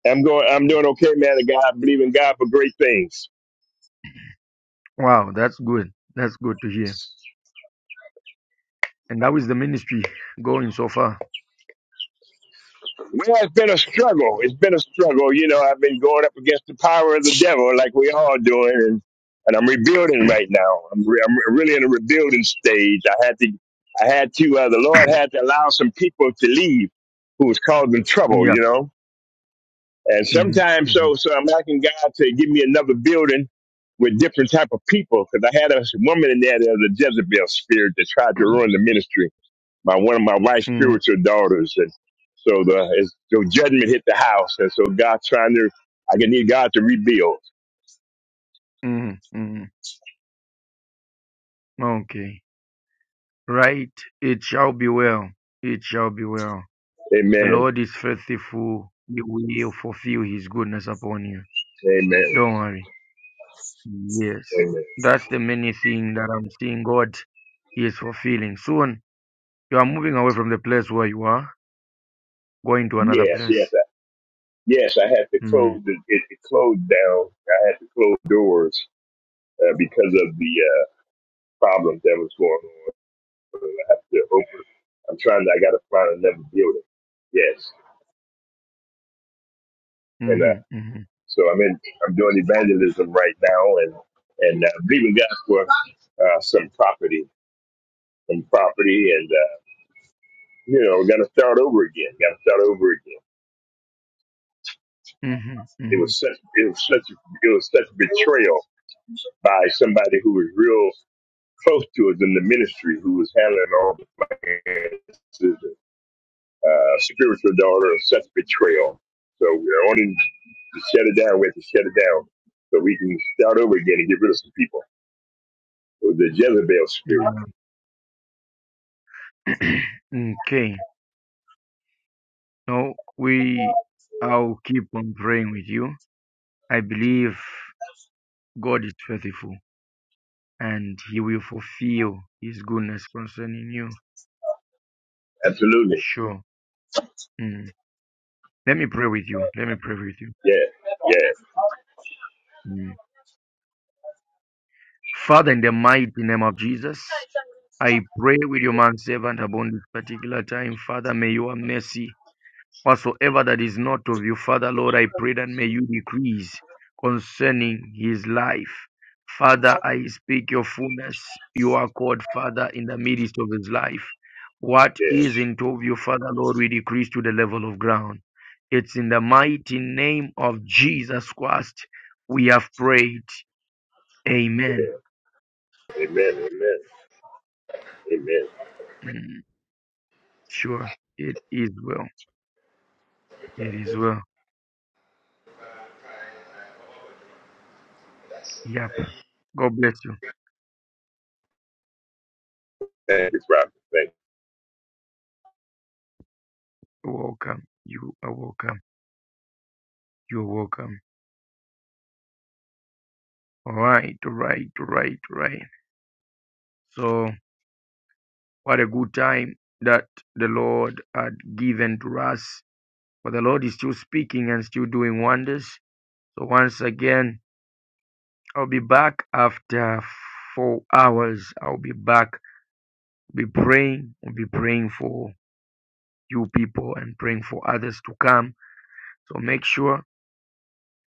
Speaker 20: I'm going. I'm doing okay, man. And God, I believe in God for great things.
Speaker 1: Wow, that's good. That's good to hear. And how is the ministry going so far?
Speaker 20: Well, it's been a struggle. It's been a struggle. You know, I've been going up against the power of the devil, like we all doing, and, and I'm rebuilding right now. I'm, re- I'm really in a rebuilding stage. I had to. I had to. Uh, the Lord had to allow some people to leave who was causing trouble.
Speaker 1: Yeah.
Speaker 20: You know, and
Speaker 1: Mm-hmm,
Speaker 20: sometimes
Speaker 1: mm-hmm,
Speaker 20: so so I'm asking God to give me another building with different type of people because I had a woman in there that was a Jezebel spirit that tried to ruin the ministry my one of my wife's
Speaker 1: mm-hmm,
Speaker 20: spiritual daughters, and so the it's- so judgment hit the house, and so God trying to I can need God to rebuild.
Speaker 1: mm-hmm. Mm-hmm. Okay. Right, it shall be well, it shall be well. The
Speaker 20: Amen.
Speaker 1: Lord is faithful, He will fulfill His goodness upon you.
Speaker 20: Amen.
Speaker 1: Don't worry. Yes,
Speaker 20: Amen.
Speaker 1: that's the many thing that I'm seeing God He is fulfilling. Soon you are moving away from the place where you are, going to another
Speaker 20: Yes,
Speaker 1: place.
Speaker 20: yes, I, yes. I had to
Speaker 1: Mm.
Speaker 20: close the, it, it closed down. I had to close doors uh, because of the uh, problem that was going on. I have to open. I'm trying. To, I got to find another building. Yes, and uh,
Speaker 1: Mm-hmm, mm-hmm,
Speaker 20: so I'm in. I'm doing evangelism right now, and and uh, believing God for uh, some property and property, and uh, you know, got to start over again. Got to start over again.
Speaker 1: mm-hmm,
Speaker 20: It
Speaker 1: mm-hmm.
Speaker 20: was such it was such it was such betrayal by somebody who was real close to us in the ministry, who was handling all the finances. Uh, spiritual daughter, of such betrayal. So we are only to shut it down. We have to shut it down so we can start over again and get rid of some people. It was the Jezebel spirit.
Speaker 1: Yeah. [clears throat] okay, now we, I'll keep on praying with you. I believe God is faithful. and he will fulfill his goodness concerning you.
Speaker 20: Absolutely.
Speaker 1: Sure. Mm. Let me pray with you. Let me pray with you.
Speaker 20: Yeah. Yeah.
Speaker 1: Mm. Father, in the mighty name of Jesus, I pray with your man servant upon this particular time. Father, may your mercy whatsoever that is not of you. Father, Lord, I pray that may you decrease concerning his life. Father, I speak your fullness. You are called Father in the midst of his life. What
Speaker 20: Yeah.
Speaker 1: is into of you, Father, Lord, we decrease to the level of ground. It's in the mighty name of Jesus Christ we have prayed. Amen.
Speaker 20: Yeah. Amen. Amen. Amen.
Speaker 1: Mm, sure, it is well. It is well.
Speaker 21: That's it.
Speaker 1: Yep. God bless you.
Speaker 21: Hey,
Speaker 20: Thank you, Robert. Thank you.
Speaker 1: You're welcome. You are welcome. You're welcome. Right, right, right, right. So, what a good time that the Lord had given to us. For the Lord is still speaking and still doing wonders. So, once again, I'll be back after four hours. I'll be back, be praying, I'll be praying for you people and praying for others to come. So, make sure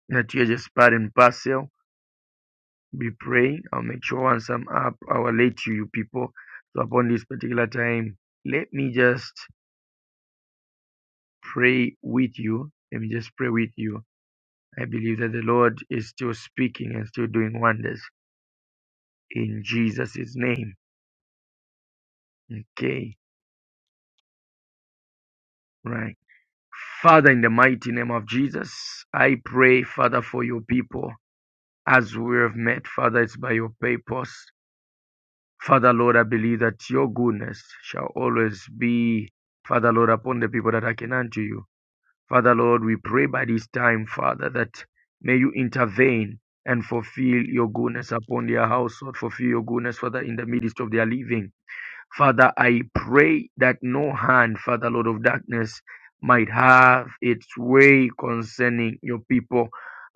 Speaker 1: that you're just part and parcel. Be praying. I'll make sure once I'm up, I will let you, you people. So, upon this particular time, let me just pray with you. Let me just pray with you. I believe that the Lord is still speaking and still doing wonders in Jesus' name. Okay, right. Father, in the mighty name of Jesus, I pray, Father, for your people as we have met. Father, it's by your purpose. Father, Lord, I believe that your goodness shall always be, Father, Lord, upon the people that are akin unto you. Father Lord, we pray by this time, Father, that may you intervene and fulfill your goodness upon their household, fulfill your goodness, Father, in the midst of their living. Father, I pray that no hand, Father Lord of darkness, might have its way concerning your people.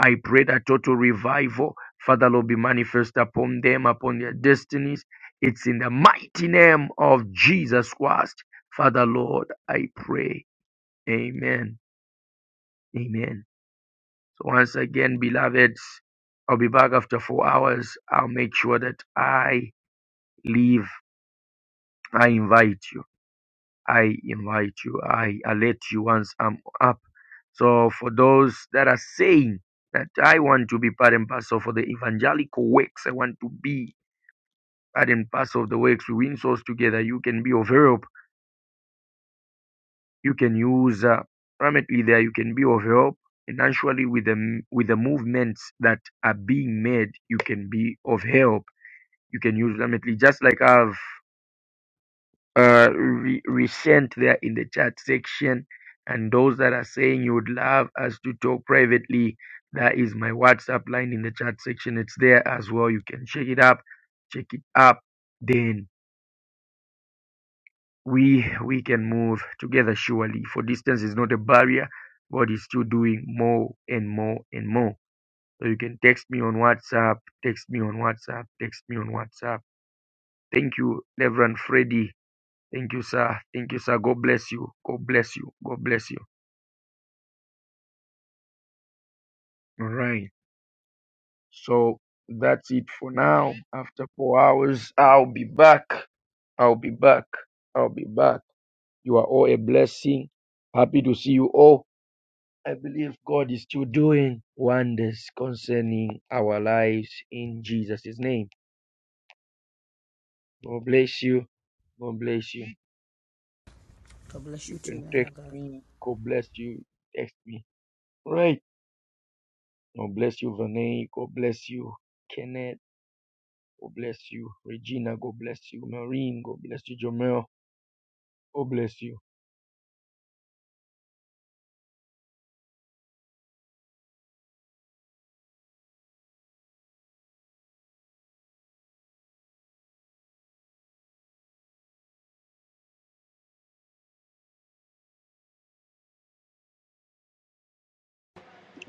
Speaker 1: I pray that total revival, Father Lord, be manifest upon them, upon their destinies. It's in the mighty name of Jesus Christ. Father Lord, I pray. Amen. Amen. So once again, beloveds, I'll be back after four hours. I'll make sure that I leave. I invite you. I invite you. I alert you once I'm up. So for those that are saying that I want to be part and parcel for the evangelical works, I want to be part and parcel of the works we win souls together. You can be of help. You can use uh, primarily there. You can be of help. And actually, with the with the movements that are being made, you can be of help You can use Lametly, just like I've uh, re- resent there in the chat section. And those that are saying you would love us to talk privately, that is my WhatsApp line in the chat section. It's there as well. You can check it up, check it up. Then we we can move together surely. For distance is not a barrier. God is still doing more and more and more. So you can text me on WhatsApp, text me on WhatsApp, text me on WhatsApp. Thank you, Reverend Freddy. Thank you, sir. Thank you, sir. God bless you. God bless you. God bless you. All right. So that's it for now. After four hours, I'll be back. I'll be back. I'll be back. You are all a blessing. Happy to see you all. I believe God is still doing wonders concerning our lives in Jesus' name. God bless you. God bless you. You
Speaker 10: you too,
Speaker 1: can
Speaker 10: man
Speaker 1: text
Speaker 10: of God.
Speaker 1: me. God bless you. Text me. All Right. God bless you, Vinay. God bless you, Kenneth. God bless you, Regina. God bless you, Marine. God bless you, Jomel. God bless you.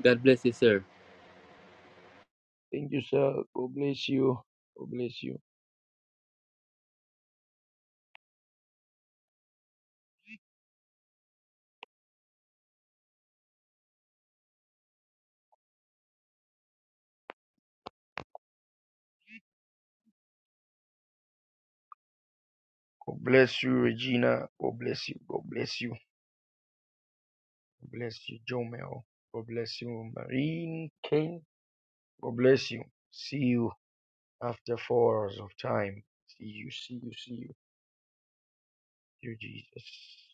Speaker 8: God bless you, sir.
Speaker 1: Thank you, sir. God bless you. God bless you. God bless you, Regina. God bless you. God bless you. God bless you, Jomel. God bless you, Marine. Ken. God bless you. See you after four hours of time. See you. See you. See you. Dear Jesus.